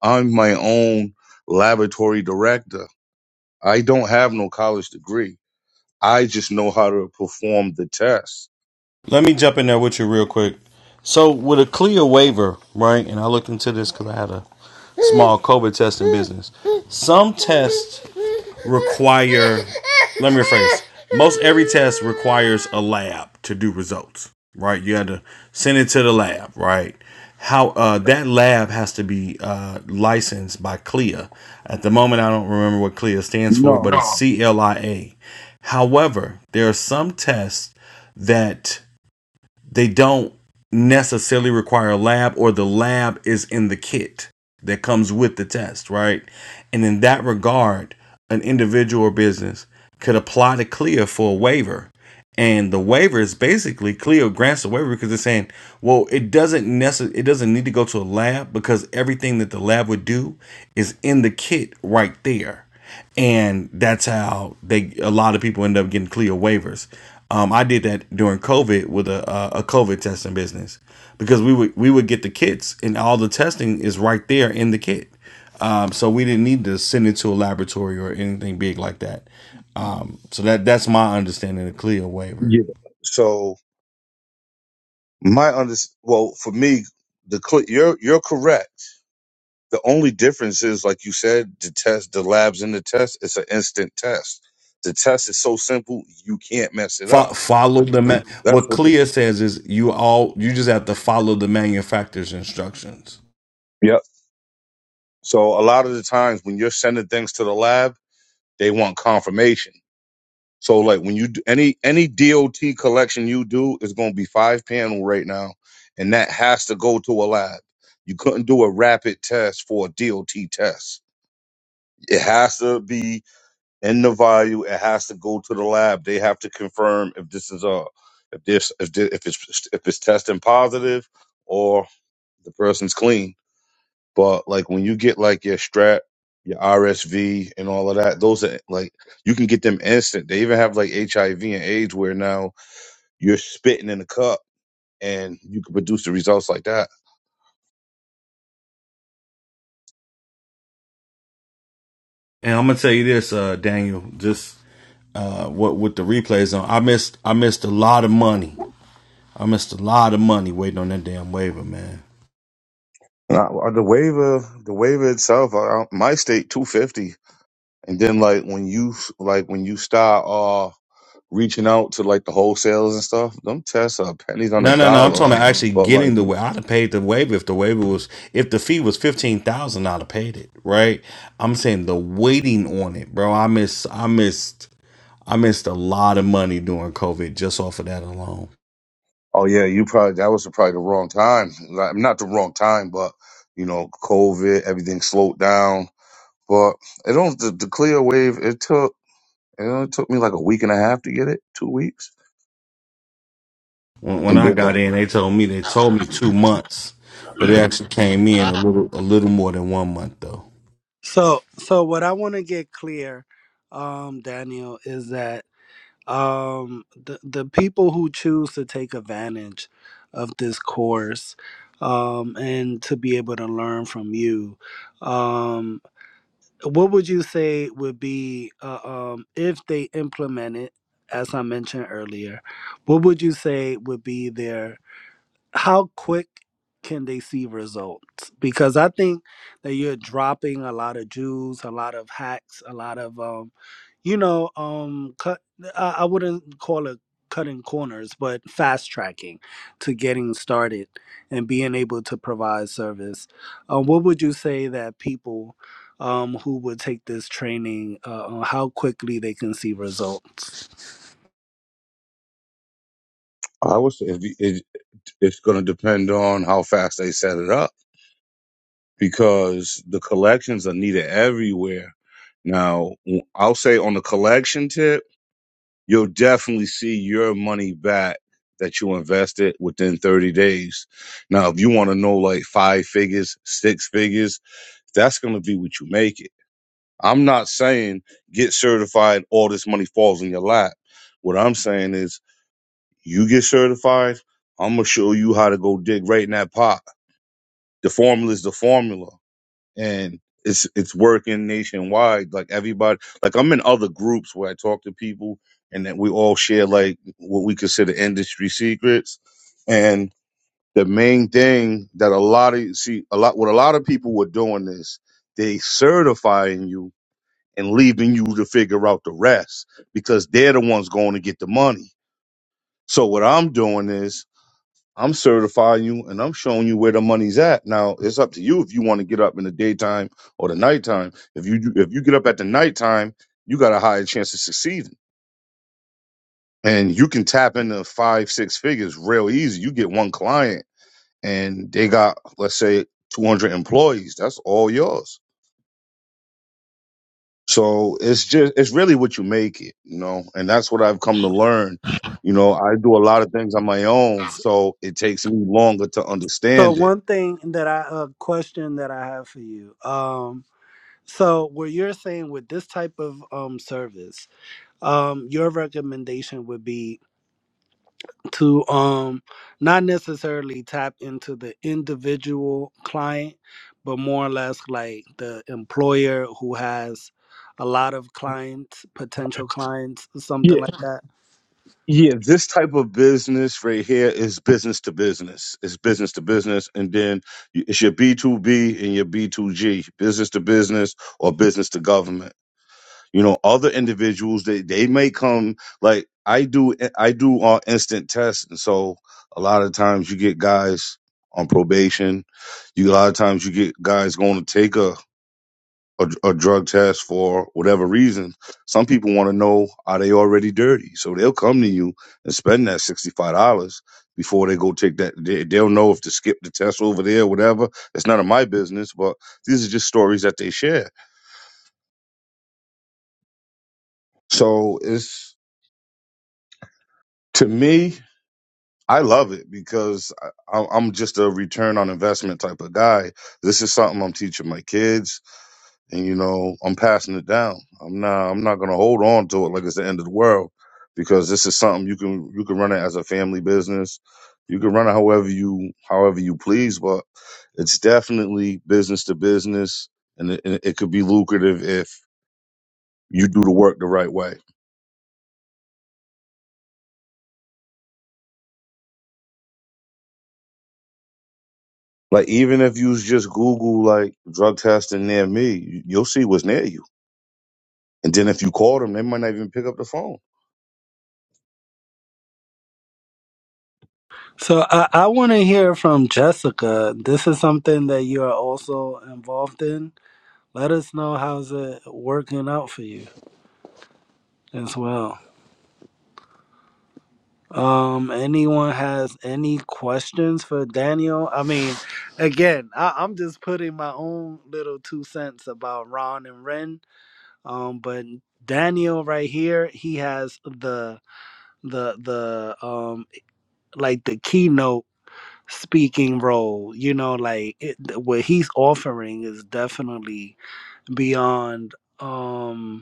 I'm my own laboratory director. I don't have no college degree. I just know how to perform the test. Let me jump in there with you real quick. So, with a clear waiver, right? And I looked into this because I had a small COVID testing business. Some tests require, let me rephrase, most every test requires a lab to do results, right? You had to send it to the lab, right? How uh, that lab has to be uh, licensed by CLIA. At the moment, I don't remember what CLIA stands for, No. but it's CLIA. However, there are some tests that they don't necessarily require a lab or the lab is in the kit that comes with the test, right? And in that regard, an individual or business could apply to CLIA for a waiver. And the waiver is basically CLIA grants a waiver because they're saying, well, it doesn't necessarily it doesn't need to go to a lab because everything that the lab would do is in the kit right there and that's how they a lot of people end up getting clear waivers. Um, I did that during COVID with a a a COVID testing business because we would we would get the kits and all the testing is right there in the kit. Um, so we didn't need to send it to a laboratory or anything big like that. Um, so that that's my understanding of CLIA waiver. Yeah. So My under well for me, the cl- you're you're correct. The only difference is, like you said, the test, the labs in the test. It's an instant test. The test is so simple you can't mess it up. Fo- follow the ma- That's what what. The, CLIA says is you all you just have to follow the manufacturer's instructions. yep. So a lot of the times when you're sending things to the lab, they want confirmation. So like when you do any any DOT collection you do is going to be five panel right now, and that has to go to a lab. You couldn't do a rapid test for a DOT test. It has to be in the value it has to go to the lab they have to confirm if this is a if this if this, if it's if it's testing positive or the person's clean but like when you get like your strap your rsv and all of that those are like you can get them instant they even have like hiv and aids where now you're spitting in a cup and you can produce the results like that And I'm gonna tell you this, uh, Daniel, just uh, what with the replays on, I missed I missed a lot of money. I missed a lot of money waiting on that damn waiver, man. Nah, uh, the waiver, the waiver itself, I, my state two fifty, and then like when you like when you start uh reaching out to like the wholesales and stuff, them tests are pennies on the No, no, no. I'm dollar. talking about actually But like, getting the waiver. I'd have paid the waiver if the waiver was if the fee was fifteen thousand. I'd have paid it, right? I'm saying the waiting on it, bro. I miss, I missed, I missed a lot of money during COVID just off of that alone. oh yeah, you probably that was probably the wrong time. Like, not the wrong time, but you know, COVID, everything slowed down. But it don't the, the clear wave. It took it only took me like a week and a half to get it, two weeks, When, when and I then got like in, they told me they told me two months, but it actually came in a little a little more than one month though. So, so what I want to get clear, um, Daniel, is that um, the the people who choose to take advantage of this course um, and to be able to learn from you, um, what would you say would be uh, um, if they implement it? As I mentioned earlier, what would you say would be their how quick can they see results? Because I think that you're dropping a lot of Jews, a lot of hacks, a lot of um, you know, um, cut. I, I wouldn't call it cutting corners, but fast tracking to getting started and being able to provide service. Um, what would you say that people um, who would take this training, uh, uh, how quickly they can see results? I was if you- it, it's gonna depend on how fast they set it up because the collections are needed everywhere. Now, I'll say on the collection tip, you'll definitely see your money back that you invested within 30 days. Now, if you want to know like five figures, six figures, that's going to be what you make it. I'm not saying get certified, all this money falls in your lap. What I'm saying is you get certified, I'm going to show you how to go dig right in that pot. The formula is the formula. and it's it's working nationwide. Like everybody, like I'm in other groups where I talk to people, and that we all share like what we consider industry secrets. And the main thing that a lot of see a lot what a lot of people were doing is they certifying you and leaving you to figure out the rest because they're the ones going to get the money. So what I'm doing is I'm certifying you and I'm showing you where the money's at. Now it's up to you if you want to get up in the daytime or the nighttime. If you do- if you get up at the nighttime, you got a higher chance of succeeding. And you can tap into five, six figures real easy. You get one client and they got, let's say, 200 employees. That's all yours. So it's just, it's really what you make it, you know, and that's what I've come to learn. You know, I do a lot of things on my own. So it takes me longer to So understand one thing that I a question that I have for you. Um, So, what you're saying with this type of um service, um, your recommendation would be to um not necessarily tap into the individual client, but more or less like the employer who has a lot of clients, potential clients, it something like that. Yeah, this type of business right here is business to business. It's business to business, and then you- it's your B two B and your B two G, business to business or business to government. You know, other individuals they they may come like I do. I do uh, instant tests, and so a lot of times you get guys on probation. You a lot of times you get guys going to take a, a drug test for whatever reason. Some people want to know are they already dirty, so they'll come to you and spend that sixty five dollars before they go take that. They, they'll know if to skip the test over there, or whatever. It's none of my business, but these are just stories that they share. So it's to me. I love it because I, I- I'm just a return on investment type of guy. This is something I'm teaching my kids and you know I'm passing it down. I'm not I'm not gonna hold on to it like it's the end of the world because this is something you can you can run it as a family business. You can run it however you however you please, but it's definitely business to business, and it, and it could be lucrative if you do the work the right way. Like even if you just Google like drug testing near me, you- you'll see what's near you. And then if you call them, they might not even pick up the phone. So, I, I want to hear from Jessica. This is something that you are also involved in. Let us know how's it working out for you as well. Um, anyone has any questions for Daniel? I mean, again, I, I'm just putting my own little two cents about Ron and Ren. Um, but Daniel right here, he has the the the um like the keynote speaking role. You know, like it, what he's offering is definitely beyond. Um,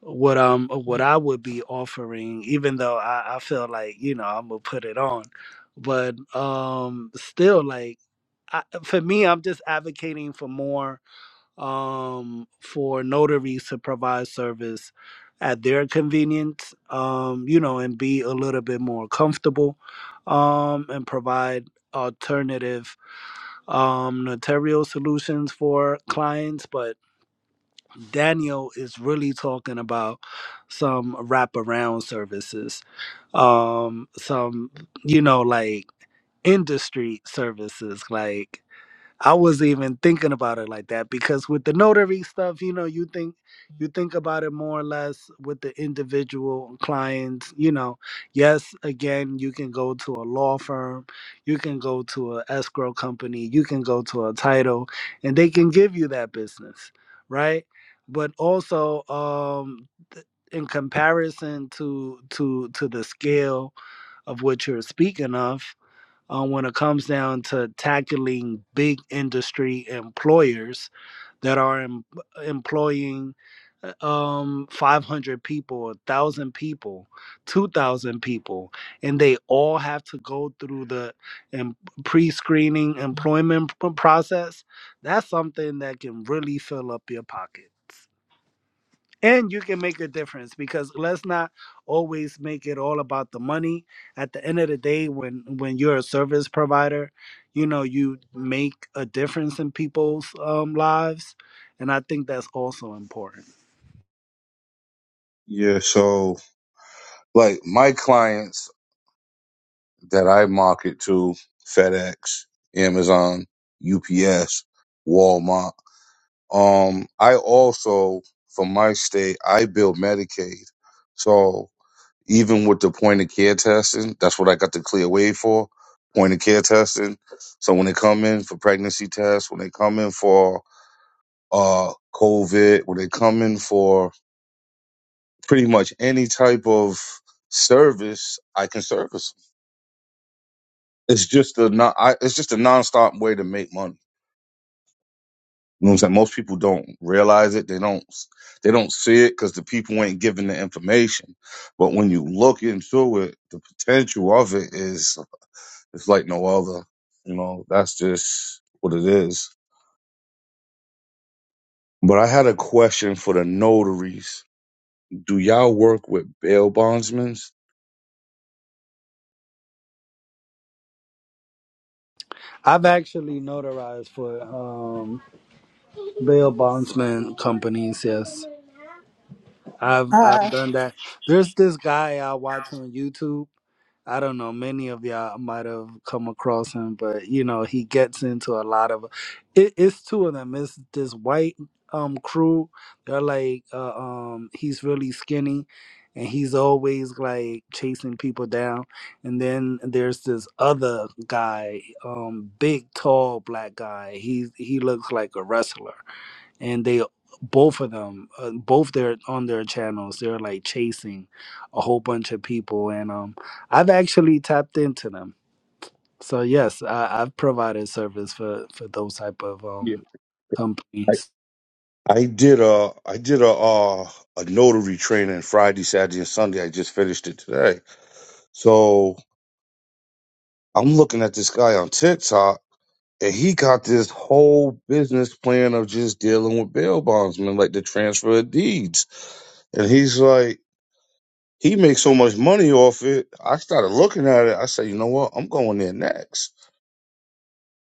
what um what I would be offering, even though I, I feel like you know I'm gonna put it on, but um still like I, for me I'm just advocating for more um for notaries to provide service at their convenience, um you know and be a little bit more comfortable, um and provide alternative um notarial solutions for clients, but Daniel is really talking about some wraparound services, um, some you know like industry services, like I wasn't even thinking about it like that because with the notary stuff, you know, you think you think about it more or less with the individual clients, you know. Yes, again, you can go to a law firm, you can go to a escrow company, you can go to a title and they can give you that business, right? But also um in comparison to to to the scale of what you're speaking of uh, when it comes down to tackling big industry employers that are em- employing uh, um 500 people 1000 people 2000 people and they all have to go through the em- pre-screening employment p- process that's something that can really fill up your pockets and you can make a difference because let's not always make it all about the money at the end of the day when when you're a service provider you know you make a difference in people's um, lives and i think that's also important Yeah, so like my clients that I market to FedEx, Amazon, UPS, Walmart. Um, I also, for my state, I build Medicaid. So even with the point of care testing, that's what I got the clear way for point of care testing. So when they come in for pregnancy tests, when they come in for uh, COVID, when they come in for pretty much any type of service, I can service 'em. it's just a non, I, it's just a nonstop way to make money. You know what I'm saying? Most people don't realize it. They don't they don't see it because the people ain't giving the information. But when you look into it, the potential of it is it's like no other. You know, that's just what it is. But I had a question for the notaries. Do y'all work with bail bondsmen? i've actually notarized for um, bail bondsman companies yes i've i've Uh, done that there's this guy i watch on youtube I don't know, many of y'all might have come across him, but you know, he gets into a lot of it, it's two of them. It's this white um crew. They're like uh, um he's really skinny and he's always like chasing people down. And then there's this other guy, um big tall black guy. He he looks like a wrestler and they both of them uh, both they're on their channels they're like chasing a whole bunch of people and um i've actually tapped into them so yes I, i've provided service for for those type of Yeah. um I, companies I did a I did a uh, a notary training Friday, Saturday, and Sunday. I just finished it today. So I'm looking at this guy on TikTok, and he got this whole business plan of just dealing with bail bondsmen, like the transfer of deeds. And he's like, he makes so much money off it. I started looking at it. I said, you know what? I'm going there next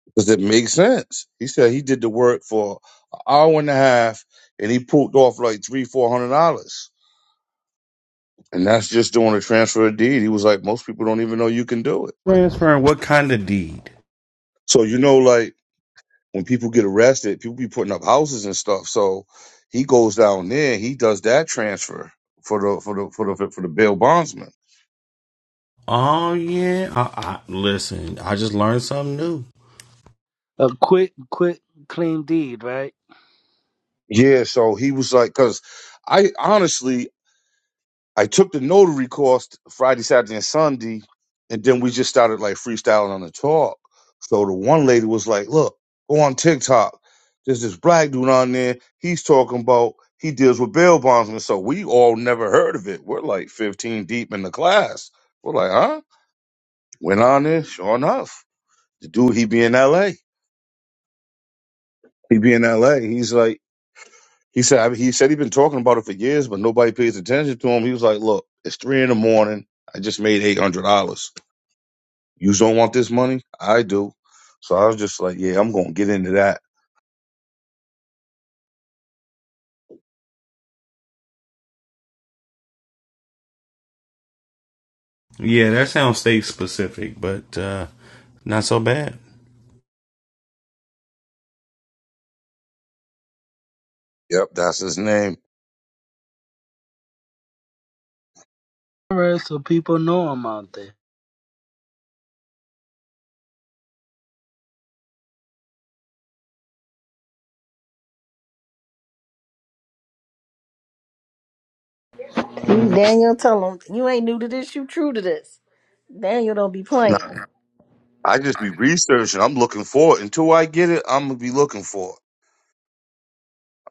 because it makes sense. He said he did the work for an hour and a half, and he pulled off like three, four hundred dollars. And that's just doing a transfer of deed. He was like, most people don't even know you can do it. Transferring what kind of deed? So you know, like when people get arrested, people be putting up houses and stuff. So he goes down there, he does that transfer for the for the for the for the bail bondsman. Oh yeah, I, I listen. I just learned something new. a quick quick clean deed right Yeah, so he was like, because I honestly I took the notary course Friday, Saturday, and Sunday, and then we just started like freestyling on the talk. So the one lady was like, "Look, go on TikTok. There's this black dude on there. He's talking about." He deals with bail bondsmen, so we all never heard of it. We're like 15 deep in the class. We're like, huh? Went on there, sure enough. The dude, he be in L.A. He be in L.A. He's like, he said, I mean, he said he been talking about it for years, but nobody pays attention to him. He was like, look, it's three in the morning. I just made eight hundred dollars. You don't want this money? I do. So I was just like, yeah, I'm gonna get into that. Yeah, that sounds state specific, but uh, not so bad. Yep, that's his name. Alright, so people know i'm out there Daniel, tell him you ain't new to this. You true to this. Daniel don't be Now, playing, I just be researching. I'm looking for it. Until I get it, I'm gonna be looking for it.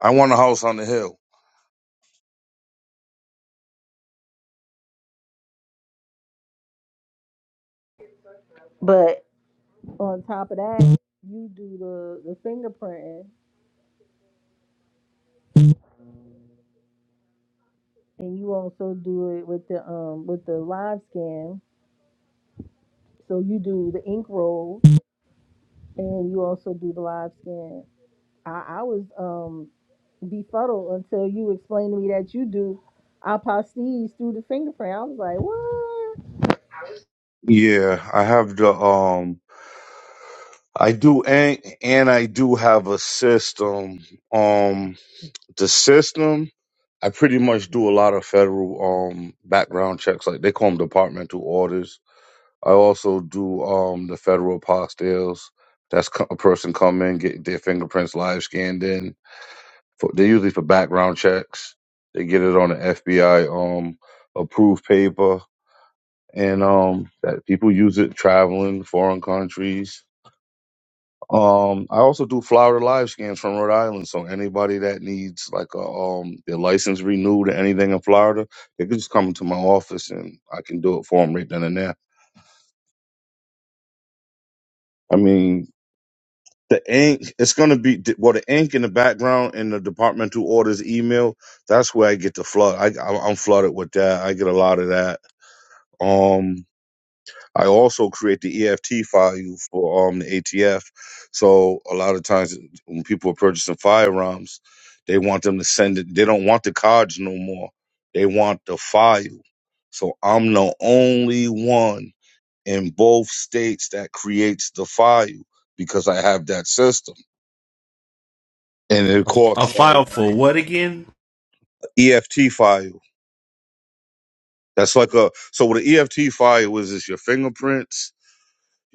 I want a house on the hill. but on top of that, you do the the fingerprinting, and you also do it with the um with the live scan. So you do the ink roll, and you also do the live scan. I, I was um befuddled until you explained to me that you do apostilles through the fingerprint. I was like, what? Yeah, I have the um. I do, and, and I do have a system. Um, the system, I pretty much do a lot of federal um background checks, like they call them departmental orders. I also do um the federal apostilles. That's co- a person come in, get their fingerprints live scanned in. For, they're usually for background checks. They get it on the FBI um approved paper, and um that people use it traveling foreign countries Um, I also do Florida live scans from Rhode Island. So anybody that needs like a um their license renewed or anything in Florida, they can just come to my office and I can do it for them right then and there. I mean, the ink it's gonna be well the ink in the background in the departmental orders email. That's where I get the flood. I I- I'm flooded with that. I get a lot of that. Um, I also create the EFT file for um the ATF. So a lot of times when people are purchasing firearms, they want them to send it. They don't want the cards no more. They want the file. So I'm the only one in both states that creates the file because I have that system. And it costs A like file for what again? EFT file. That's like a so what an EFT file is is your fingerprints.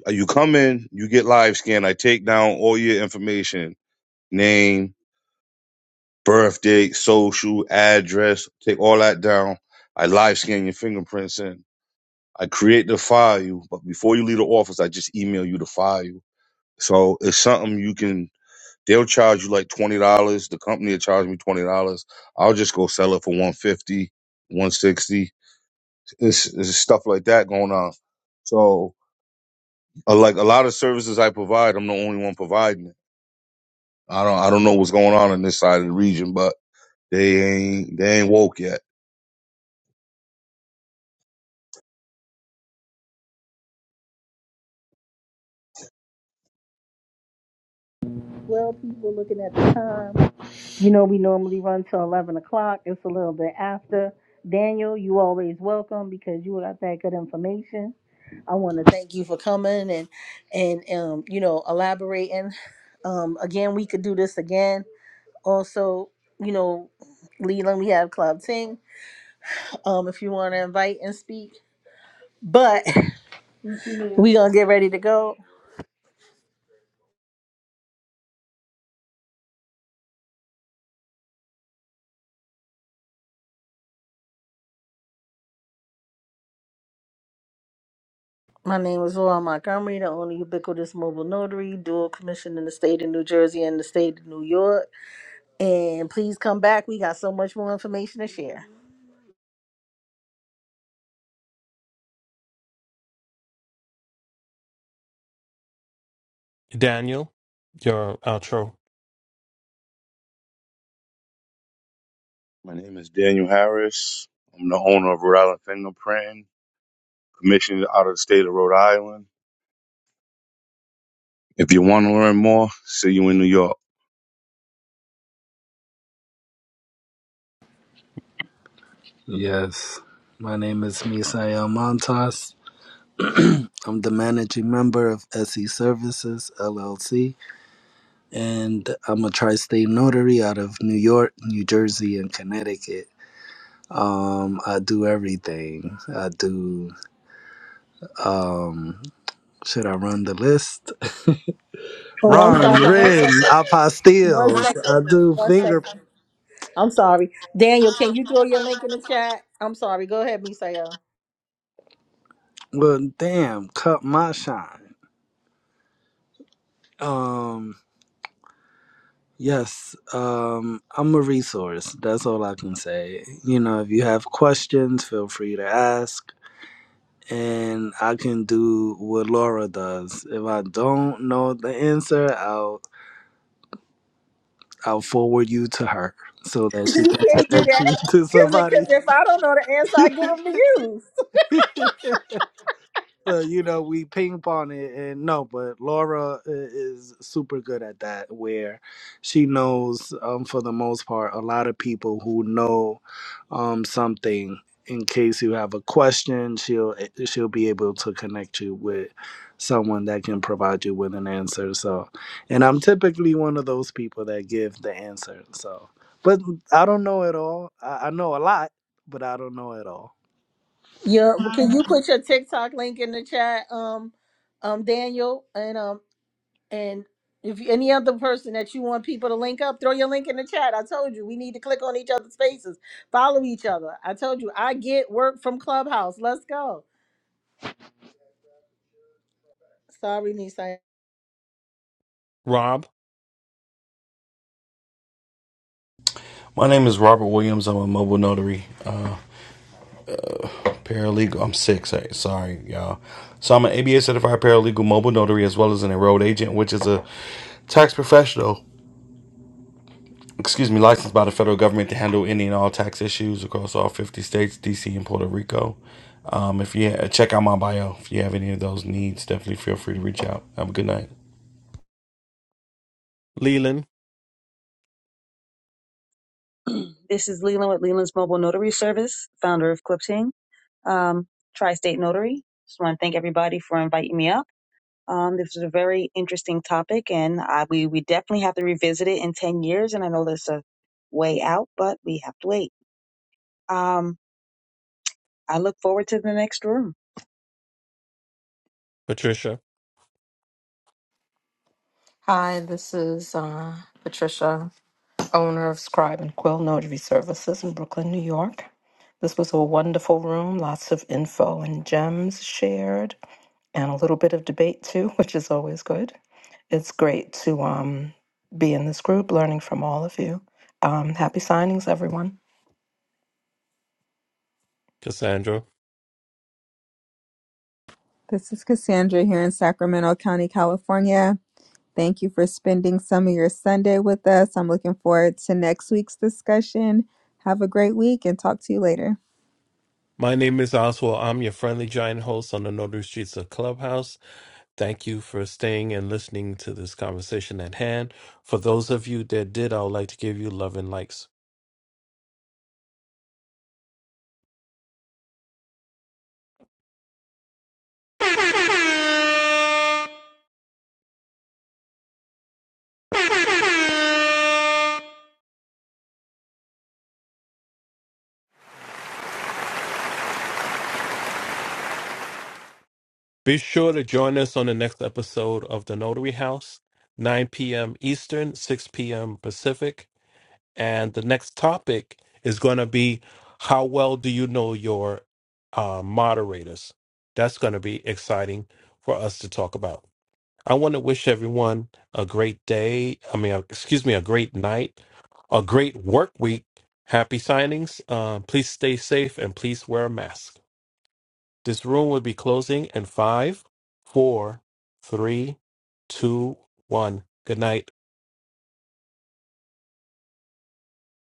Uh, You come in, you get live scan. I take down all your information name, birthday, social, address, take all that down. I live scan your fingerprints in. I create the file, but before you leave the office, I just email you the file. So it's something you can, they'll charge you like $20. The company will charge me $20. I'll just go sell it for one fifty, one sixty. It's, it's stuff like that going on. So uh, like a lot of services I provide, I'm the only one providing it. I don't, I don't know what's going on in this side of the region, but they ain't, they ain't woke yet. Twelve people looking at the time. You know, we normally run till eleven o'clock. It's a little bit after. Daniel, you always welcome because you got that good information I want to thank you for coming and and um you know elaborating. Um again, we could do this again. Also, you know, Leland, we have Club Ting. Um, if you want to invite and speak, but we gonna get ready to go. My name is Laura Montgomery, the only ubiquitous mobile notary, dual commission in the state of New Jersey and the state of New York. And please come back. We got so much more information to share. Daniel, your outro. My name is Daniel Harris. I'm the owner of Rhode Island Fingerprinting, commissioned out of the state of Rhode Island. If you want to learn more, see you in New York. yes my name is misael montas i'm the managing member of se services llc and I'm a tri-state notary out of New York, New Jersey, and Connecticut. Um, I do everything. I do. Um, should I run the list? Oh, I'm sorry. Ron, One Ren, second. One apostilles. second. I do One second. finger. I'm sorry. Daniel, can you throw your link in the chat? I'm sorry. Go ahead, Misael. Well, damn, cut my shine. Um, yes. Um, I'm a resource. That's all I can say. You know, if you have questions, feel free to ask and I can do what Laura does. If I don't know the answer, I'll I'll forward you to her so that she you can can't do connect that. you to because somebody. if I don't know the answer, I give them to you. So you know, we ping pong it, and no, but Laura i- is super good at that. Where she knows, um, for the most part, a lot of people who know, um, something. In case you have a question, she'll eh, she'll be able to connect you with someone that can provide you with an answer. So, and I'm typically one of those people that give the answer. So, but I don't know it all. I, I know a lot, but I don't know it all. Yeah, but can you put your TikTok link in the chat, um, um, Daniel, and um, and if you, any other person that you want people to link up, throw your link in the chat. I told you we need to click on each other's faces, follow each other. I told you I get work from Clubhouse. Let's go. Sorry, Nisa. Rob, My name is Robert Williams. I'm a mobile notary, uh, paralegal. I'm six. eh, Sorry, y'all. So I'm an ABA certified paralegal mobile notary as well as an enrolled agent, which is a tax professional. Excuse me, licensed by the federal government to handle any and all tax issues across all 50 states, DC, and Puerto Rico. Um, if you check out my bio, if you have any of those needs, definitely feel free to reach out. Have a good night. Leland, This is Leland with Leland's Mobile Notary Service, founder of Clipping. um, Tri-State Notary. Just want to thank everybody for inviting me up. Um, this is a very interesting topic, and I, we we definitely have to revisit it in ten years. And I know there's a way out, but we have to wait. Um, I look forward to the next room. Patricia, Hi, this is uh, Patricia, owner of Scribe and Quill Notary Services in Brooklyn, New York. This was a wonderful room, lots of info and gems shared, and a little bit of debate too, which is always good. It's great to um, be in this group, learning from all of you. Um, happy signings, everyone. Cassandra. This is Cassandra here in Sacramento County, California. Thank you for spending some of your Sunday with us. I'm looking forward to next week's discussion. Have a great week and talk to you later. My name is Oswald. I'm your friendly giant host on the Notary Streets of Clubhouse. Thank you for staying and listening to this conversation at hand. For those of you that did, I would like to give you love and likes. Be sure to join us on the next episode of The Notary House, 9 p.m. Eastern, 6 p.m. Pacific. And the next topic is going to be how well do you know your uh, moderators? That's going to be exciting for us to talk about. I want to wish everyone a great day. I mean, uh, excuse me, a great night, a great work week. Happy signings. Uh, please stay safe and please wear a mask. This room will be closing in five, four, three, two, one. Good night.